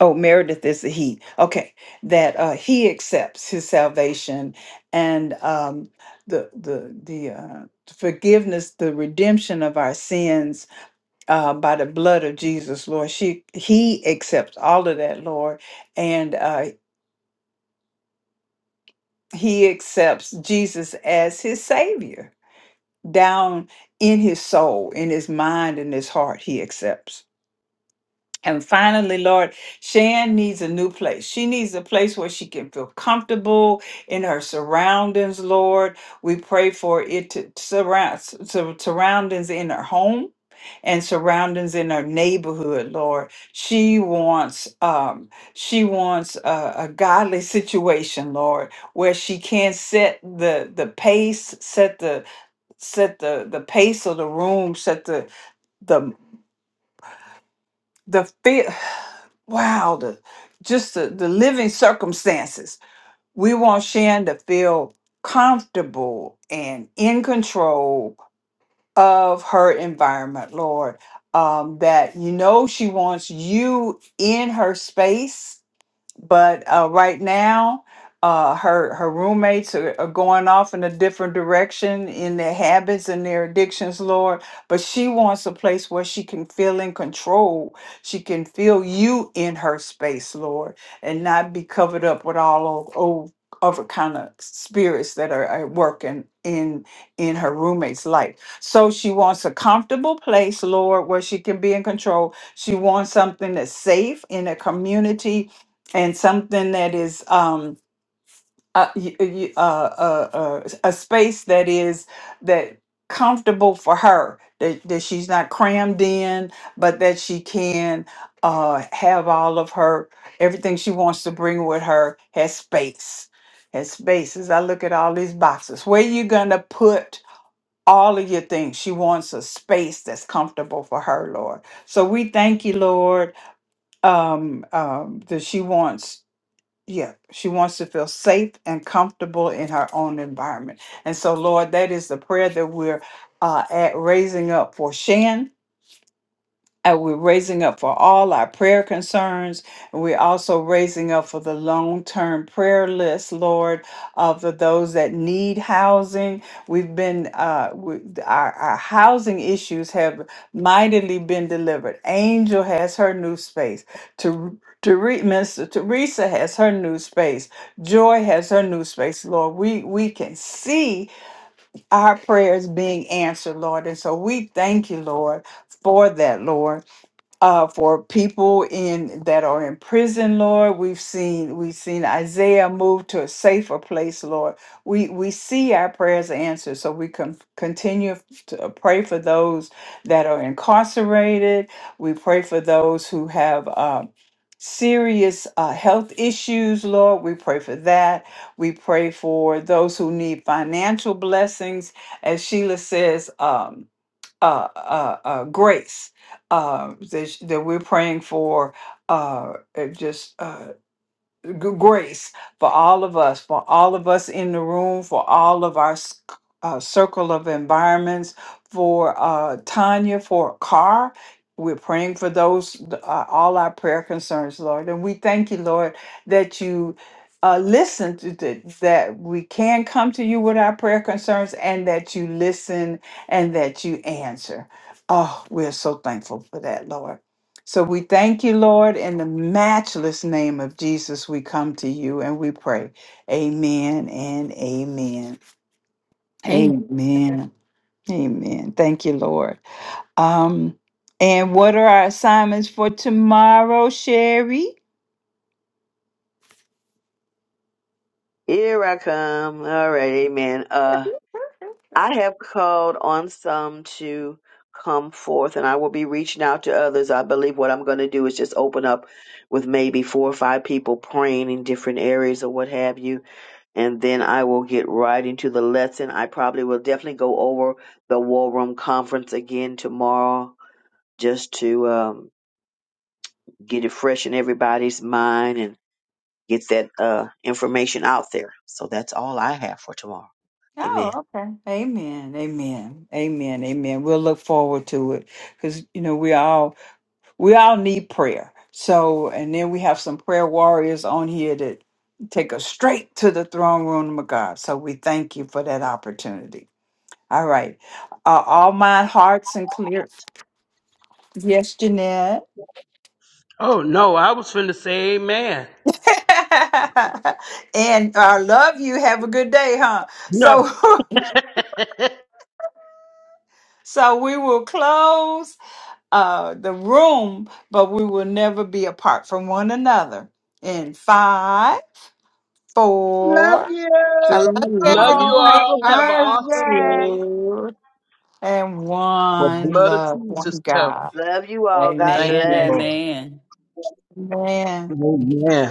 Oh, Meredith is the he. Okay, that uh, he accepts his salvation and um, the the the uh, forgiveness, the redemption of our sins uh, by the blood of Jesus, Lord. She he accepts all of that, Lord, and uh, he accepts Jesus as his Savior down in his soul, in his mind, in his heart. He accepts. And finally, Lord, Shan needs a new place. She needs a place where she can feel comfortable in her surroundings, Lord. We pray for it to surround sur- surroundings in her home and surroundings in her neighborhood, Lord. She wants um she wants a, a godly situation, Lord, where she can set the the pace, set the set the the pace of the room, set the the fear (sighs) wow the just the, the living circumstances we want shan to feel comfortable and in control of her environment lord um, that you know she wants you in her space but uh, right now uh, her her roommates are, are going off in a different direction in their habits and their addictions lord but she wants a place where she can feel in control she can feel you in her space lord and not be covered up with all old, old other kind of spirits that are at work in, in in her roommate's life so she wants a comfortable place lord where she can be in control she wants something that's safe in a community and something that is um a, y- y- uh, uh, uh, a space that is that comfortable for her that, that she's not crammed in but that she can uh, have all of her everything she wants to bring with her has space has space as i look at all these boxes where you gonna put all of your things she wants a space that's comfortable for her lord so we thank you lord um, um, that she wants yeah, she wants to feel safe and comfortable in her own environment. And so, Lord, that is the prayer that we're uh, at raising up for Shan. And we're raising up for all our prayer concerns. And we're also raising up for the long term prayer list, Lord, uh, for those that need housing. We've been, uh, we, our, our housing issues have mightily been delivered. Angel has her new space. Ter- Tere- Minister Teresa has her new space. Joy has her new space, Lord. We, we can see our prayers being answered, Lord. And so we thank you, Lord, for that, Lord uh, for people in that are in prison, Lord. We've seen we've seen Isaiah move to a safer place, Lord. We we see our prayers answered, so we can continue to pray for those that are incarcerated. We pray for those who have. Uh, Serious uh, health issues, Lord. We pray for that. We pray for those who need financial blessings. As Sheila says, um, uh, uh, uh, grace uh, that, sh- that we're praying for uh, uh, just uh, g- grace for all of us, for all of us in the room, for all of our s- uh, circle of environments, for uh, Tanya, for Carr. We're praying for those, th- uh, all our prayer concerns, Lord. And we thank you, Lord, that you uh, listen to th- that we can come to you with our prayer concerns and that you listen and that you answer. Oh, we're so thankful for that, Lord. So we thank you, Lord, in the matchless name of Jesus. We come to you and we pray. Amen and amen. Amen. Amen. Amen. Thank you, Lord. Um, and what are our assignments for tomorrow, Sherry? Here I come. All right, Amen. Uh, I have called on some to come forth, and I will be reaching out to others. I believe what I'm going to do is just open up with maybe four or five people praying in different areas or what have you and then I will get right into the lesson. I probably will definitely go over the War Room Conference again tomorrow just to um, get it fresh in everybody's mind and get that uh, information out there. So that's all I have for tomorrow. Amen. Oh, okay. Amen. Amen. Amen. Amen. We'll look forward to it because you know we all we all need prayer. So, and then we have some prayer warriors on here that take us straight to the throne room of God. So we thank you for that opportunity. All right. Uh, all my hearts and clear. Yes, Jeanette. Oh no, I was finna say amen. (laughs) and I love you. Have a good day, huh? No. So, (laughs) so we will close uh, the room, but we will never be apart from one another. In five, Love four, you. I love you, Love three. you Oh, everybody. have a all. Have an Bye. blessed awesome day. day. two, and The one blood of love, one Jesus covers. God. Love you all. God Thank Amen. you, bless. Amen. Lord. Amen. Amen. Amen.